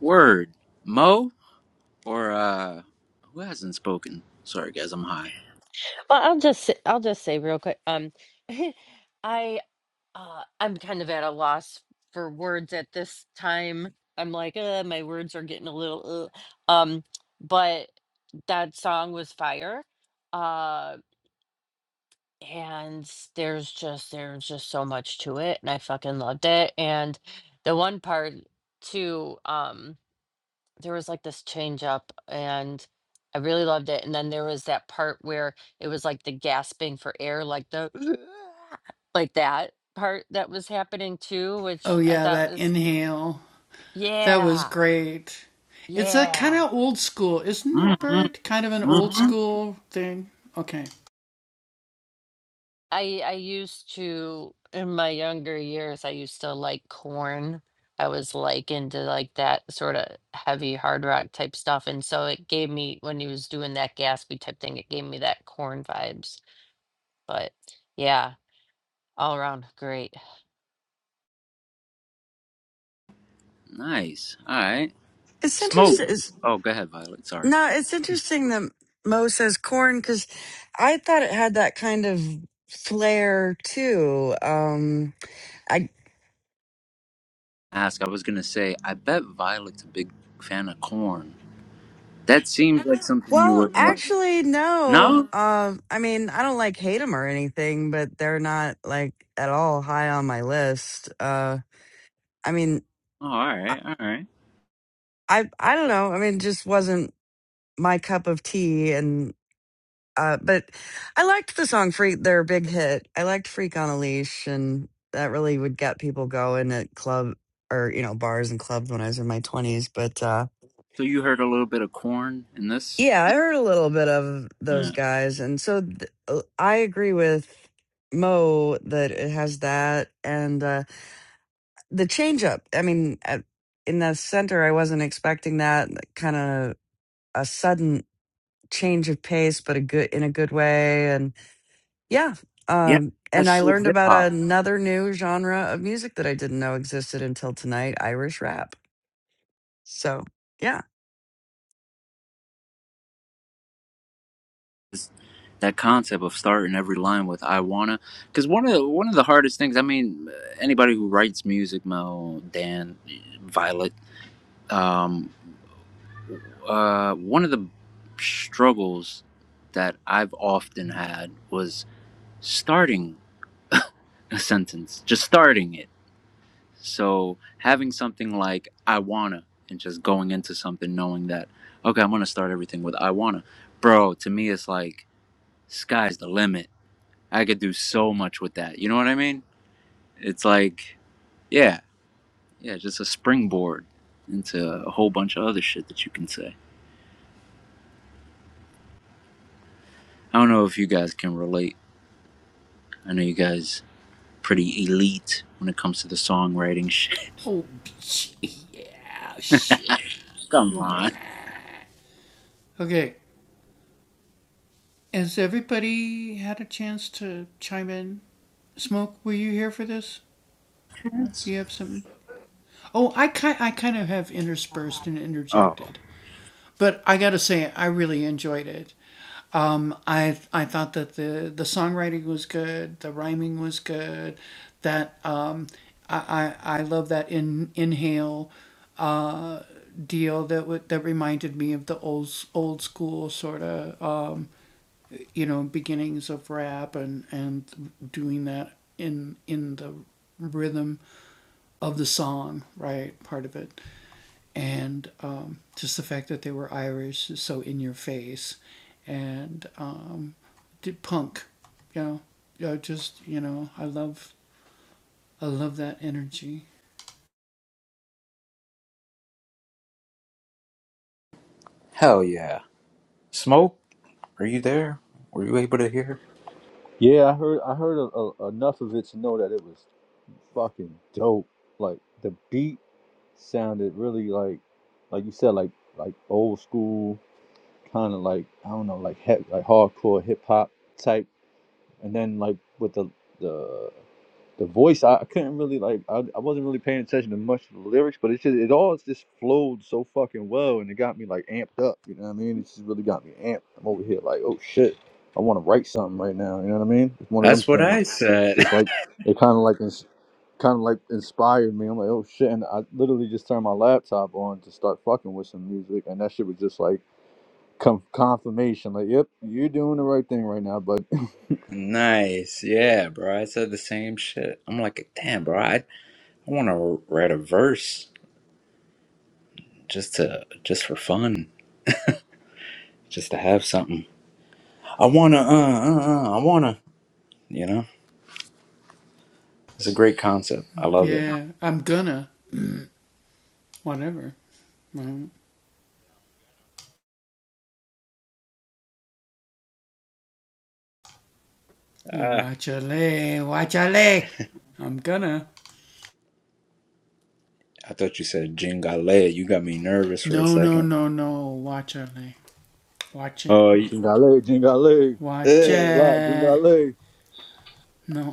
Speaker 1: Word, Mo or uh, who hasn't spoken? Sorry, guys, I'm high.
Speaker 4: Well, I'll just say, I'll just say real quick. Um, I uh, I'm kind of at a loss for words at this time. I'm like, uh, my words are getting a little, uh, um, but that song was fire. Uh, and there's just there's just so much to it, and I fucking loved it. And the one part too, um. there was like this change up and I really loved it. And then there was that part where it was like the gasping for air, like the like that part that was happening too, which I thought was yeah, yeah.
Speaker 1: Mm-hmm, mm-hmm.
Speaker 4: I I used to in my younger years, I used to like corn. I was like into like that sort of heavy hard rock type stuff. And so it gave me when he was doing that gaspy type thing, it gave me that corn vibes. But yeah, All around great.
Speaker 1: Nice. All right.
Speaker 3: It's
Speaker 1: Smoke.
Speaker 3: interesting.
Speaker 1: Oh, go ahead, Violet. Sorry.
Speaker 3: No, it's interesting that Mo says corn because I thought it had that kind of flair too. Um, I
Speaker 1: ask. I was gonna say, I bet Violet's a big fan of corn. That seems like something you
Speaker 3: well,
Speaker 1: would not like.
Speaker 3: actually, no.
Speaker 1: No?
Speaker 3: Uh, I mean, I don't like hate them or anything, but they're not like at all high on my list. Uh, I mean,
Speaker 1: Oh, all
Speaker 3: I,
Speaker 1: right, all right.
Speaker 3: I I don't know. I mean, it just wasn't my cup of tea, and. Uh, but I liked the song "Freak." Their big hit. I liked "Freak on a Leash," and that really would get people going at club or you know bars and clubs when I was in my twenties. But uh,
Speaker 1: So you heard a little bit of corn in this?
Speaker 3: yeah, I heard a little bit of those
Speaker 1: Yeah.
Speaker 3: guys, and so th- uh, I agree with Mo that it has that and uh, the change up. I mean, at, in the center, I wasn't expecting that kind of a sudden change of pace, but a good in a good way and Yeah.
Speaker 1: Yeah,
Speaker 3: Um, and
Speaker 1: that's
Speaker 3: I
Speaker 1: so
Speaker 3: learned
Speaker 1: hip
Speaker 3: about
Speaker 1: hop.
Speaker 3: another new genre of music that I didn't know existed until tonight Irish rap. So, yeah.
Speaker 1: That concept of starting every line with "I wanna," because one of the, one of the hardest things. I mean, anybody who writes music, Mel, Dan, Violet, um, uh, one of the struggles that I've often had was starting. a sentence, just starting it. So having something like I wanna and just going into something knowing that, okay, I'm gonna start everything with I wanna. Bro, to me, it's like sky's the limit. I could do so much with that. You know what I mean? It's like, yeah, yeah, just a springboard into a whole bunch of other shit that you can say. I don't know if you guys can relate. I know you guys pretty elite when it comes to the songwriting shit. Come on. Oh, Hell yeah. Smoke? Are you there? Were you able to hear?
Speaker 9: Yeah, I heard I heard a, a, enough of it to know that it was fucking dope. Like the beat sounded really like like you said like like old school kind of like I don't know like he, like hardcore hip hop type and then like with the the the voice I, I couldn't really like I, I wasn't really paying attention to much of the lyrics, but it just it all just flowed so fucking well and it got me like amped up, you know what I mean? It just really got me amped. I'm over here like, oh shit, I wanna write something right now, you know what I mean? It's one of them
Speaker 1: That's what I
Speaker 9: things. It's
Speaker 1: said.
Speaker 9: just like it kinda like ins- kinda like inspired me. I'm like, oh shit, and I literally just turned my laptop on to start fucking with some music and that shit was just like com- confirmation, like, yep, you're doing the right thing right now, but
Speaker 1: nice. Yeah, bro. I said the same shit. I'm like, damn, bro. I, I want to write a verse just to just for fun, just to have something. I wanna, uh, uh, uh I wanna. You know, it's a great concept. I love it. Ah, I thought you said jingale. You got me nervous for a second. Oh, you,
Speaker 9: Jingale, Jingale, down the
Speaker 1: uh,
Speaker 9: block, Jingale.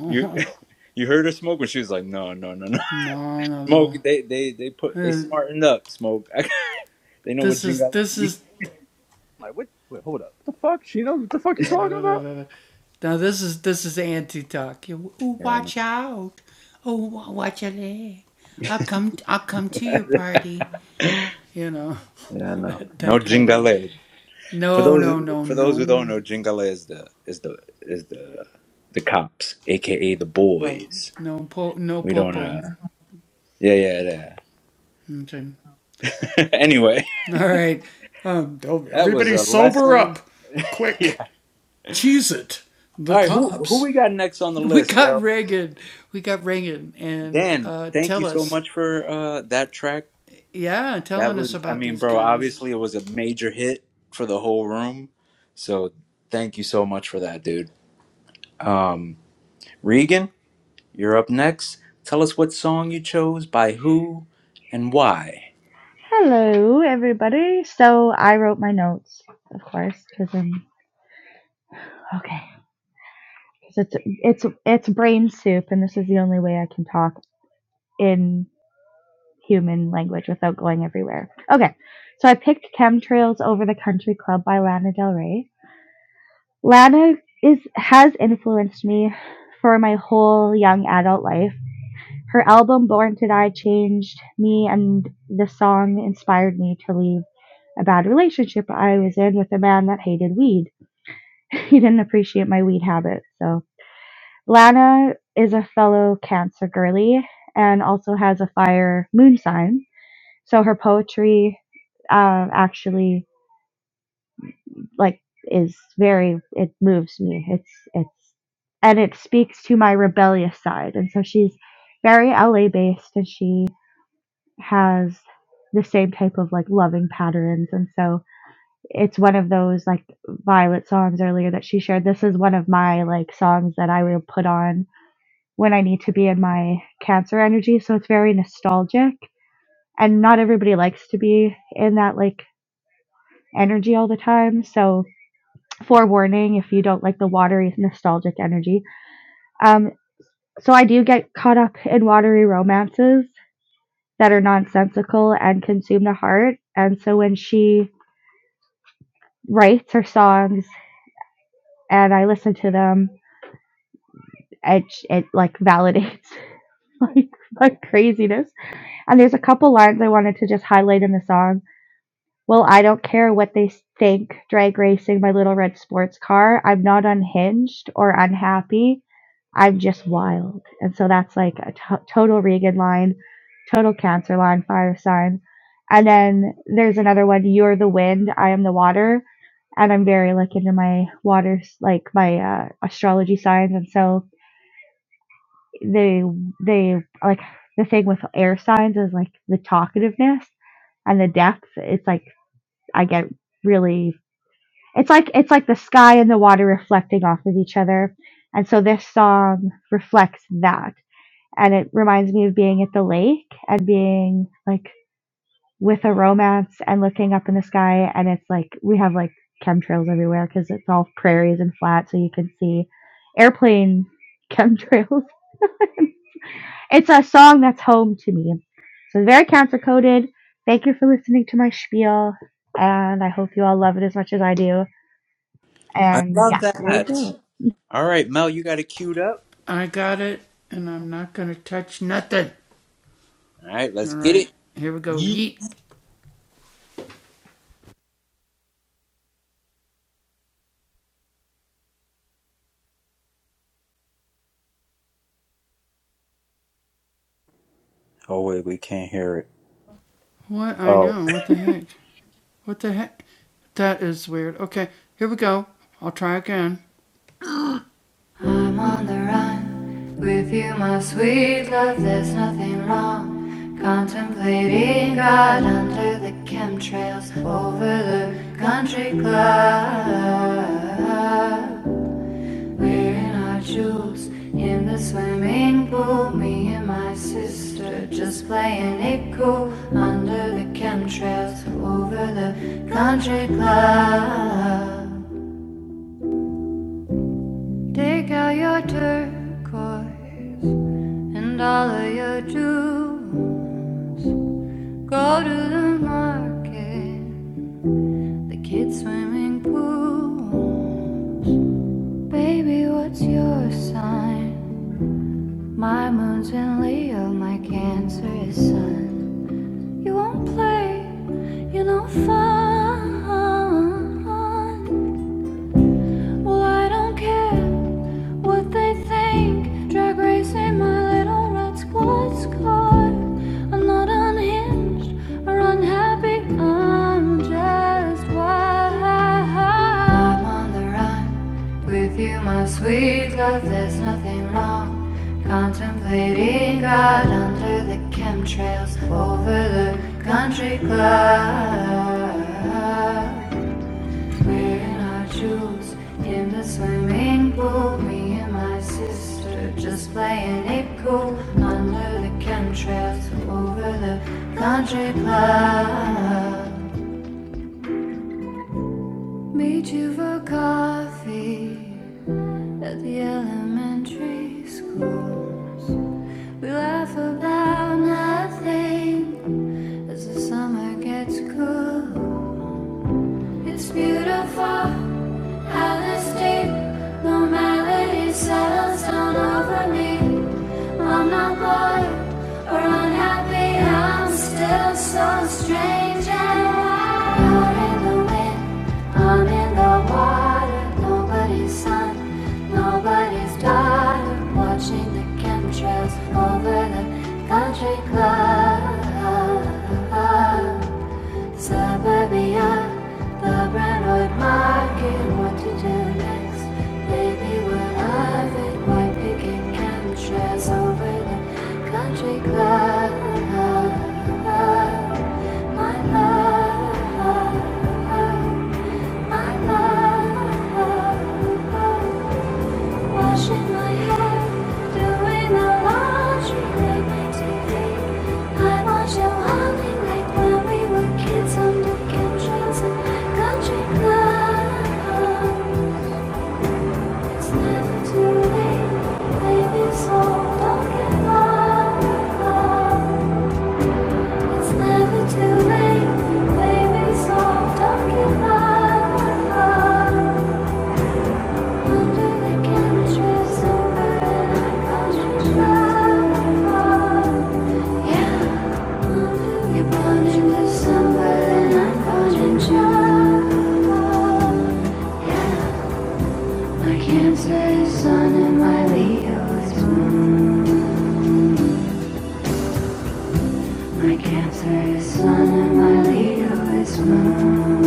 Speaker 1: you, you heard her smoke when she was like, no, no, no, no. Smoke, they they they put they smartened up. Smoke, they know what jingale. means.
Speaker 9: Like, what? Wait, hold up. What the fuck? She knows what the fuck you are talking about?
Speaker 1: Yeah, I know. yeah, I know. No jingale. For those for those who don't know, jingale is the is the is the the cops, aka the boys. We don't. uh Yeah, yeah, yeah. anyway, that was a lesson. Yeah. All right, who who we got next on the list, yo? Dan, thank you so much for uh that track. That was, I mean, bro, obviously it was a major hit for the whole room. So thank you so much for that, dude. Um, Regan, you're up next. Tell us what song you chose, by who, and why.
Speaker 5: Hello, everybody. So I wrote my notes, of course, because I'm okay. 'Cause it's it's it's brain soup, and this is the only way I can talk in human language without going everywhere. Okay, so I picked Chemtrails over the Country Club by Lana Del Rey. Lana is has influenced me for my whole young adult life. Her album Born to Die changed me, and the song inspired me to leave a bad relationship I was in with a man that hated weed. He didn't appreciate my weed habit. So, Lana is a fellow Cancer girly and also has a fire moon sign so her poetry um, actually like is very it moves me. It's it's and it speaks to my rebellious side. And so she's very LA based and she has the same type of like loving patterns and so it's one of those like violet songs earlier that she shared this is one of my like songs that i will put on when i need to be in my cancer energy so it's very nostalgic and not everybody likes to be in that like energy all the time. So forewarning if you don't like the watery nostalgic energy. Um, so I do get caught up in watery romances that are nonsensical and consume the heart. And so when she writes her songs and I listen to them, it it like validates like my craziness. And there's a couple lines I wanted to just highlight in the song. Well, I don't care what they think, drag racing my little red sports car. I'm not unhinged or unhappy. I'm just wild. And so that's like a t- total Reagan line, total Cancer line, fire sign. And then there's another one, you're the wind, I am the water. And I'm very like into my waters, like my uh, astrology signs. And so they, they like the thing with air signs is like the talkativeness and the depth. It's like I get really, it's like, it's like the sky and the water reflecting off of each other. And so this song reflects that and it reminds me of being at the lake and being like with a romance and looking up in the sky and it's like we have like chemtrails everywhere because it's all prairies and flat so you can see airplane chemtrails it's a song that's home to me so very cancer coded thank you for listening to my spiel and i hope you all love it as much as i do
Speaker 1: I
Speaker 5: and
Speaker 1: love
Speaker 5: yeah here we
Speaker 1: that.
Speaker 5: go
Speaker 1: All right, Mel, you got it queued up. All right, let's get it. Yeet. Oh, wait, we can't hear it. Oh,
Speaker 7: I'm on the run with you, my sweet love. There's nothing wrong. Contemplating God under the chemtrails over the country club. Wearing our jewels in the swimming pool. Me and my sister just playing it cool under the chemtrails over the country club. Take out your turquoise and all of your jewels. Go to the market, the kids' swimming pool. Baby, what's your sign? My moon's in Leo, my Cancer is Sun. You won't play, you are no fun. Well, I don't care. what they think. Drag racing my little red squad's car. I'm not unhinged or unhappy, I'm just wild. I'm on the run with you, my sweet love. There's nothing wrong. Contemplating God under the chemtrails over the country club. We're in our jewels in the swimming pool. Me and my sister just playing it cool under the chemtrails over the country club. Meet you for coffee at the elementary schools. We laugh about nothing as the summer gets cool. It's beautiful. Palace deep, no settles down over me. I'm not bored or unhappy, I'm still so strange and wild. Out in the wind, I'm in the water. Nobody's son, nobody's daughter. Watching the chemtrails over the country club. Suburbia, the Brentwood Market, what to do next? Baby, we'll have it white picking chemtrails over the country club. My love, my love. Washing my hair, doing the laundry that makes me I watch you humming like when we were kids on the couches in country club. It's never too late, baby, so don't give up. It's never too late, baby, so don't give up. My cancer is sun and my Leo is moon. My cancer is sun and my Leo is moon.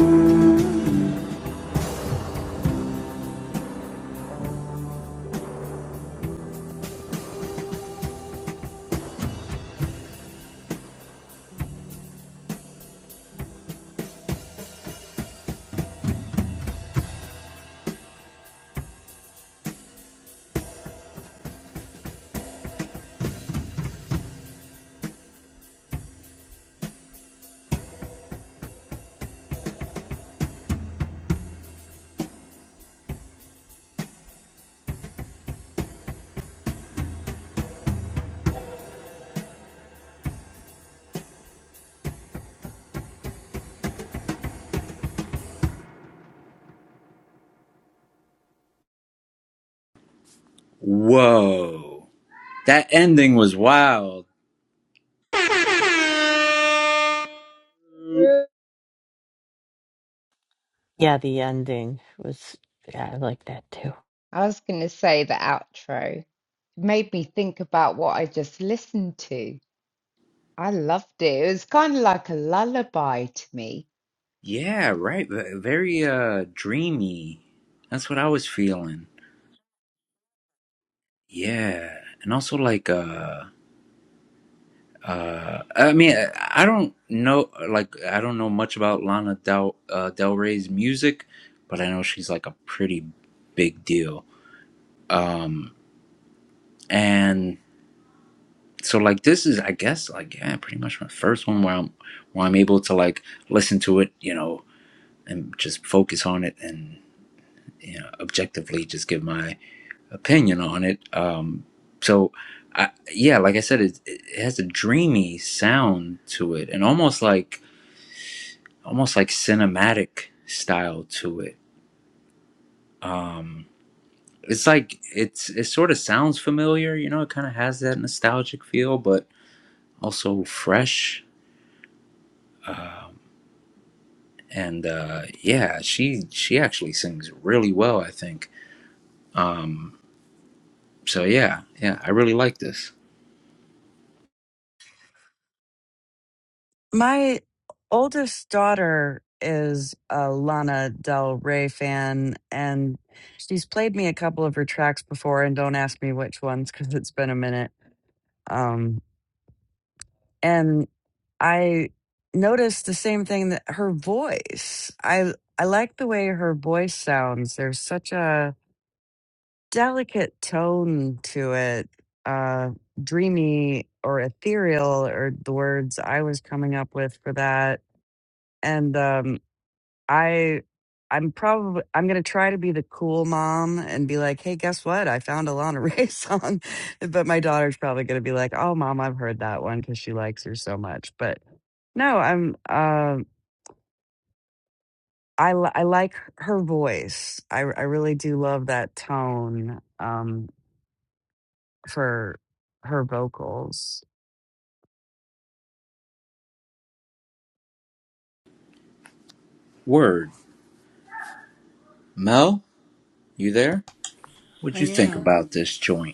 Speaker 1: whoa. That ending was wild.
Speaker 4: Yeah, the ending was, yeah, I like that too.
Speaker 8: i was going to say the outro made me think about what i just listened to i loved it it was kind of like a lullaby to me
Speaker 1: Yeah, right. v- Very uh dreamy. That's what I was feeling. Yeah. And also like uh uh I mean I I don't know like I don't know much about Lana Del uh, Del Rey's music, but I know she's like a pretty big deal. Um and so like this is I guess like yeah, pretty much my first one where I'm where I'm able to like listen to it, you know, and just focus on it and you know objectively just give my opinion on it. Um, so, I, yeah, like I said, it, it has a dreamy sound to it, and almost like almost like cinematic style to it. Um, it's like it's it sort of sounds familiar, you know. It kind of has that nostalgic feel, but also fresh. And uh, yeah, she she actually sings really well, I think. Um, so yeah, yeah, I really like this.
Speaker 3: My oldest daughter is a Lana Del Rey fan, and she's played me a couple of her tracks before. And don't ask me which ones because it's been a minute. Um, and I noticed the same thing that her voice. I I like the way her voice sounds. There's such a delicate tone to it, uh, dreamy or ethereal are the words I was coming up with for that. And um, I, I'm probably I'm gonna try to be the cool mom and be like, hey, guess what? I found a Lana Ray song, but my daughter's probably gonna be like, oh, mom, I've heard that one because she likes her so much. But no, I'm. um I, li- I like her voice. I, I really do love that tone. Um, for her vocals.
Speaker 1: Word, Mel, you there? What'd you think about this joint?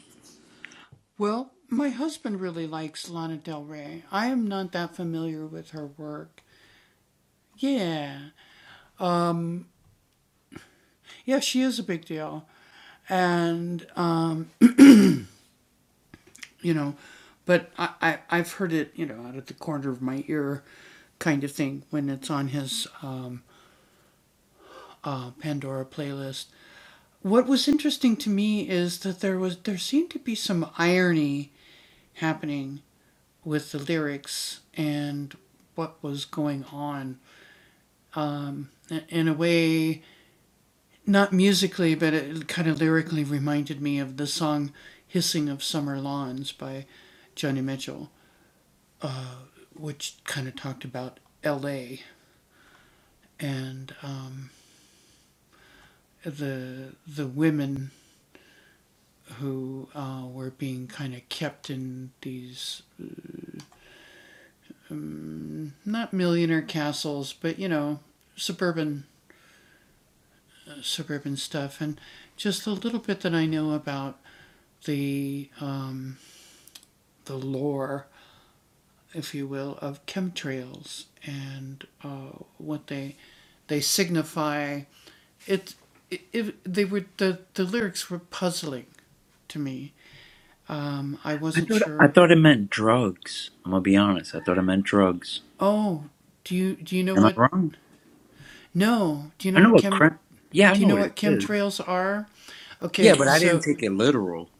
Speaker 1: I thought I thought it meant drugs. I'm gonna be honest. I thought it meant drugs. Am I wrong? I know what crack. Yeah, I know what it is. Yeah, but I didn't take it literal.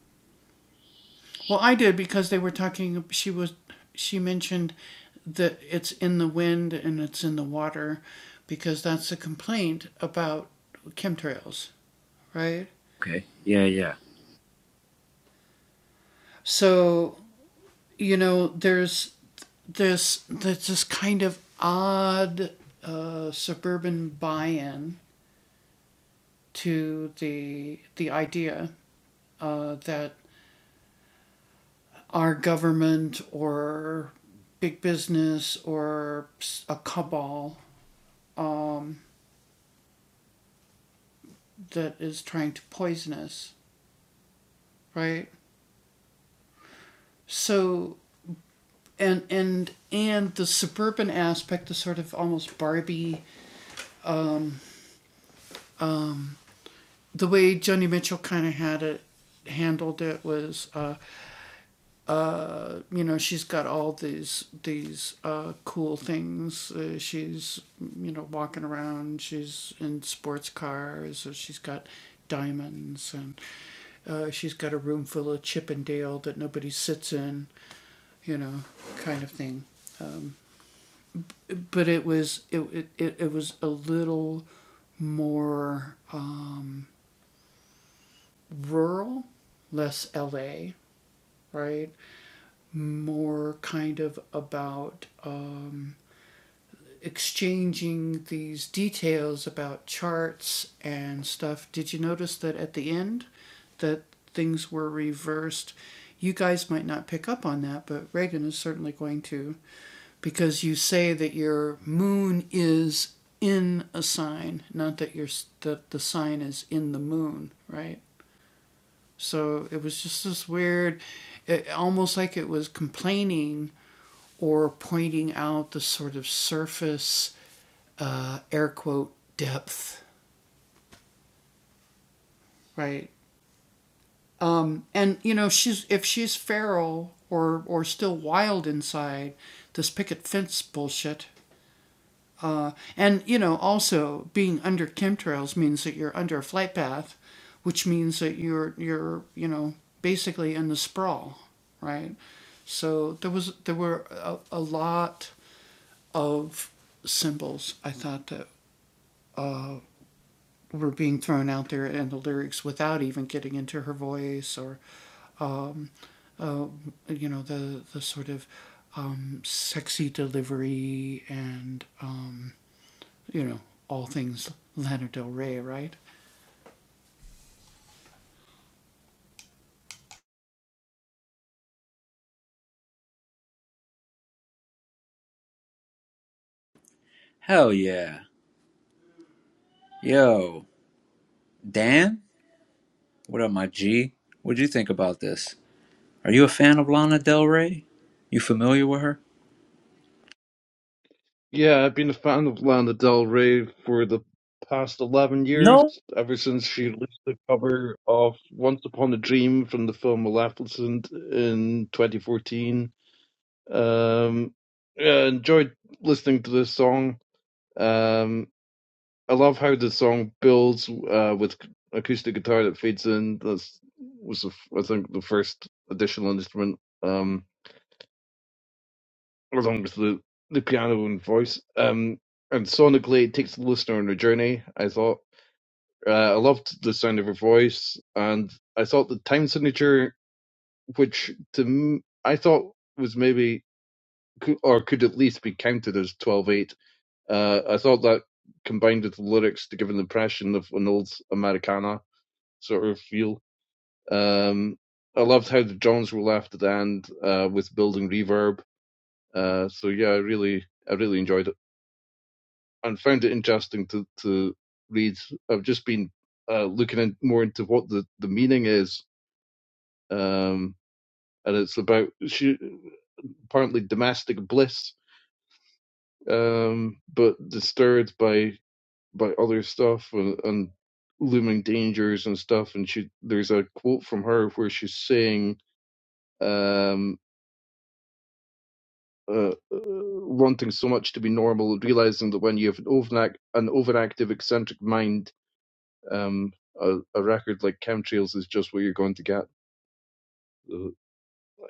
Speaker 1: Okay. Yeah, yeah. Hell yeah. Yo, Dan. What up, my G? What'd you think about this? Are you a fan of Lana Del Rey? You familiar with her?
Speaker 2: Yeah, I've been a fan of Lana Del Rey for the past eleven years,
Speaker 1: No.
Speaker 2: ever since she released the cover of "Once Upon a Dream" from the film *Maleficent* in 2014 Um, yeah, enjoyed listening to this song. Um, I love how the song builds uh, with acoustic guitar that fades in. That's was the, f- I think the first additional instrument, um, along with the the piano and voice. Um, and sonically, it takes the listener on a journey. I thought uh, I loved the sound of her voice, and I thought the time signature, which to m- I thought was maybe cou- or could at least be counted as twelve eight Uh, I thought that combined with the lyrics to give an impression of an old Americana sort of feel. Um, I loved how the drums were left at the end uh, with building reverb. Uh, so yeah, I really, I really enjoyed it and found it interesting to to read. I've just been uh, looking in, more into what the the meaning is, um, and it's about she apparently domestic bliss, um, but disturbed by by other stuff and, and looming dangers and stuff. And she, there's a quote from her where she's saying, um, uh, uh, wanting so much to be normal, realizing that when you have an, overact- an overactive, eccentric mind, um, a, a record like Chemtrails is just what you're going to get. Uh,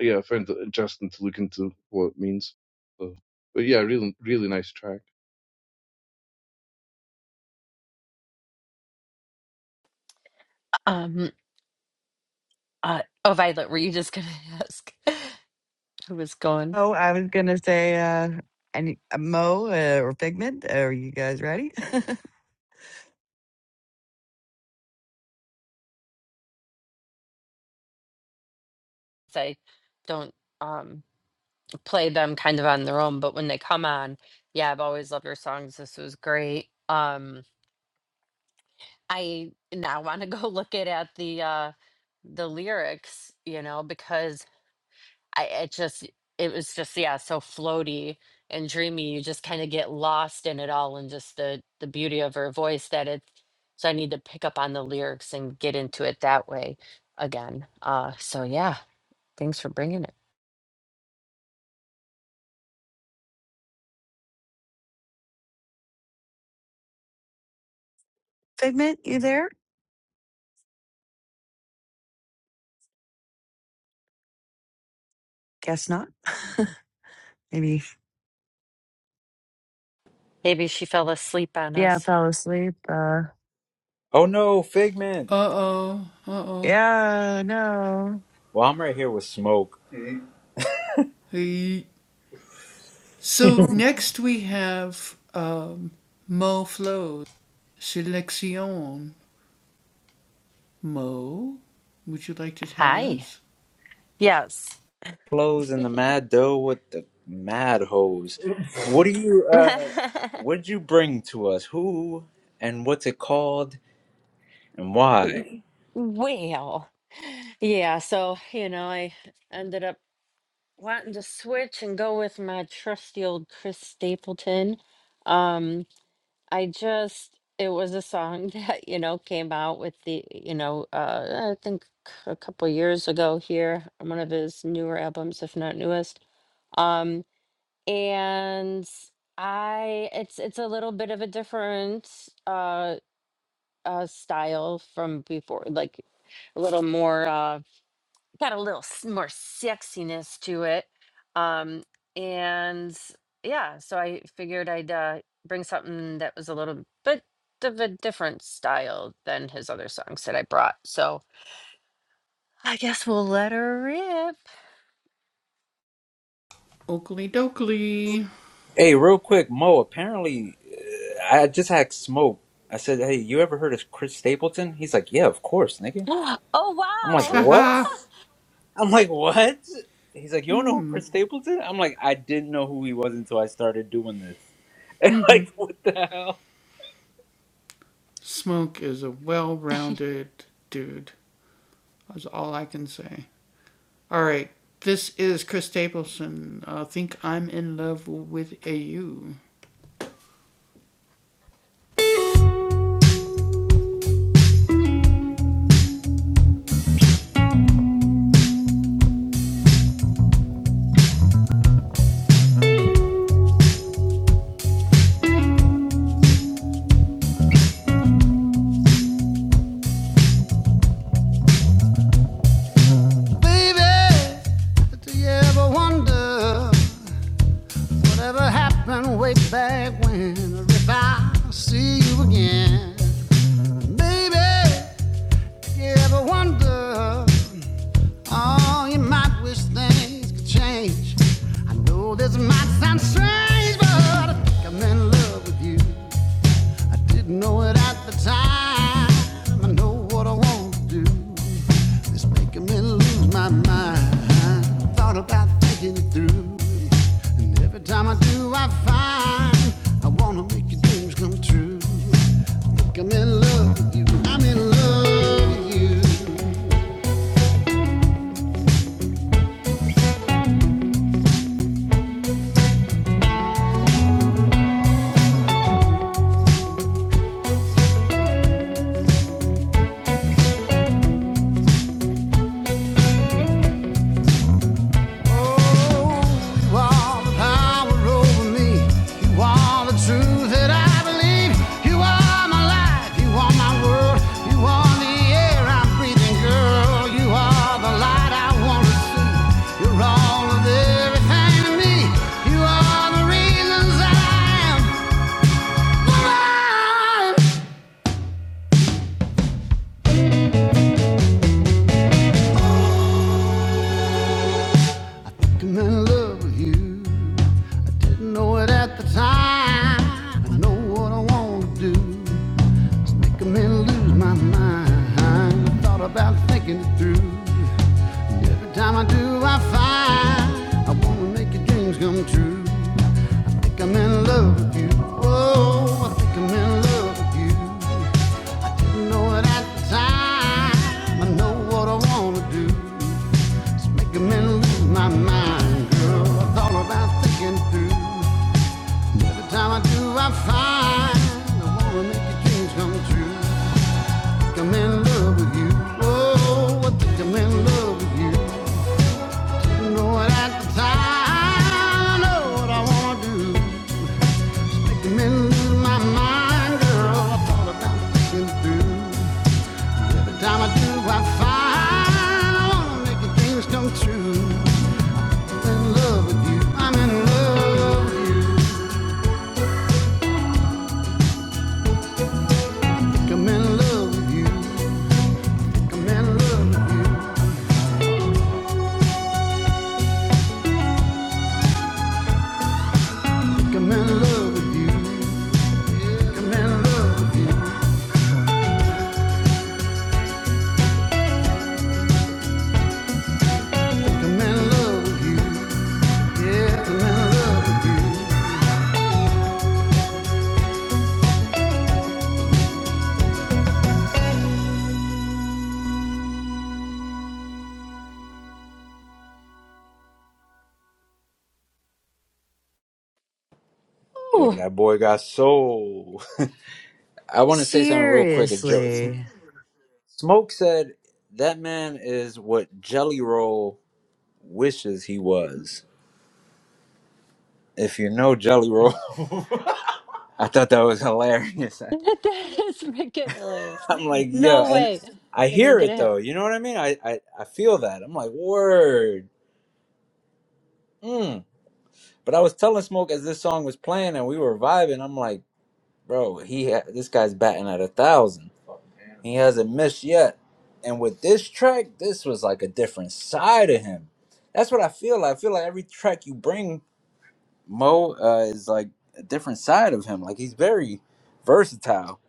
Speaker 2: yeah, I found it interesting to look into what it means. So, but yeah, really, really nice track.
Speaker 4: Um, uh, oh, Violet, were you just gonna ask who was going?
Speaker 3: Oh, I was gonna say, uh, any uh, Mo uh, or Figment? Are you guys ready?
Speaker 4: I don't um play them kind of on their own, but when they come on, yeah, I've always loved your songs. This was great. Um, I now want to go look it at the uh the lyrics, you know, because I it just it was just yeah so floaty and dreamy. You just kind of get lost in it all and just the the beauty of her voice that it's. So I need to pick up on the lyrics and get into it that way again. Uh, so yeah, thanks for bringing it.
Speaker 3: Figment, you there? Guess not. Maybe.
Speaker 4: Maybe she fell asleep on
Speaker 3: Yeah,
Speaker 4: us.
Speaker 3: fell asleep. Uh,
Speaker 1: Oh no, Figment.
Speaker 3: yeah, no.
Speaker 1: Well, I'm right here with Smoke.
Speaker 4: Hi. Yes.
Speaker 1: clothes and the mad dough with the mad hose. What do you uh what did you bring to us? Who and what's it called and why?
Speaker 4: well, yeah. So you know, I ended up wanting to switch and go with my trusty old Chris Stapleton. Um, I just it was a song that, you know, came out with the, you know, uh I think a couple years ago here on one of his newer albums, if not newest. Um and I it's it's a little bit of a different uh uh style from before, like a little more uh, got a little s- more sexiness to it. Um, and yeah, so I figured I'd uh, bring something that was a little bit of a different style than his other songs that I brought. So I guess we'll let her rip.
Speaker 1: Hey, real quick, Mo, apparently uh, I just had smoke. I said, "Hey, you ever heard of Chris Stapleton?" He's like, "Yeah, of course, nigga."
Speaker 4: Oh,
Speaker 1: I'm like,
Speaker 4: wow.
Speaker 1: "What?" I'm like, "What?" He's like, "You don't know who Chris Stapleton?" I'm like, "I didn't know who he was until I started doing this." And like, what the hell?
Speaker 7: I know this might sound strange, but I think I'm in love with you. Didn't know it at the time. I know what I want to do. It's making me lose my mind. Thought about thinking it through. And every time I do, I find I wanna make your dreams come true. I Think I'm in love with you. I'm in love with you. I'm breathing, girl. You are the light I wanna see. You're all of everything to me. You are the reasons I am. Like I'm in love with you. I didn't know it at the time. I know what I want to do.
Speaker 1: Yo,
Speaker 4: Ooh,
Speaker 1: that boy got soul. I want to say something real quick. A joke.
Speaker 3: Seriously.
Speaker 1: Smoke said that man is what Jelly Roll wishes he was. If you know Jelly Roll, I thought that was hilarious.
Speaker 4: that is freaking hilarious.
Speaker 1: I'm like, yo,
Speaker 4: No
Speaker 1: and
Speaker 4: way.
Speaker 1: I
Speaker 4: It
Speaker 1: hear
Speaker 4: ain't
Speaker 1: it
Speaker 4: gonna happen.
Speaker 1: though. You know what I mean? I I, I feel that. I'm like, word. Mm. But I was telling Smoke as this song was playing and we were vibing. I'm like, bro, he ha- this guy's batting at a thousand. He hasn't missed yet. And with this track, this was like a different side of him. That's what I feel like. I feel like every track you bring, Mo, uh, is like a different side of him. Like he's very versatile.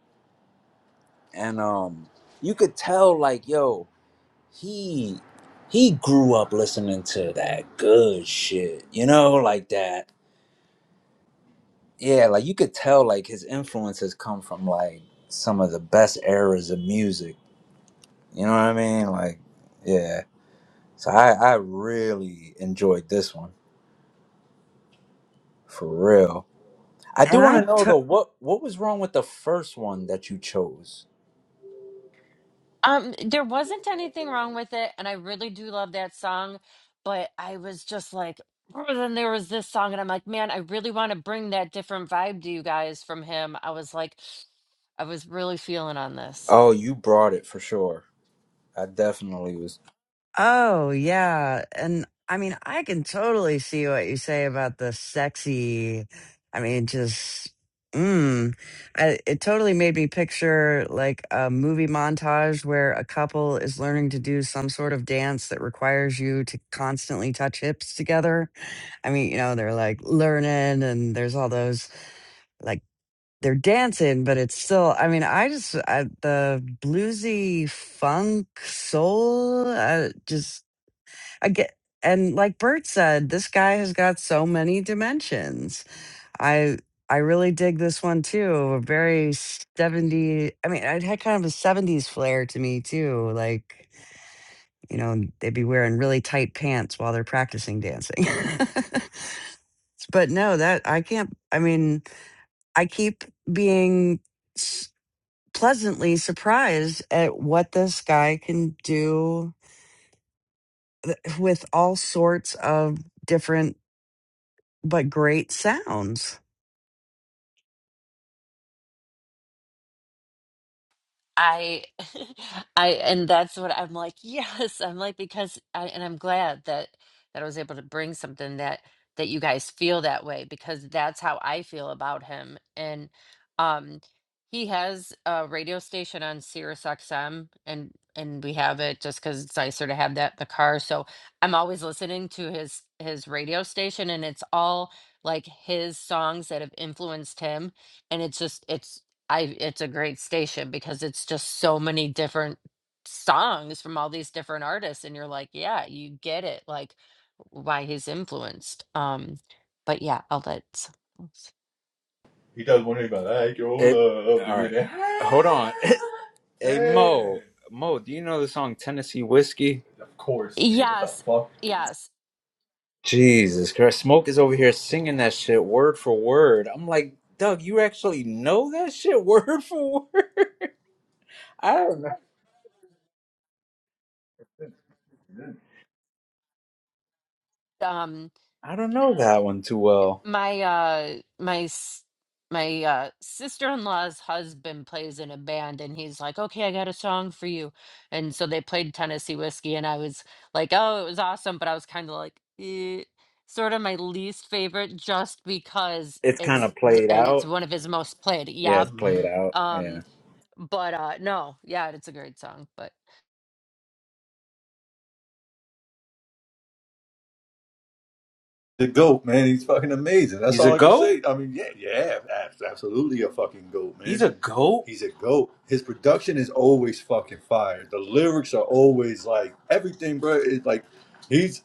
Speaker 1: And um you could tell like, yo, he he grew up listening to that good shit. You know, like that. Yeah, like you could tell like his influences come from like some of the best eras of music. You know what I mean? Like, yeah. So I, I really enjoyed this one for real. I do
Speaker 3: And
Speaker 1: want
Speaker 3: I
Speaker 1: to know
Speaker 3: took.
Speaker 1: though what what was wrong with the first one that you chose?
Speaker 4: Um, there wasn't anything wrong with it, and I really do love that song, but I was just like, "Oh," then there was this song, and I'm like, man, I really want to bring that different vibe to you guys from him. I was like, I was really feeling on this.
Speaker 1: Oh, you brought it for sure. I definitely was.
Speaker 3: Oh, yeah. And I mean, I can totally see what you say about the sexy. I mean, just, mm. I, it totally made me picture like a movie montage where a couple is learning to do some sort of dance that requires you to constantly touch hips together. I mean, you know, they're like learning and there's all those like, they're dancing, but it's still, I mean, I just, I, the bluesy funk soul, I just, I get, and like Bert said, this guy has got so many dimensions. I I really dig this one too. A very seventy. I mean, it had kind of a seventies flair to me too. Like you know, they'd be wearing really tight pants while they're practicing dancing. but no, that I can't. I mean, I keep being s- pleasantly surprised at what this guy can do th- with all sorts of different but great sounds.
Speaker 4: I I and that's what I'm like, yes, I'm like because I and I'm glad that that I was able to bring something that that you guys feel that way because that's how I feel about him. And um he has a radio station on Sirius XM and and we have it just cuz it's nicer to have that in the car. So I'm always listening to his his radio station and it's all like his songs that have influenced him and it's just it's I it's a great station because it's just so many different songs from all these different artists and you're like, yeah, you get it like why he's influenced. Um but yeah, I'll let someone else-
Speaker 1: He does one thing about that. Your It love. all right, Hold on. Hey. Mo, Mo, do you know the song Tennessee Whiskey? Of course, nigga. What the
Speaker 4: Yes.
Speaker 1: fuck?
Speaker 4: Yes.
Speaker 1: Jesus Christ, Smoke is over here singing that shit word for word. I'm like, Doug, you actually know that shit word for word? I don't know.
Speaker 4: Um
Speaker 1: I don't know that one too well.
Speaker 4: my uh my s- my uh sister-in-law's husband plays in a band and he's like okay i got a song for you and so they played tennessee whiskey and i was like oh it was awesome but i was kind of like eh, sort of my least favorite just because
Speaker 1: it's kind
Speaker 4: it's
Speaker 1: of
Speaker 4: th-
Speaker 1: played
Speaker 4: uh, it's
Speaker 1: out.
Speaker 4: one of his most played
Speaker 1: Yeah,
Speaker 4: yep
Speaker 1: it's played out.
Speaker 4: um
Speaker 1: Yeah,
Speaker 4: but uh no yeah it's a great song but
Speaker 1: The goat, man. He's fucking amazing. That's He's a all I can goat. say. I mean, yeah, yeah, ab- absolutely a fucking goat, He's man. a goat. He's a goat. His production is always fucking fire. The lyrics are always like everything, bro. It's like he's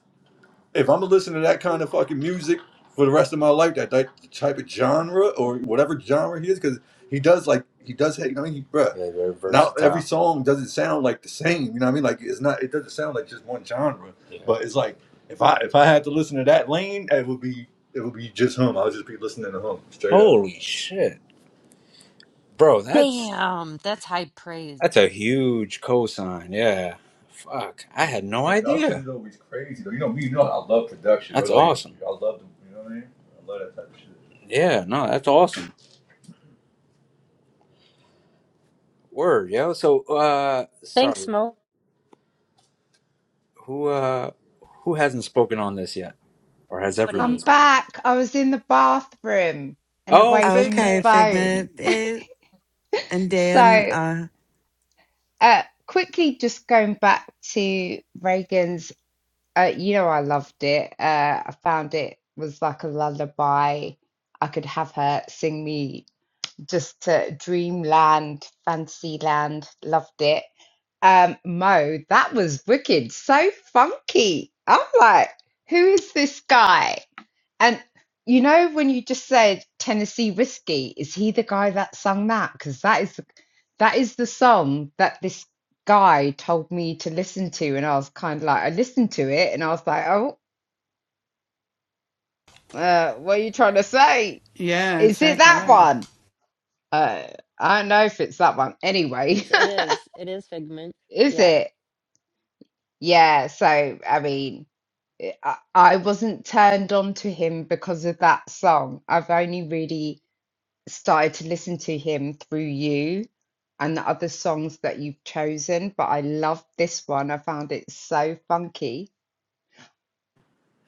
Speaker 1: if I'm gonna listen to that kind of fucking music for the rest of my life, that, that type of genre or whatever genre he is, because he does like he does. Have, I mean, he, bruh. Yeah, very Now every versatile. song doesn't sound like the same. You know what I mean? Like it's not. It doesn't sound like just one genre. Yeah. But it's like if I if I had to listen to that lane, it would be it would be just him. I would just be listening to him straight up. Holy shit, bro! That's
Speaker 4: damn that's high praise
Speaker 1: that's a huge cosign. Yeah. Fuck. I had no Production idea. Production is always crazy though. You know me, you know I love production, bro. That's Bro. Like awesome. I love the you know what I mean? I love that type of shit. Yeah, no, that's awesome. Word, yo. So uh
Speaker 4: thanks
Speaker 1: sorry.
Speaker 4: Mo.
Speaker 1: Who uh who hasn't spoken on this yet? Or has
Speaker 8: I'm
Speaker 1: everyone spoken?
Speaker 8: back. I was in the bathroom and
Speaker 1: Oh,
Speaker 8: away
Speaker 1: Fig
Speaker 8: from the
Speaker 3: Okay,
Speaker 1: Man.
Speaker 8: phone.
Speaker 3: Figment eh, and Dan.
Speaker 8: So,
Speaker 3: Uh,
Speaker 8: uh, quickly just going back to Reagan's, uh, you know, I loved it. Uh, I found it was like a lullaby. I could have her sing me just to dreamland, fantasyland. Loved it. Um, Mo, that was wicked. So funky. I'm like, who is this guy? And you know, when you just said Tennessee Whiskey, is he the guy that sung that? Because that is the, that is the song that this guy told me to listen to, and I was kind of like, I listened to it, and I was like, oh, uh, what are you trying to say? Is it that one? Uh, I don't know if it's that one. Anyway,
Speaker 4: it is it is figment
Speaker 8: Is
Speaker 4: Yeah.
Speaker 8: it? Yeah. So, I mean, I, I wasn't turned on to him because of that song. I've only really started to listen to him through you and the other songs that you've chosen, but I love this one. I found it so funky.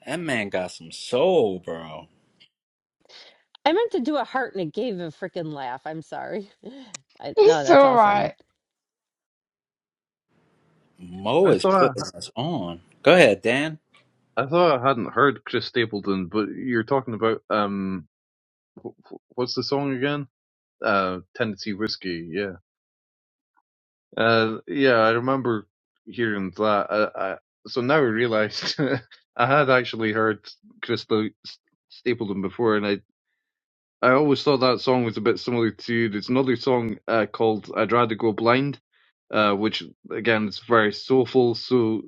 Speaker 1: That man got some soul, bro.
Speaker 4: I meant to do a heart and it gave a freaking laugh. I'm sorry. I, no,
Speaker 8: It's
Speaker 4: that's
Speaker 8: all
Speaker 4: awesome.
Speaker 8: right.
Speaker 1: Mo
Speaker 2: I
Speaker 1: is
Speaker 2: thought
Speaker 1: putting
Speaker 2: I,
Speaker 1: us on. Go ahead, Dan.
Speaker 2: I thought I hadn't heard Chris Stapleton, but you're talking about um, wh- wh- what's the song again? uh, Tennessee whiskey. Yeah, uh, yeah, I remember hearing that. I, I, so now I realized I had actually heard Crystal Stapleton before, and I I always thought that song was a bit similar to there's another song uh, called "I'd Rather Go Blind." uh, which again is very soulful. So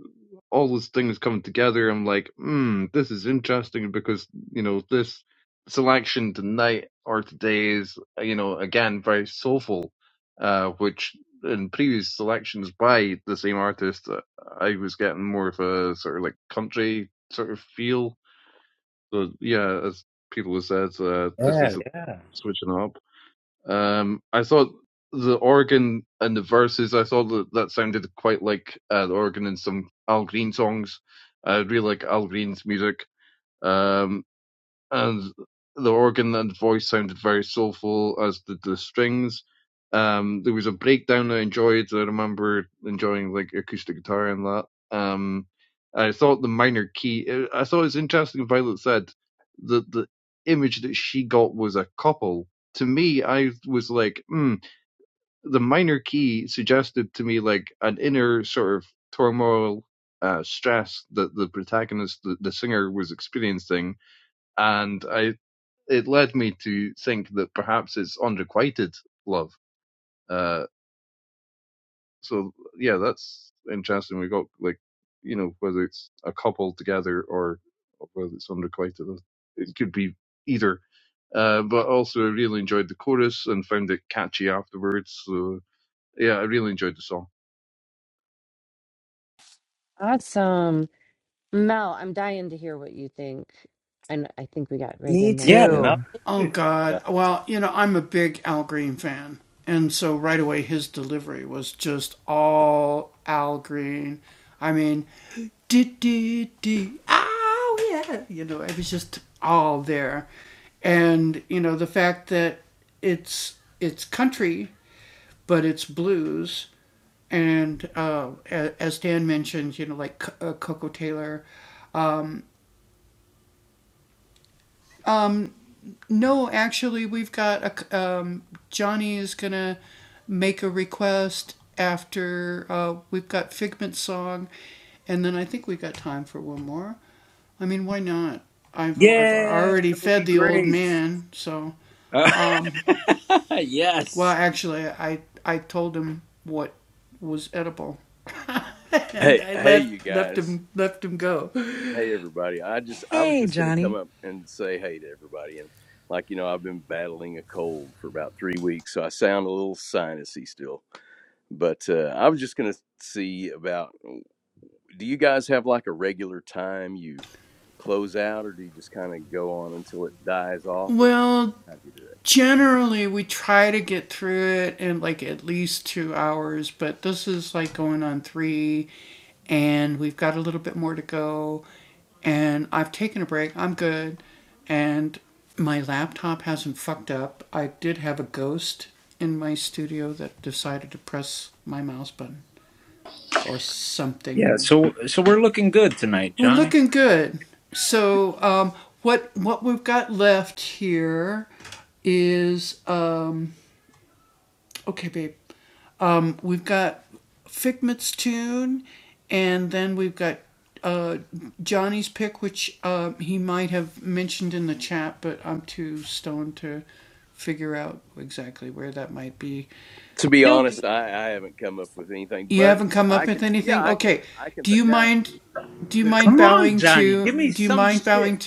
Speaker 2: all those things coming together, I'm like, hmm, this is interesting because you know this selection tonight or today is you know again very soulful, uh, which in previous selections by the same artist, uh, I was getting more of a sort of like country sort of feel. So yeah, as people have said, uh, this
Speaker 1: Yeah,
Speaker 2: is a
Speaker 1: yeah.
Speaker 2: switching up. Um, I thought the organ and the verses, I thought that, that sounded quite like uh, the organ in some Al Green songs. I really like Al Green's music. Um, and the organ and voice sounded very soulful, as did the strings. Um, there was a breakdown I enjoyed. so I remember enjoying like acoustic guitar and that. Um, I thought the minor key. uh, I thought it was interesting. Violet said that the image that she got was a couple. To me, I was like, hmm, the minor key suggested to me like an inner sort of turmoil, uh, stress that the protagonist, the, the singer, was experiencing and I it led me to think that perhaps it's unrequited love. Uh, so yeah, that's interesting. We got like, you know, whether it's a couple together or whether it's unrequited, it could be either. Uh, but also I really enjoyed the chorus and found it catchy afterwards. So yeah, I really enjoyed the song.
Speaker 4: Awesome. Mel, I'm dying to hear what you think. And I think we got
Speaker 3: Me
Speaker 4: Reagan then
Speaker 1: Yeah, Mel.
Speaker 4: too.
Speaker 3: too.
Speaker 1: Yeah, that would be great. yes.
Speaker 11: Hey, hey, you guys. Hey, everybody. I just, I was
Speaker 3: hey,
Speaker 11: just going to come
Speaker 3: Johnny.
Speaker 11: up and say hey to everybody. And like, you know, I've been battling a cold for about three weeks, so I sound a little sinusy still. But uh, I was just going to see about do you guys have like a regular time you close out, or do you just kind of go on until it dies off, or how do you do it?
Speaker 1: Yeah, so so we're looking good tonight, Johnny.
Speaker 11: To be
Speaker 4: No,
Speaker 11: honest, I, I haven't come up with anything, but I can, yeah, I can, I can think. Now, could, if
Speaker 1: Come
Speaker 11: I,
Speaker 1: on, Johnny. Give me some shit.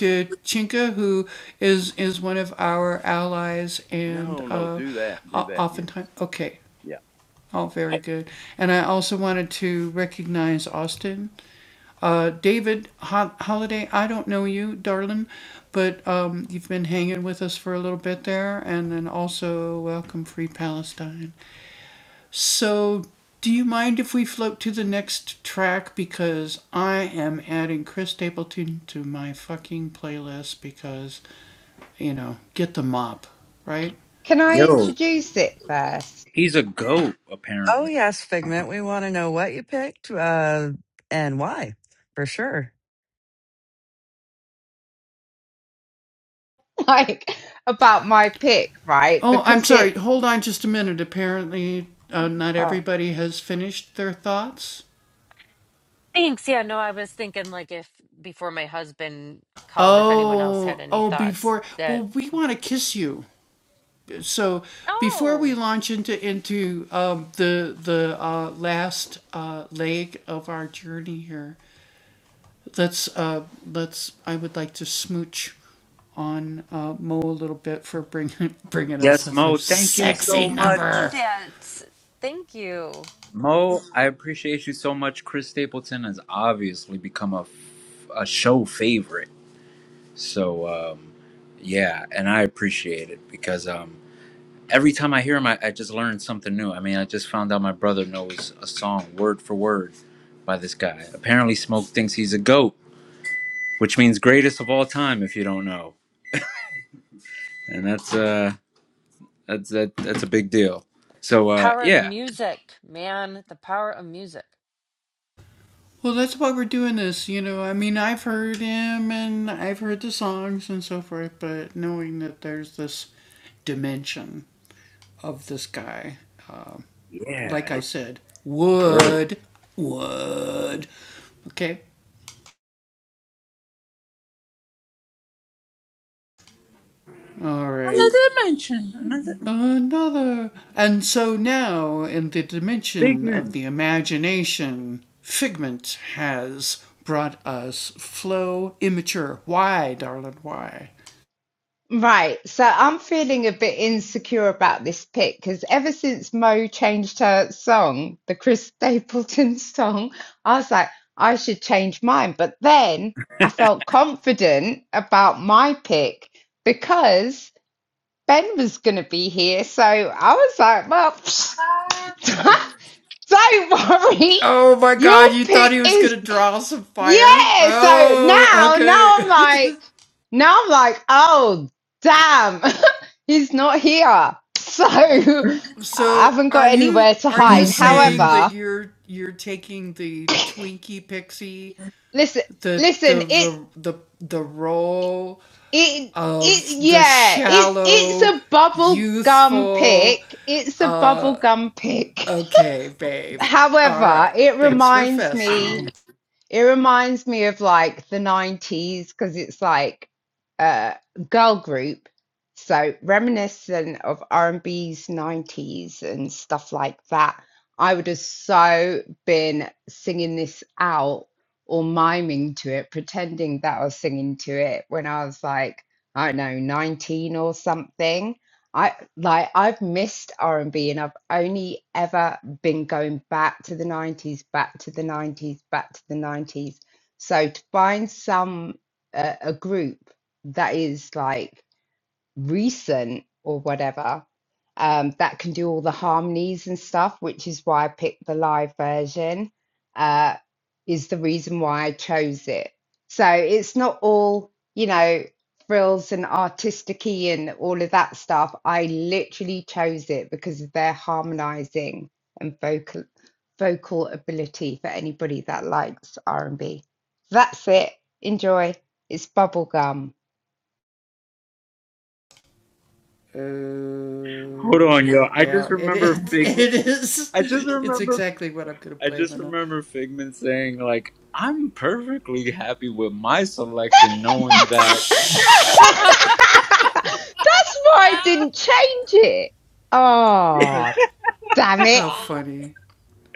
Speaker 11: no, no, do that, do that, yes. Yeah,
Speaker 8: Can I introduce it first?
Speaker 1: He's a goat,
Speaker 3: Oh
Speaker 1: apparently.
Speaker 3: yes, Figment. We want to know what you picked uh, and why, for sure.
Speaker 8: Like about my pick, right? Because it's.
Speaker 4: thanks. Yeah, no, I was thinking like if before my husband called, if anyone else had any thoughts that, oh,
Speaker 1: Yes, Mo. Thank you so much.
Speaker 4: that, thank you.
Speaker 1: Mo, I appreciate you so much. Chris Stapleton has obviously become a, f- a show favorite. So, um, yeah, and I appreciate it because um, every time I hear him, I, I just learn something new. I mean, I just found out my brother knows a song word for word by this guy. Apparently, Smoke thinks he's a goat. which means greatest of all time if you don't know. And that's uh that's that, that's a big deal. So uh
Speaker 4: Power of
Speaker 1: yeah.
Speaker 4: music, man, the power of music.
Speaker 1: Yeah. Figment.
Speaker 8: Right, so I'm feeling a bit insecure about this pick because ever since Mo changed her song, the Chris Stapleton song, I was like, I should change mine. But then I felt confident about my pick because Ben was going to be here. So I was like, well, don't worry, your pick is. Yeah, so now, now I'm like, now I'm like, oh, damn, he's not here. So I haven't got anywhere to hide. However, listen, listen, it, it, it, yeah, it's, it's a bubble gum pick. It's a bubble gum pick. However, it reminds me. It reminds me of like the 90s because it's like a girl group. So reminiscent of R&B's 90s and stuff like that. I would have so been singing this out or miming to it, pretending that I was singing to it when I was like, I don't know, 19 or something. I like I've missed R&B and B and I've only ever been going back to the 90s, back to the 90s, back to the 90s. So to find some uh, a group that is like recent or whatever um, that can do all the harmonies and stuff, which is why I picked the live version, uh, is the reason why I chose it. So it's not all, you know, frills and artistic and all of that stuff. I literally chose it because of their harmonizing and vocal vocal ability for anybody that likes R&B. That's it. Enjoy. It's bubblegum.
Speaker 1: Hold on, yo. I just remember Figment. I just remember. I just remember Figment saying like, "I'm perfectly happy with my selection, knowing that."
Speaker 8: That's why I didn't change it. Oh, damn it.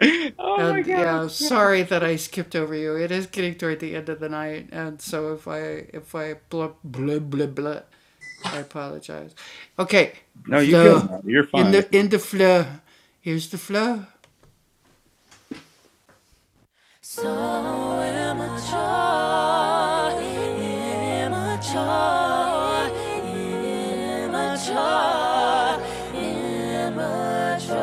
Speaker 1: Oh my god. I'm sorry. No, you good? Man. You're fine.
Speaker 7: Immature, immature.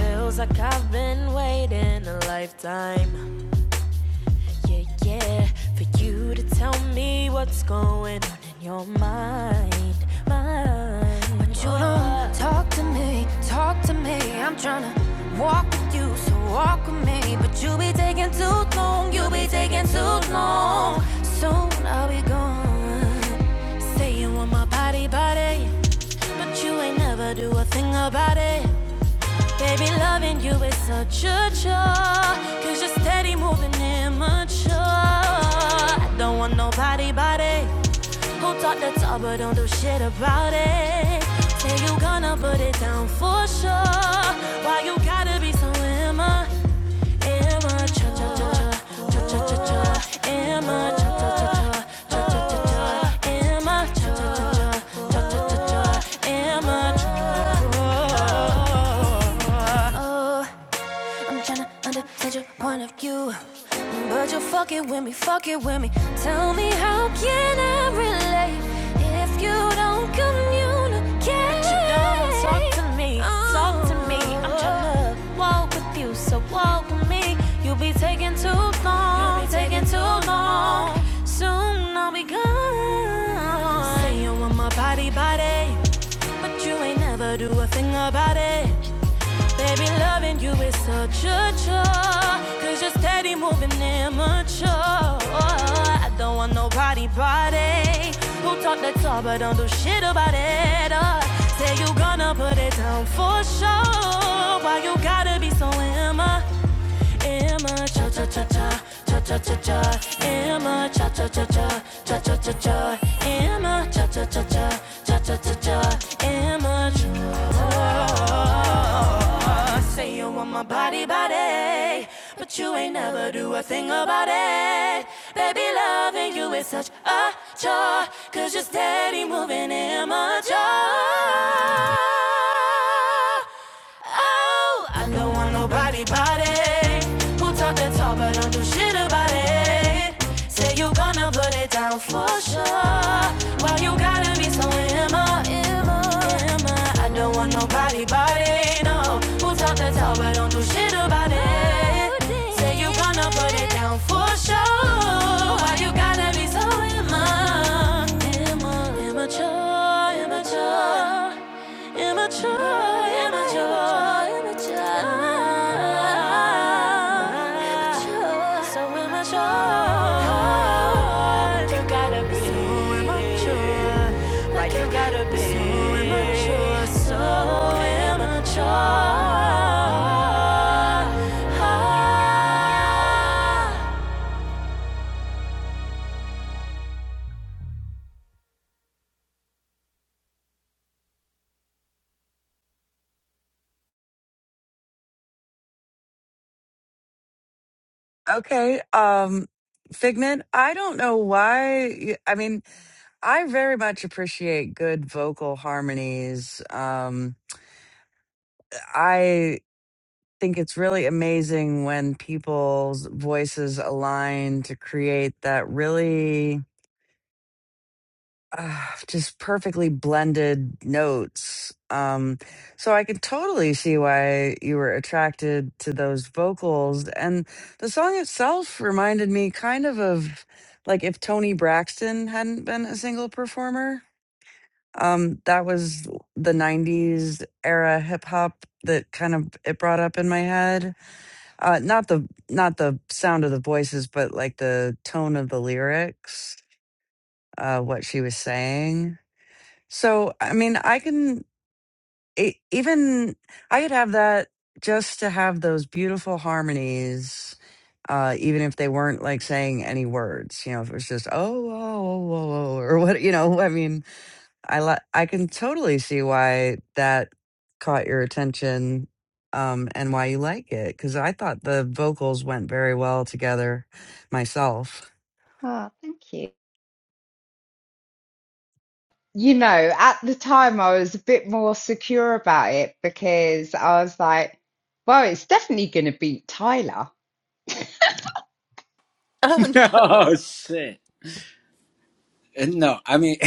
Speaker 7: Feels like I've been waiting a lifetime. Yeah, yeah, for you to tell me what's going on in your mind, mind. But you don't talk to me, talk to me. I'm tryna walk with you, so walk with me. But you be taking too long, you be taking too long. Soon I'll be gone. Say you want my body, body, but you ain't never do a thing about it. Baby, loving you is such a chore. Cause you're steady moving immature. I don't want nobody but it. Who talk the talk but don't do shit about it. Say you gonna put it down for sure. Why you gotta be so immature? Emma, cha cha cha cha, cha cha cha cha. Emma, cha cha cha cha, cha cha cha cha. Emma, cha cha cha cha, cha cha cha cha. Emma, cha Oh. I'm tryna understand your point of view. But you're fucking with me, fucking with me. Tell me how can I relate if you don't communicate? But you don't talk to me, oh, talk to me. I'm tryna walk with you, so walk with me. You'll be taking too long, you be taking too long. Soon I'll be gone. Say you want my body, body, but you ain't never do a thing about it. Baby, loving you is such a chore you you're steady moving immature. I don't want nobody body who talk that talk but don't do shit about it. Uh, say you gonna put it down for sure. Why you gotta be so immature? Emma, cha cha cha cha, cha cha cha cha. Emma, cha cha cha cha, cha cha cha cha. Emma, cha cha cha cha, cha cha cha cha. Emma, cha. Say you want my body, body but you ain't never do a thing about it. Baby, loving you is such a chore you you're steady moving immature. Oh, I don't want nobody body who talk that talk but don't do shit about it. Say you gonna put it down for sure. Why you gotta be so i am going I don't want nobody body, no. Who talk the talk but don't do shit about it? Say you gonna put it down for sure. Why you gotta be so immature? immature, immature? Immature, immature, immature. immature, So immature. Like You gotta be so immature. Like you gotta be so immature. So immature.
Speaker 3: Okay, um, Figment. I don't know why. y- I mean, I very much appreciate good vocal harmonies. Um, I think it's really amazing when people's voices align to create that really uh, just perfectly blended notes. Um, so I could totally see why you were attracted to those vocals. And the song itself reminded me kind of of like if Tony Braxton hadn't been a single performer. Um, that was the 90s era hip hop that kind of it brought up in my head. Uh, not the not the sound of the voices, but like the tone of the lyrics, uh, what she was saying so, I mean, I can e- even I could have that just to have those beautiful harmonies, uh, even if they weren't like saying any words. You know, if it was just oh, oh, oh, oh, oh or what. You know, I mean, I li- I can totally see why that caught your attention, um, and why you like it because I thought the vocals went very well together, myself.
Speaker 8: Oh, thank you. You know, at the time I was a bit more secure about it because I was like, well, it's definitely going to beat Tyler.
Speaker 4: Oh no.
Speaker 1: oh shit. And No, I mean,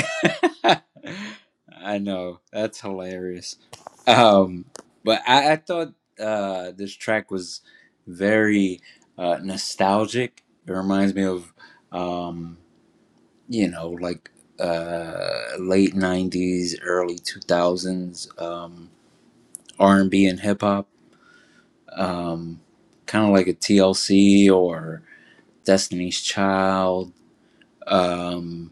Speaker 1: I know that's hilarious. Um, but I, I thought uh, this track was very uh, nostalgic. It reminds me of, um, you know, like uh, late '90s, early 2000s um, R&B and B and hip hop. Um, kind of like a TLC or Destiny's Child. Um,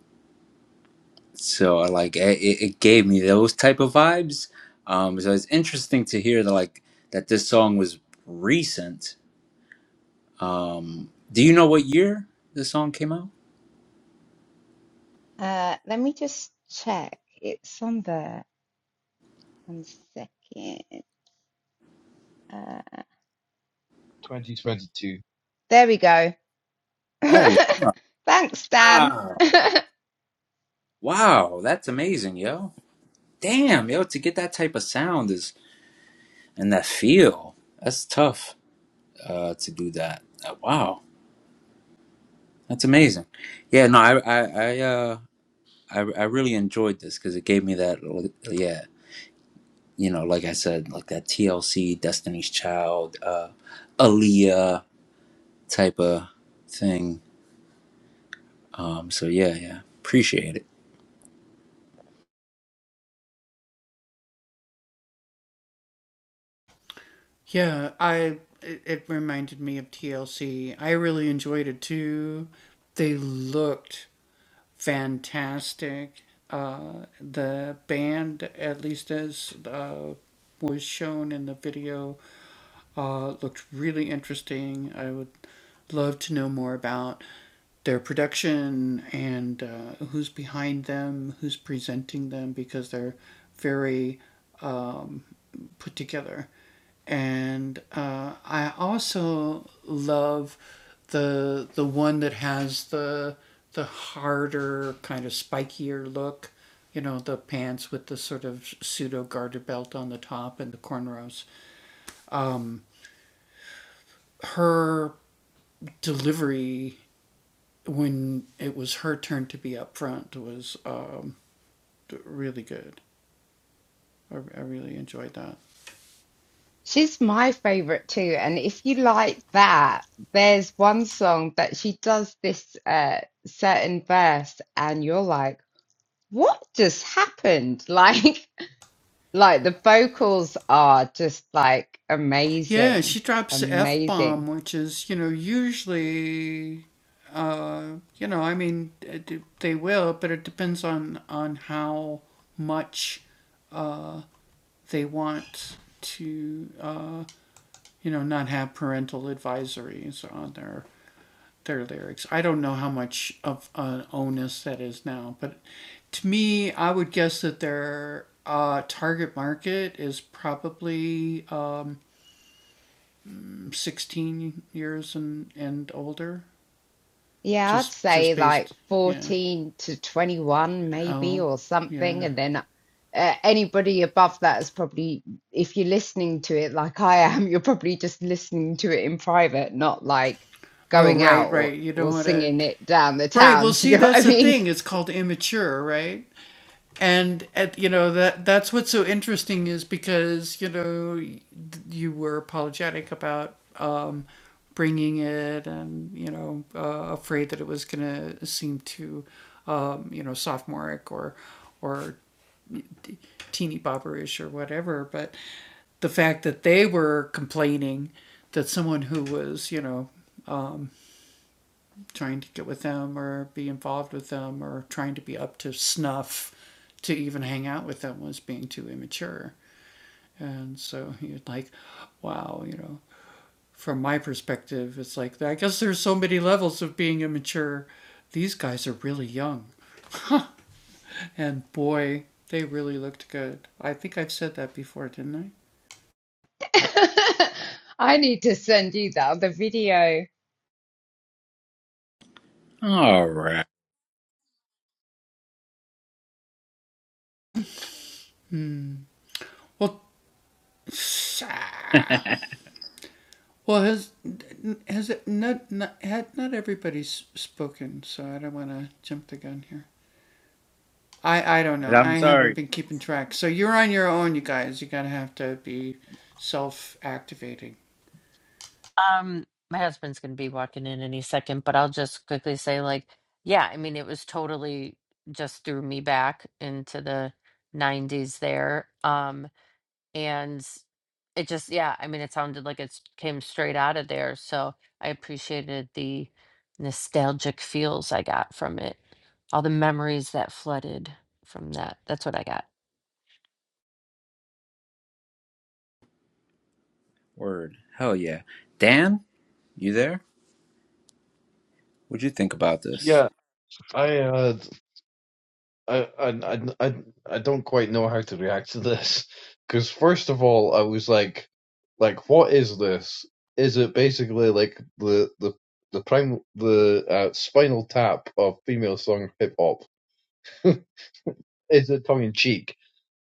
Speaker 1: so I like it, it it gave me those type of vibes um so it's interesting to hear that like that this song was recent um do you know what year the song came out
Speaker 8: Uh, let me just check. It's on there. One second. Uh, there we go.
Speaker 1: oh
Speaker 8: Thanks, Dan.
Speaker 1: wow wow that's amazing yo damn yo to get that type of sound is and that feel that's tough uh to do that Uh, wow that's amazing yeah no i i, I uh I, I really enjoyed this because it gave me that like, yeah you know, like I said, like that TLC, Destiny's Child, uh, Aaliyah type of thing. Um, so yeah, yeah, appreciate it.
Speaker 8: She's my favorite too. And if you like that, there's one song that she does this uh, certain verse, and you're like, what just happened? Like, like the vocals are just like amazing, amazing. Yeah, I'd say like 14 to 21 maybe or something and then uh, anybody above that is probably if you're listening to it like I am, you're probably just listening to it in private, not like going out or, or singing it down the town. Do you know what I mean? I need to send you that the video.
Speaker 1: All right, I'm sorry.
Speaker 4: Um, my husband's gonna be walking in any second, but I'll just quickly say, like, yeah, I mean, it was totally just threw me back into the 90s there. Um, and it just yeah i mean it sounded like it came straight out of there so i appreciated the nostalgic feels i got from it all the memories that flooded from that that's what i got
Speaker 1: Word, hell yeah, Dan, you there? What'd you think about this?
Speaker 2: Yeah, I uh, I I I I don't quite know how to react to this because first of all, I was like, like, what is this? Is it basically like the the the prime the uh, spinal tap of female song hip hop? is it tongue in cheek?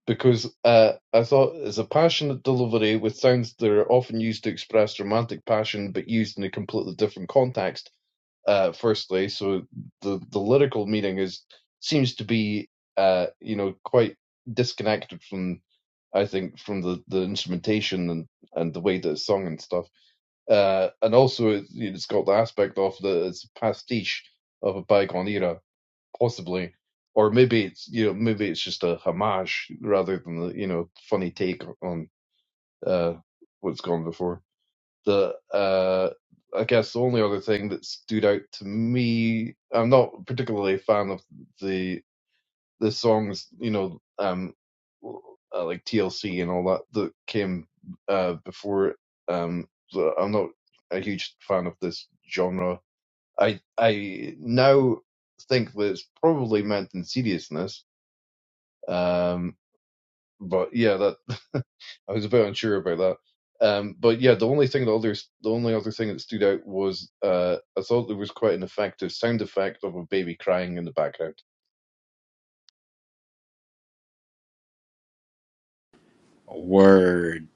Speaker 2: Because uh, I thought it's a passionate delivery with sounds that are often used to express romantic passion, but used in a completely different context uh, firstly. So the, the lyrical meaning is seems to be uh, you know quite disconnected from I think from the, the instrumentation and, and the way that it's sung and stuff. Uh, and also it, it's got the aspect of the it's a pastiche of a bygone era, possibly. Or maybe it's you know maybe it's just a homage rather than the you know funny take on uh, what's gone before that uh, I guess the only other thing that stood out to me, I'm not particularly a fan of the the songs, you know, um, uh, like TLC and all that that came uh, before. it. Um, so I'm not a huge fan of this genre. I I now think that it's probably meant in seriousness, Um. But yeah, that I was a bit unsure about that. Um, but yeah, the only thing the other, the only other thing that stood out was uh, I thought there was quite an effective sound effect of a baby crying in the background.
Speaker 1: Word,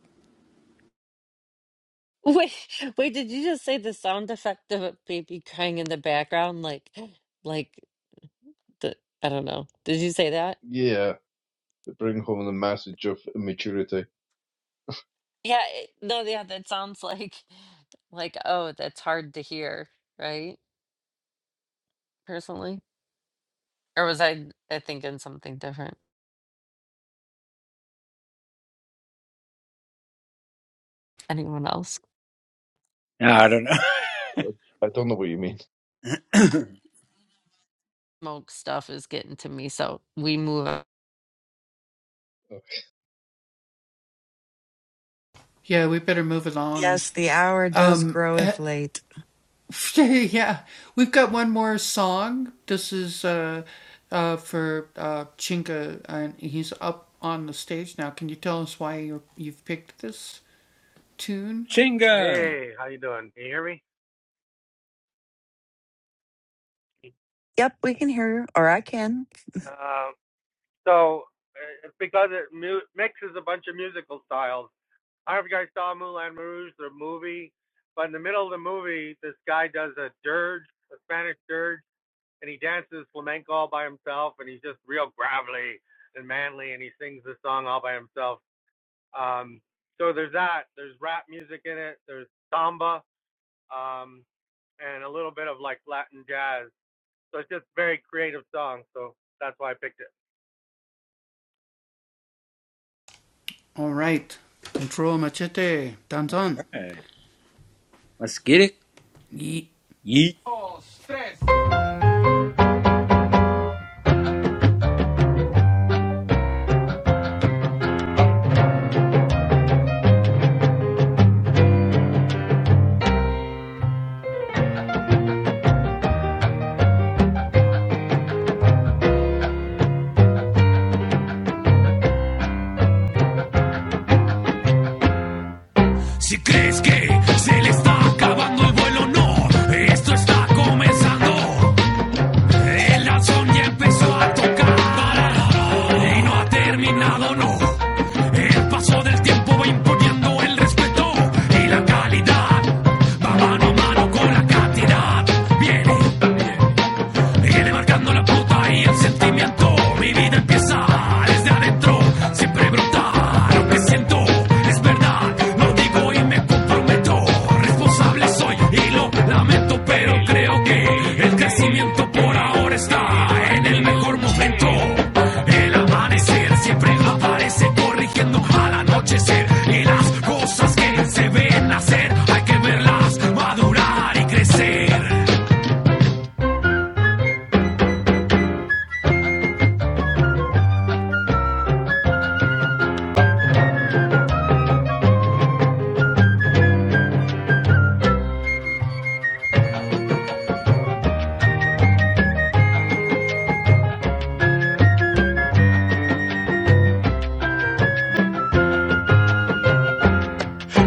Speaker 4: wait wait did you just say the sound effect of a baby crying in the background like like The, I don't know. Did you say that?
Speaker 2: Yeah, to bring home the message of immaturity.
Speaker 4: Yeah. It, no. Yeah. That sounds like like oh, that's hard to hear, right? Personally, or was I I thinking something different? Anyone else?
Speaker 1: Nah, I don't know.
Speaker 2: I don't know what you mean.
Speaker 4: Smoke stuff is getting to me, so we move. on.
Speaker 2: Oh,
Speaker 3: Yes, the hour does groweth late.
Speaker 1: Chinga,
Speaker 12: Hey, how you doing? Can you hear me?
Speaker 3: Yep, we can hear you, or I can.
Speaker 12: Uh, so uh, it's because it mu- mixes a bunch of musical styles. I don't know if you guys saw Moulin Rouge, the movie, but in the middle of the movie, this guy does a dirge, a Spanish dirge, and he dances flamenco all by himself, and he's just real gravelly and manly, and he sings this song all by himself. Um, so there's that. There's rap music in it. There's samba, um, and a little bit of like Latin jazz. So it's just a very creative song, so that's why I picked it.
Speaker 1: All right, let's get it. Yeet.
Speaker 7: Si crees que se le está acabando el vuelo, no. Esto está comenzando. El son ya empezó a tocar. No ha terminado, no. El paso del tiempo va imponiendo el respeto y la calidad. Va mano a mano con la cantidad. Viene, viene marcando la pauta y el sentimiento. Mi vida empieza desde adentro. Siempre brota lo que siento. Es verdad, lo digo y me comprometo. Responsable soy y lo lamento, pero creo que el crecimiento amor está en el mejor momento. El amanecer siempre aparece corrigiendo al anochecer. Y las cosas que se ven hacer hay que verlas madurar y crecer.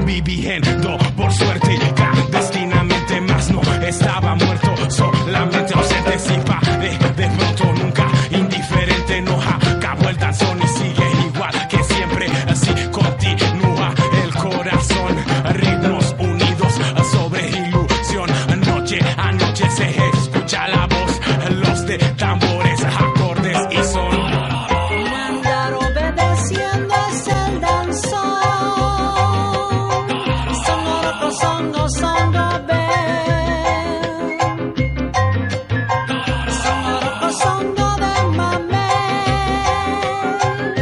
Speaker 7: Viviendo por suerte clandestinamente más no estaba muerto solamente ausente sin padre de pronto nunca indiferente no acabó el danzón y sigue igual que siempre así continúa el corazón ritmos unidos sobre ilusión noche a noche se escucha la voz los de tambores acordes y son Andar obedeciendo es el danzón. Sonora pasando, sondo bell. Sonora pasando de mamel.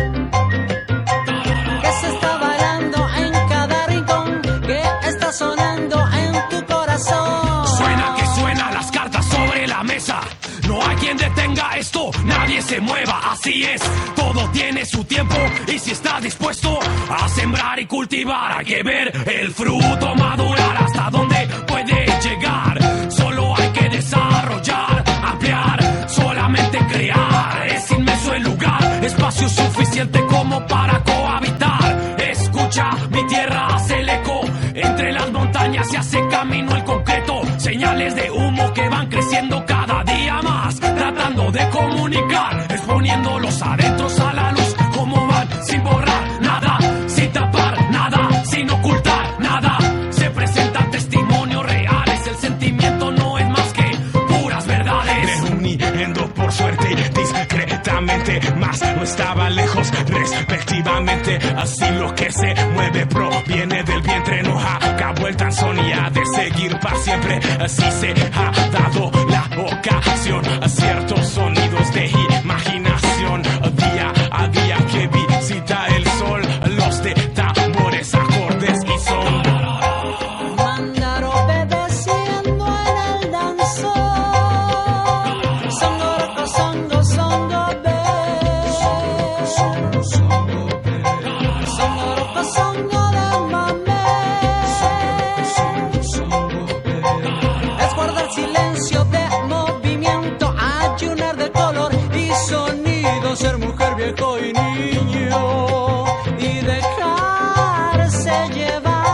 Speaker 7: que se está bailando en cada rincón, que está sonando en tu corazón. Suena que suena las cartas sobre la mesa. No hay quien detenga esto, nadie se mueva, así es. Todo tiene su tiempo y si está dispuesto a sembrar y cultivar, hay que ver el fruto madurar hasta donde puede llegar. Solo hay que desarrollar, ampliar, solamente crear es inmenso el lugar, espacio suficiente como para cohabitar. Escucha, mi tierra hace el eco, entre las montañas se hace camino el concreto, señales de humo que van creciendo cada día más, tratando de comunicar, exponiendo los adentros a la luz, como van sin borrar nada, sin tapar nada, sin ocultar nada. Se presentan testimonios reales, el sentimiento no es más más que puras verdades. Reuniendo por suerte discretamente, más no estaba lejos respectivamente. Así lo que se mueve proviene del vientre, no acabó el tan sonía de seguir para siempre. Así se ha dado la ocasión a ciertos sonidos de imaginación. Día a día que visita el sol, los de tambores, acordes y son. Andar obedeciendo al danzar. Sonoroco, songo, songo, be. Sonoroco, songo del Es guardar silencio de movimiento, ayunar de color y sonido, ser mujer, viejo y niño. Y dejarse llevar.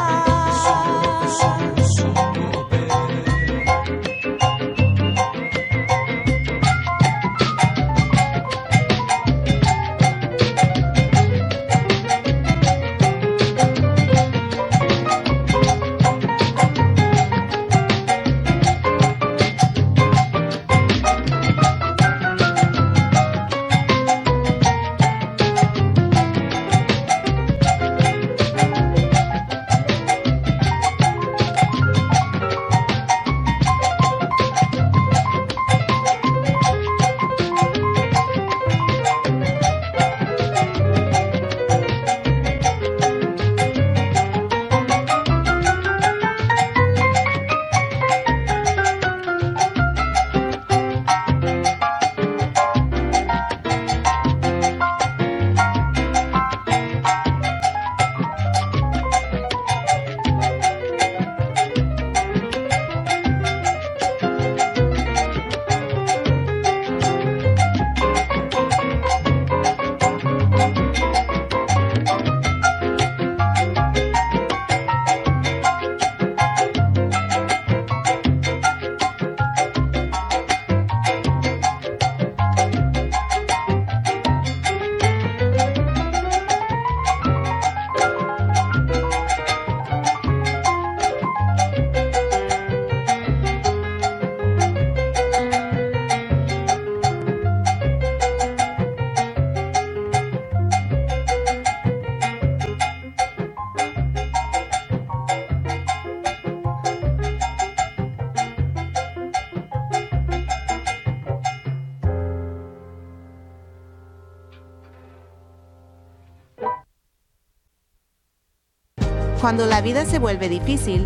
Speaker 7: Cuando la vida se vuelve difícil,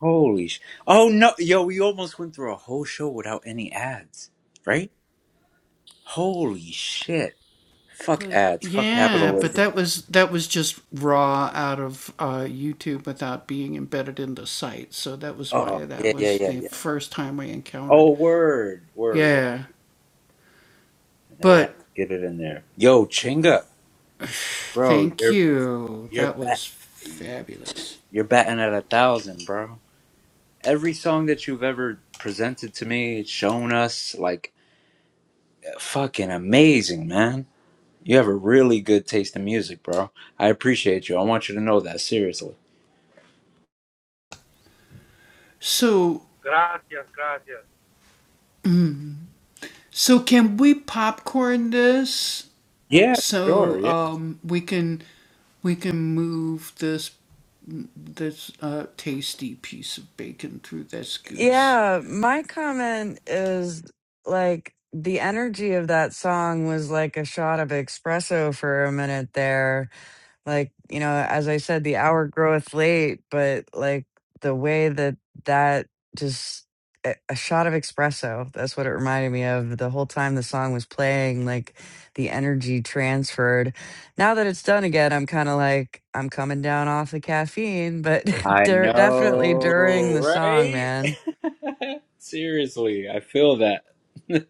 Speaker 1: Holy sh! Oh no, yo, we almost went through a whole show without any ads, right? Holy shit. Fuck ads. Fuck capitalism. Oh, yeah, yeah, yeah, yeah. Oh, word, word, word. They have to get it in there. Yo, Chinga, bro, you're you're bat, you're batting at a thousand, bro. Every song that you've ever presented to me, shown us, like, fucking amazing, man. You have a really good taste in music, bro. I appreciate you. I want you to know that seriously.
Speaker 12: Gracias, gracias.
Speaker 1: Yeah, sure. Yeah.
Speaker 3: Yeah, my comment is like the energy of that song was like a shot of espresso for a minute there. Like, you know, as I said, the hour groweth late, but like the way that that just a a shot of espresso, that's what it reminded me of. The whole time the song was playing, like the energy transferred. Now that it's done again, I'm kind of like, I'm coming down off the caffeine, but
Speaker 1: I
Speaker 3: dur- definitely
Speaker 1: know,
Speaker 3: during the song,
Speaker 1: right?
Speaker 3: man.
Speaker 1: Seriously, I feel that.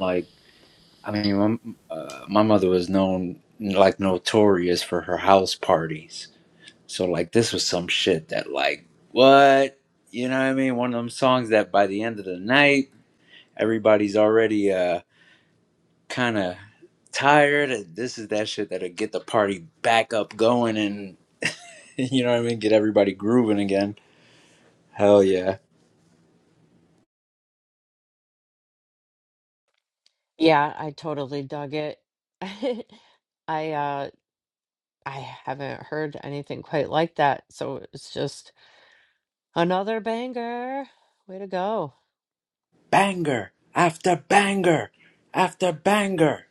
Speaker 1: Like, I mean, my, uh, my mother was known, like, notorious for her house parties. So, like, this was some shit that, like, what? You know what I mean? One of them songs that by the end of the night, everybody's already uh, kind of tired. This is that shit that'll get the party back up going and, you know what I mean? Get everybody grooving again. Hell yeah.
Speaker 4: Yeah, I totally dug it. I uh I haven't heard anything quite like that, so it's just another banger. Way to go.
Speaker 1: banger after banger after banger.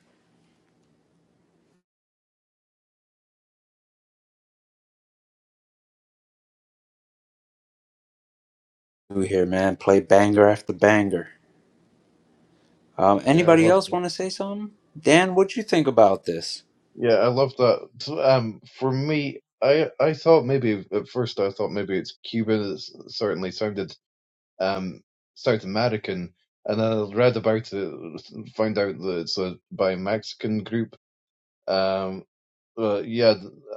Speaker 1: Who here, man? Play banger after banger. Um,
Speaker 2: Yeah, I
Speaker 1: anybody
Speaker 2: love
Speaker 1: else
Speaker 2: that.
Speaker 1: want to say something? Dan, what'd you think about this?
Speaker 2: Yeah, I love that. So, Um, for me, I I thought maybe at first I thought maybe it's Cuban. It certainly sounded um, South American, and then I read about it, find out that it's a by Mexican group. Um, uh, yeah,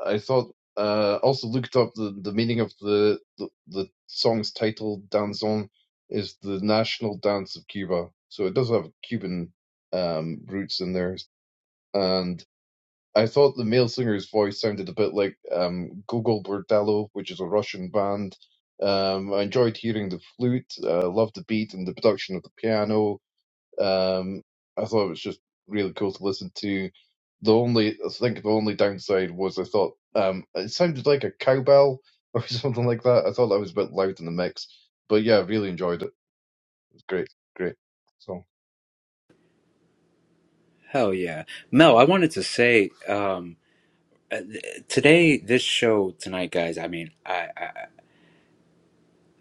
Speaker 2: I thought. Uh, also looked up the, the meaning of the, the the song's title. Danzón is the national dance of Cuba, so it does have Cuban um, roots in there. And. I thought the male singer's voice sounded a bit like um, Gogol Bordello, which is a Russian band. Um, I enjoyed hearing the flute, uh, loved the beat and the production of the piano. Um, I thought it was just really cool to listen to. The only, I think the only downside was I thought um, it sounded like a cowbell or something like that. I thought that was a bit loud in the mix. But yeah, I really enjoyed it. It was great, great. So
Speaker 1: Hell yeah, Mel. I wanted to say um, uh, th- today, this show tonight, guys. I mean, I I,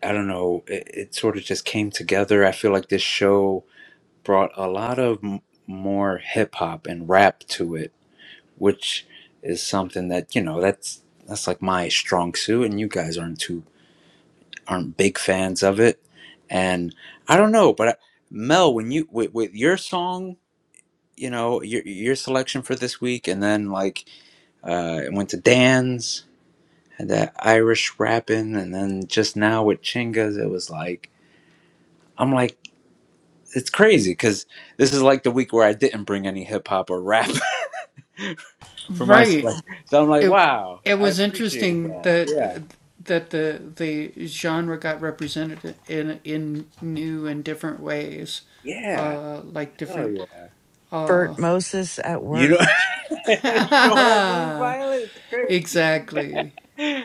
Speaker 1: I don't know. It, it sort of just came together. I feel like this show brought a lot of m- more hip hop and rap to it, which is something that you know that's that's like my strong suit, and you guys aren't too aren't big fans of it. And I don't know, but I, Mel, when you with, with your song, you know your your selection for this week, and then like uh, it went to Dan's had that Irish rapping, and then just now with Chingas, it was like I'm like it's crazy because this is like the week where I didn't bring any hip hop or rap for my selection. So I'm like, wow, I appreciate that. Yeah, yeah, oh yeah.
Speaker 3: Bert Moses at
Speaker 1: You know,
Speaker 3: work.
Speaker 1: you know what I mean, Violet? It's crazy.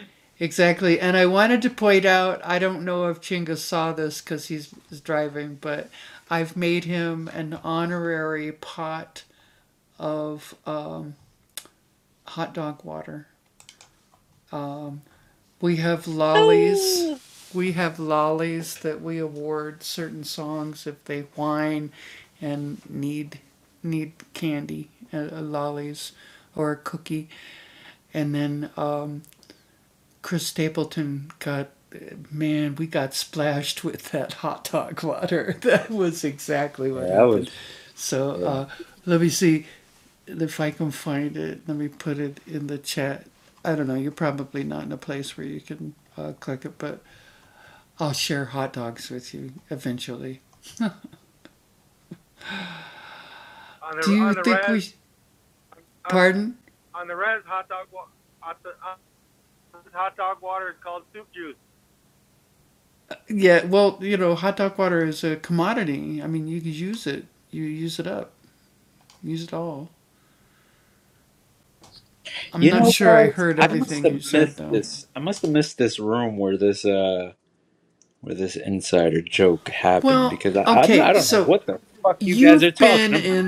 Speaker 4: Oh,
Speaker 1: Yeah, that was. Yeah.
Speaker 12: On the on the res on on the res hot dog wa- hot, hot dog water is called soup juice,
Speaker 1: You know, guys, I must have missed this. I must have missed this room where this uh where this insider joke happened because I, I'm I don't know what the fuck you guys are talking about.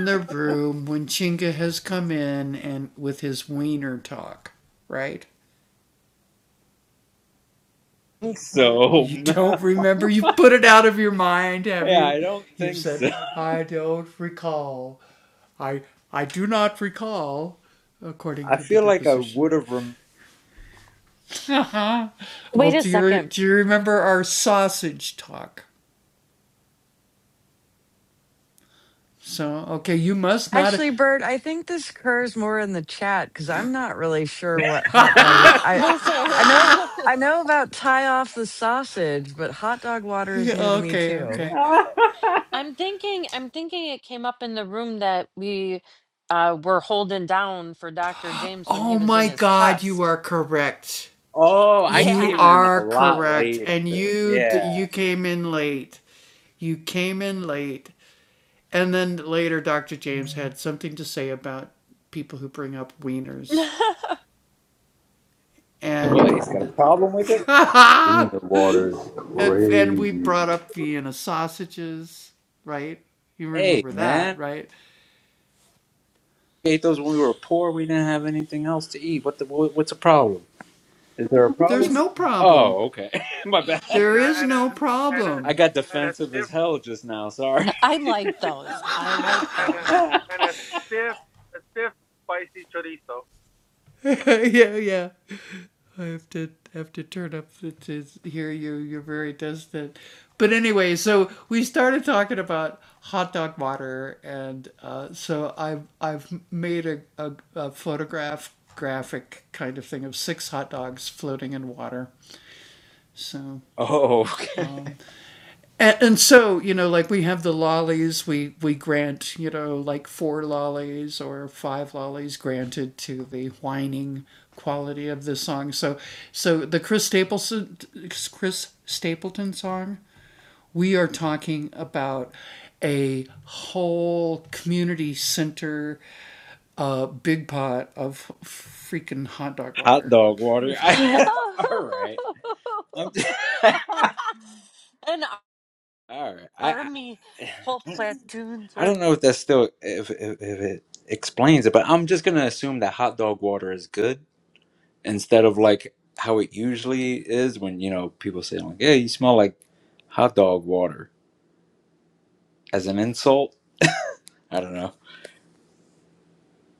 Speaker 1: So yeah, I don't think so. I feel like I would have. Rem-
Speaker 4: Wait a second.
Speaker 3: Actually, Bert, I think this occurs more in the chat because I'm not really sure what hot dog. What I,
Speaker 4: listen.
Speaker 3: I know, I know about tie off the sausage, but hot dog water is new to me too.
Speaker 4: I'm thinking I'm thinking it came up in the room that we uh were holding down for Dr. James when he was in his test.
Speaker 1: oh, I came
Speaker 4: Yeah.
Speaker 1: in a lot later. Yeah. What? He's got a problem with it?
Speaker 9: Arena water is crazy.
Speaker 1: Hey, man. ate those when we were poor. We didn't have anything else to eat. What the? What, what's the problem? Is there a problem? Oh, okay. My bad.
Speaker 12: and a and a and a
Speaker 1: I got
Speaker 12: and a
Speaker 1: defensive as
Speaker 12: stiff
Speaker 1: hell just now. Sorry.
Speaker 4: I like those. I
Speaker 12: and a
Speaker 4: like
Speaker 12: and a
Speaker 4: those.
Speaker 12: and a stiff a stiff spicy chorizo.
Speaker 1: oh, okay. hot dog water. I, all right. I'm.
Speaker 4: an
Speaker 1: all right. I, I
Speaker 4: army full platoons
Speaker 1: I
Speaker 4: were
Speaker 1: don't know if that's still if, if if it explains it, but I'm just gonna assume that hot dog water is good instead of like how it usually is when you know people say like, "Yeah, you smell like hot dog water." as an insult. I don't know.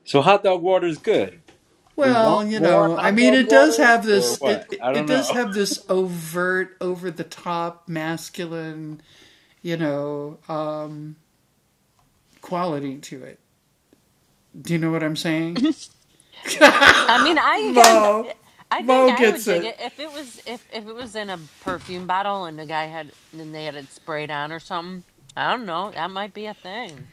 Speaker 1: So hot dog water is good. We want more hot dog water or what? I don't know.
Speaker 4: I mean, I can. I think I would dig it if it was if if it was in a perfume bottle and the guy had and they had it sprayed on or something. I don't know. That might be a thing.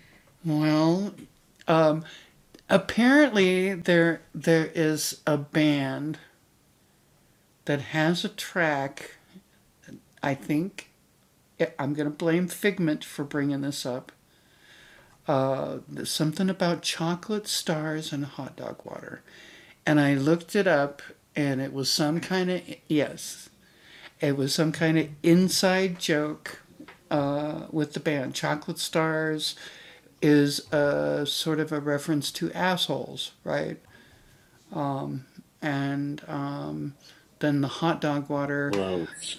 Speaker 1: Gross.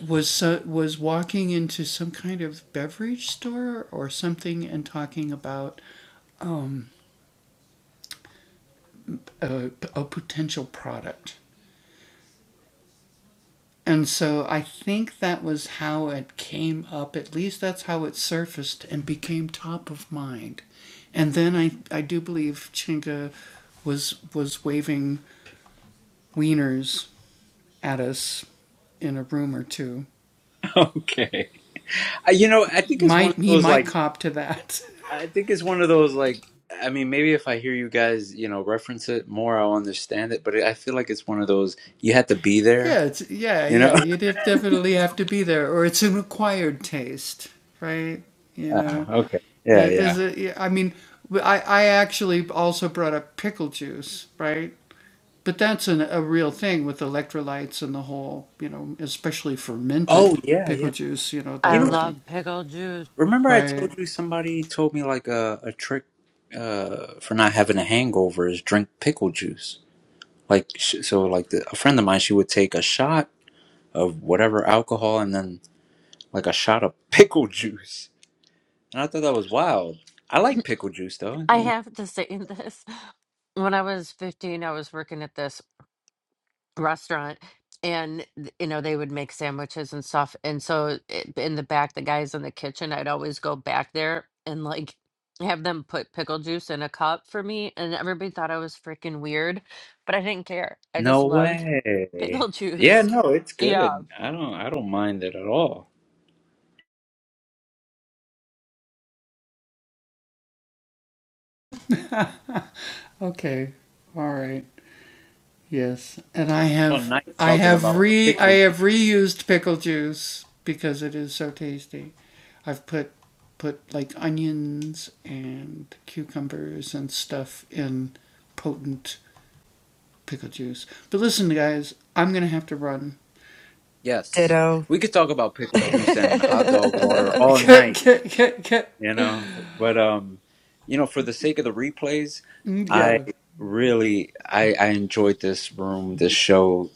Speaker 1: Okay. I, you know, I think it's one of those like I think it's one of those like I mean, maybe if I hear you guys, you know, reference it more, I'll understand it, but I feel like it's one of those you had to be there, you know? Ah, okay. Yeah, yeah. Oh, yeah, yeah.
Speaker 4: I
Speaker 1: You know, like,
Speaker 4: love pickle juice.
Speaker 1: remember I told you somebody told me like a a trick uh for not having a hangover is drink pickle juice. like sh- so like the, a friend of mine she would take a shot of whatever alcohol and then like a shot of pickle juice and i thought that was wild i like pickle juice though
Speaker 4: I
Speaker 1: yeah.
Speaker 4: have to say this. When I was 15, I was working at this restaurant and th- you know they would make sandwiches and stuff and so it, in the back the guys in the kitchen i'd always go back there and like have them put pickle juice in a cup for me and everybody thought i was freaking weird but i didn't care i just
Speaker 1: no
Speaker 4: loved pickle
Speaker 1: way yeah
Speaker 4: juice
Speaker 1: no it's
Speaker 4: yeah
Speaker 1: good i don't i don't mind it at all all night talking about pickle juice yes
Speaker 3: Ditto.
Speaker 1: we could talk about pickle
Speaker 3: yeah,
Speaker 1: juice and hot dog water all night you know but um you know for the sake of the replays i really I, I enjoyed this room, this show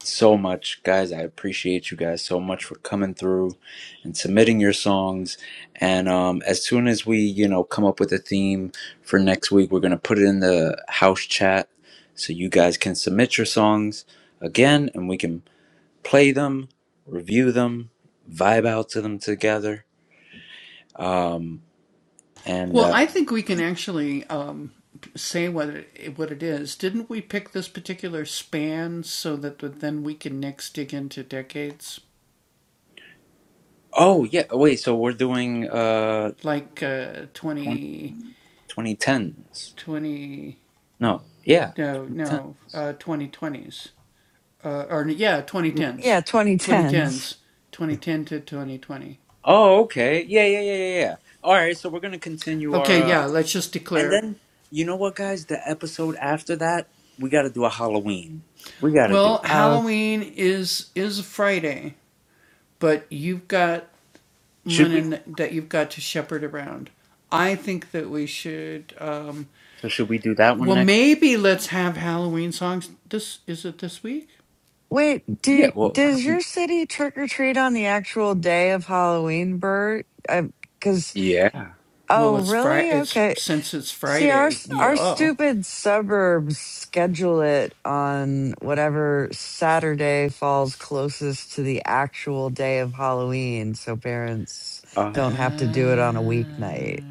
Speaker 1: so much, guys. I appreciate you guys so much for coming through and submitting your songs. And um, as soon as we, you know, come up with a theme for next week, we're gonna put it in the house chat so you guys can submit your songs again, and we can play them, review them, vibe out to them together. Um, and uh, oh yeah, oh, wait. So we're doing uh 2010s. No, yeah, 2010.
Speaker 3: 2010s.
Speaker 1: Oh, okay. Yeah, yeah, yeah, yeah, yeah. All right, so we're gonna continue our, uh, and then you know what, guys? The episode after that, we gotta do a Halloween. We gotta do.
Speaker 3: Oh,
Speaker 1: Should we? So should we do that one next?
Speaker 3: wait.
Speaker 1: Yeah.
Speaker 3: Do
Speaker 1: Well,
Speaker 3: does your city trick or treat on the actual day of Halloween, Bert? Because
Speaker 1: yeah.
Speaker 3: oh, really? Okay. See, our s- our stupid suburbs schedule it on whatever Saturday falls closest to the actual day of Halloween, so parents don't
Speaker 1: Uh,
Speaker 3: have to do it on a weeknight.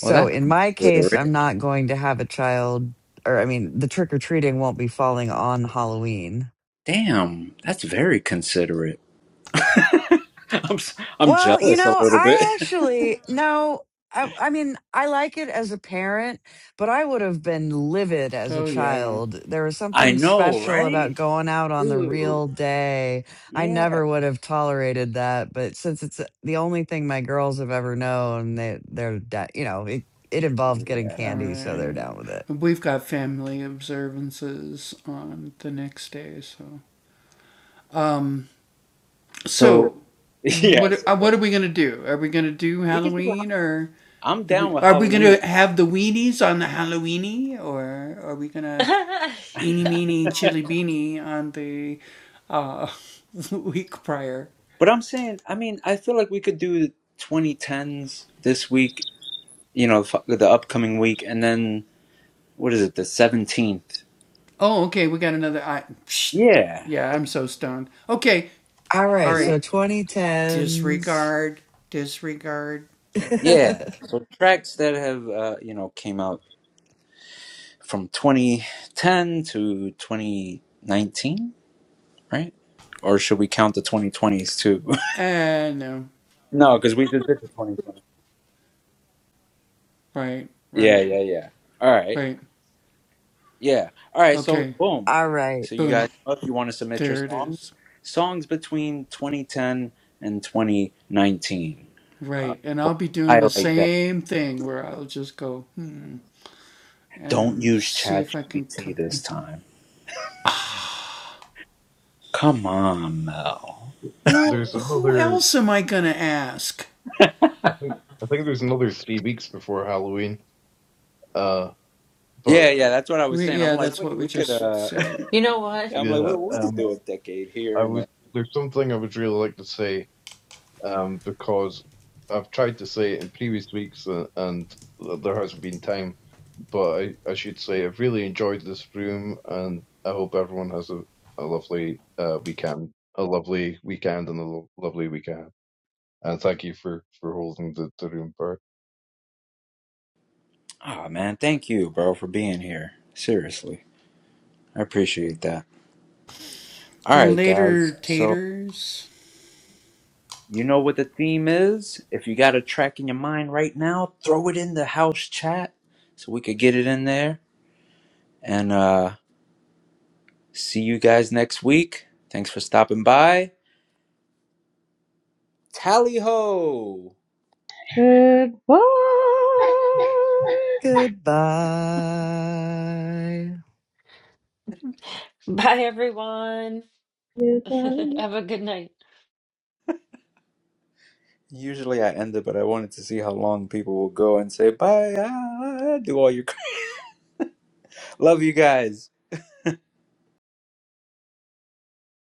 Speaker 1: well, that's
Speaker 3: in my case, I'm
Speaker 1: considerate.
Speaker 3: not going to have a child, or I mean, the trick or treating won't be falling on Halloween.
Speaker 1: Damn, that's very considerate. I'm s- I'm
Speaker 3: Well, you
Speaker 1: jealous a
Speaker 3: know,
Speaker 1: little bit.
Speaker 3: I actually no. I, I mean, I like it as a parent, but I would have been livid as a child. There was
Speaker 1: I
Speaker 3: something
Speaker 1: know,
Speaker 3: special about
Speaker 1: right?
Speaker 3: going out on the
Speaker 1: Dude.
Speaker 3: real day. I
Speaker 1: Yeah.
Speaker 3: never would have tolerated that, but since it's the only thing my girls have ever known, they they're da- you know it it involved getting
Speaker 1: Yeah.
Speaker 3: candy, so they're down with it.
Speaker 1: So yes, we could do. a- I'm down with Halloween.
Speaker 4: yeah
Speaker 1: But I'm saying, I mean, I feel like we could do 2010s this week, you know, f- the upcoming week, and then what is it, the 17th? Yeah.
Speaker 3: All right,
Speaker 1: Yeah.
Speaker 3: so 2010s.
Speaker 1: Yeah. So tracks that have, uh, you know, came out from 2010 to 2019, right? Or should we count the 2020s too? no, because we did this in 2020. Yeah, yeah, yeah. All right. Yeah. All right. So boom.
Speaker 3: All right,
Speaker 1: So you guys, if you want to submit your songs, songs between 2010 and 2019. Uh, we'll highlight that. Don't use ChatGPT this time. Come on, Mel.
Speaker 2: there's another, I think, I think there's another three weeks before Halloween. Uh,
Speaker 1: Yeah,
Speaker 2: but
Speaker 1: yeah. That's what I was saying. I'm like, wait, we could. uh
Speaker 4: you know
Speaker 1: Yeah,
Speaker 4: what
Speaker 1: I'm like, we,
Speaker 2: Yeah,
Speaker 1: we could
Speaker 2: um,
Speaker 1: do a decade here
Speaker 2: I
Speaker 1: and then.
Speaker 2: would. There's something I would really like to say, um, because I've tried to say it in previous weeks, uh, and there hasn't been time. But I, I should say I've really enjoyed this room, and I hope everyone has a, a lovely uh, weekend, a lovely weekend, and a lo- lovely weekend. And thank you for for holding the, the room, Bert.
Speaker 1: Oh man, thank you, bro, for being here. Seriously, I appreciate that. All right, guys. So. You know what the theme is? If you got a track in your mind right now, throw it in the house chat so we could get it in there. And uh see you guys next week. Thanks for stopping by. Tally ho!
Speaker 5: goodbye
Speaker 3: goodbye.
Speaker 4: bye everyone
Speaker 5: Goodbye.
Speaker 4: have a good night
Speaker 1: Usually I end it, but I wanted to see how long people will go and say bye. ah, do all your love you guys.